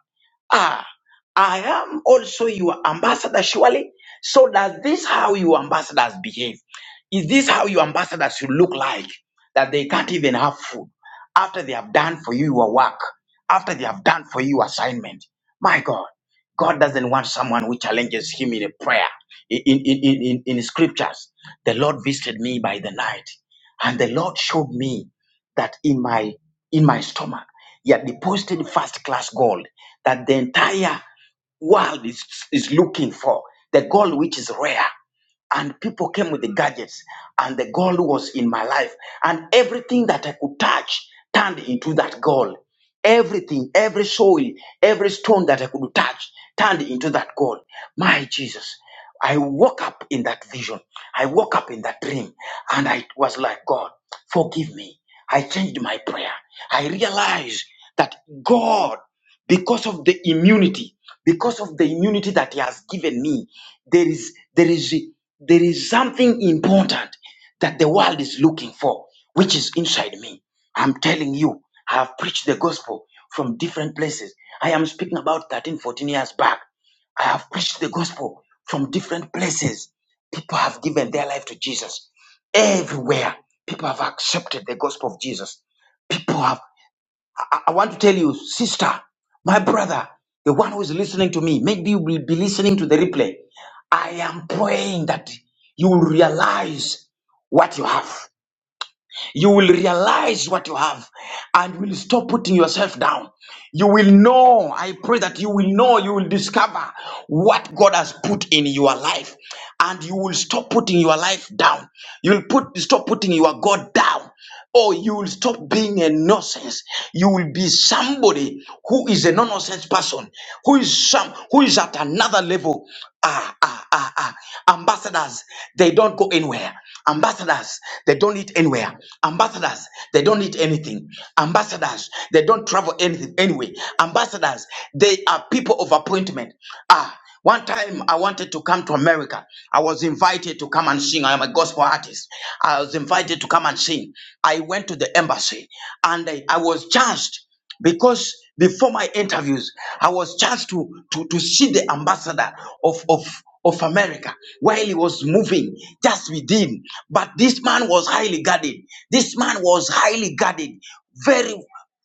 ah, I am also your ambassador, surely. So that this how your ambassadors behave? Is this how your ambassadors should look like? That they can't even have food after they have done for you your work, after they have done for you assignment. My God. God doesn't want someone who challenges him in a prayer. In, in, in, in, in scriptures, the Lord visited me by the night, and the Lord showed me that in my in my stomach, he had deposited first class gold that the entire world is, is looking for, the gold which is rare and people came with the gadgets and the gold was in my life and everything that i could touch turned into that gold everything every soil every stone that i could touch turned into that gold my jesus i woke up in that vision i woke up in that dream and i was like god forgive me i changed my prayer i realized that god because of the immunity because of the immunity that he has given me there is there is there is something important that the world is looking for, which is inside me. I'm telling you, I have preached the gospel from different places. I am speaking about 13, 14 years back. I have preached the gospel from different places. People have given their life to Jesus. Everywhere, people have accepted the gospel of Jesus People have. I I want to tell you, sister, my brother, the one who is listening to me, maybe you will be listening to the replay. I am praying that you will realize what you have. You will realize what you have and will stop putting yourself down. You will know, I pray that you will know, you will discover what God has put in your life and you will stop putting your life down. You will put stop putting your God down. Oh, you will stop being a nonsense. You will be somebody who is a nonsense person, who is some, who is at another level. Ah, ah, ah, ah. Ambassadors, they don't go anywhere. Ambassadors, they don't eat anywhere. Ambassadors, they don't eat anything. Ambassadors, they don't travel anything anyway. Ambassadors, they are people of appointment. Ah, one time I wanted to come to America. I was invited to come and sing. I am a gospel artist. I was invited to come and sing. I went to the embassy and I, I was charged because before my interviews, I was charged to, to, to see the ambassador of, of, of America while he was moving just with him. But this man was highly guarded. This man was highly guarded, very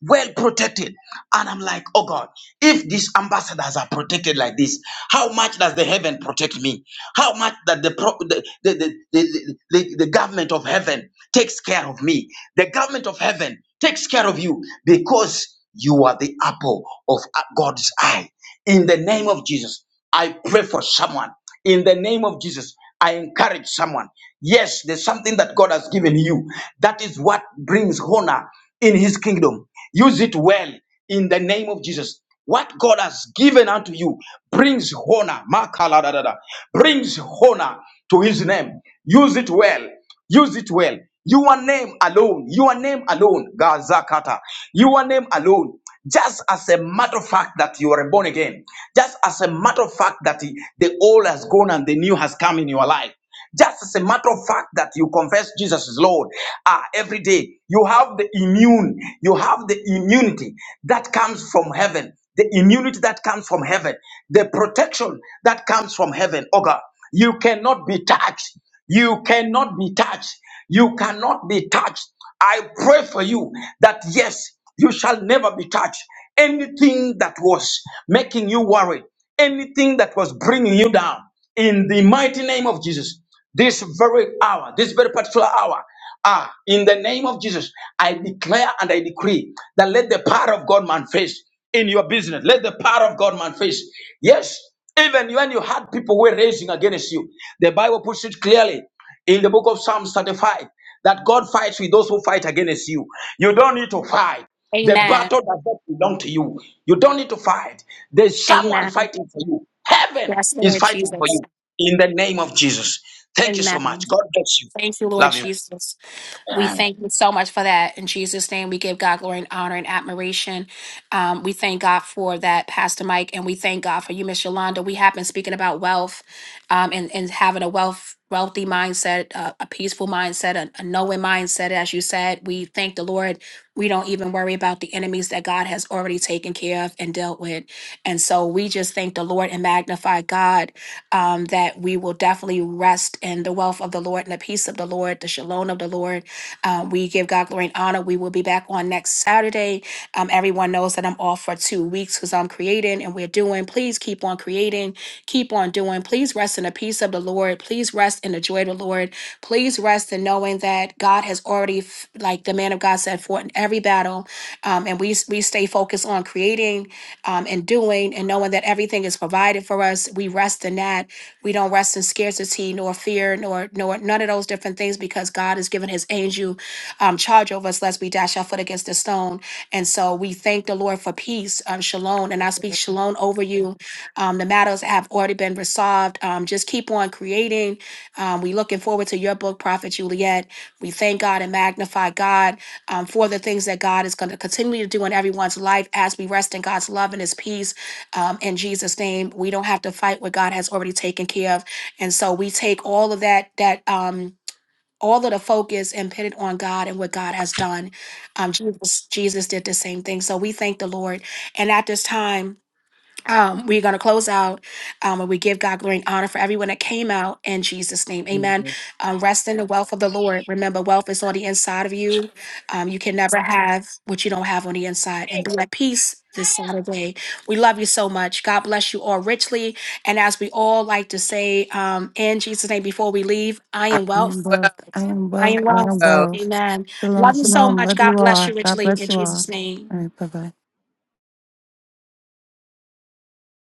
well protected. And I'm like, oh God, if these ambassadors are protected like this, how much does the heaven protect me? How much that the, pro- the, the, the, the, the the government of heaven takes care of me? The government of heaven takes care of you because you are the apple of God's eye. In the name of Jesus, I pray for someone. In the name of Jesus, I encourage someone. Yes, there's something that God has given you. That is what brings honor in his kingdom. Use it well in the name of Jesus. What God has given unto you brings honor, Makaladadada, brings honor to his name. Use it well Use it well. Your name alone, your name alone, Gazakata, your name alone. Just as a matter of fact that you are born again, just as a matter of fact that the old has gone and the new has come in your life, just as a matter of fact that you confess Jesus is Lord ah, every day, you have the immune, you have the immunity that comes from heaven, the immunity that comes from heaven, the protection that comes from heaven. Oh God, you cannot be touched. You cannot be touched. You cannot be touched. I pray for you that yes, you shall never be touched. Anything that was making you worry, anything that was bringing you down, in the mighty name of Jesus, this very hour, this very particular hour, Ah, in the name of Jesus, I declare and I decree that let the power of God manifest in your business. Let the power of God manifest. Yes, even when you had people who were raising against you, the Bible puts it clearly in the book of Psalms 35 that God fights with those who fight against you. You don't need to fight. The
Amen.
battle does not belong to you. You don't need to fight. There's someone
Amen.
fighting for you. Heaven
Yes,
is
Lord
fighting for
Jesus.
you in the name of Jesus. Thank you so
Amen.
much. God bless you.
Thank you, Lord
Love you
Jesus. We
and
thank you so much for that. In Jesus' name, we give God glory and honor and admiration. Um, we thank God for that, Pastor Mike, and we thank God for you, Miss Yolanda. We have been speaking about wealth um, and, and having a wealth wealthy mindset, uh, a peaceful mindset, a, a knowing mindset. As you said, we thank the Lord. We don't even worry about the enemies that God has already taken care of and dealt with. And so we just thank the Lord and magnify God um, that we will definitely rest in the wealth of the Lord and the peace of the Lord, the shalom of the Lord uh, we give God glory and honor. We will be back on next Saturday. Um, everyone knows that I'm off for two weeks because I'm creating and we're doing. Please keep on creating, keep on doing. Please rest in the peace of the Lord. Please rest in the joy of the Lord. Please rest in knowing that God has already, f- like the man of God said, fought in every battle. Um, and we, we stay focused on creating um, and doing and knowing that everything is provided for us. We rest in that we don't rest in scarcity nor fear nor nor none of those different things because God has given his angel um, charge over us lest we dash our foot against a stone. And so we thank the Lord for peace, um, shalom. And I speak shalom over you. Um, the matters have already been resolved. Um, just keep on creating. Um, we looking forward to your book, Prophet Juliet. We thank God and magnify God um, for the things that God is going to continue to do in everyone's life as we rest in God's love and his peace um, in Jesus' name. We don't have to fight what God has already taken care of, and so we take all of that that um, all of the focus and put it on God and what God has done. Um, Jesus, Jesus did the same thing. So we thank the Lord. And at this time. Um, we're going to close out um, and we give God glory and honor for everyone that came out in Jesus' name. Amen.
Amen.
Um, rest in the wealth of the Lord. Remember, wealth is on the inside of you. Um, you can never have what you don't have on the inside and be at peace this Saturday. We love you so much. God bless you all richly. And as we all like to say um, in Jesus' name before we leave, I am
I am
wealth.
wealth. I am
I
wealth.
am
I
wealth.
am wealth.
Amen.
Shalom,
Love you so
shalom.
much.
Love
God
you
bless you
all. God
richly
bless
in
you all.
Jesus' name.
All right. Bye bye.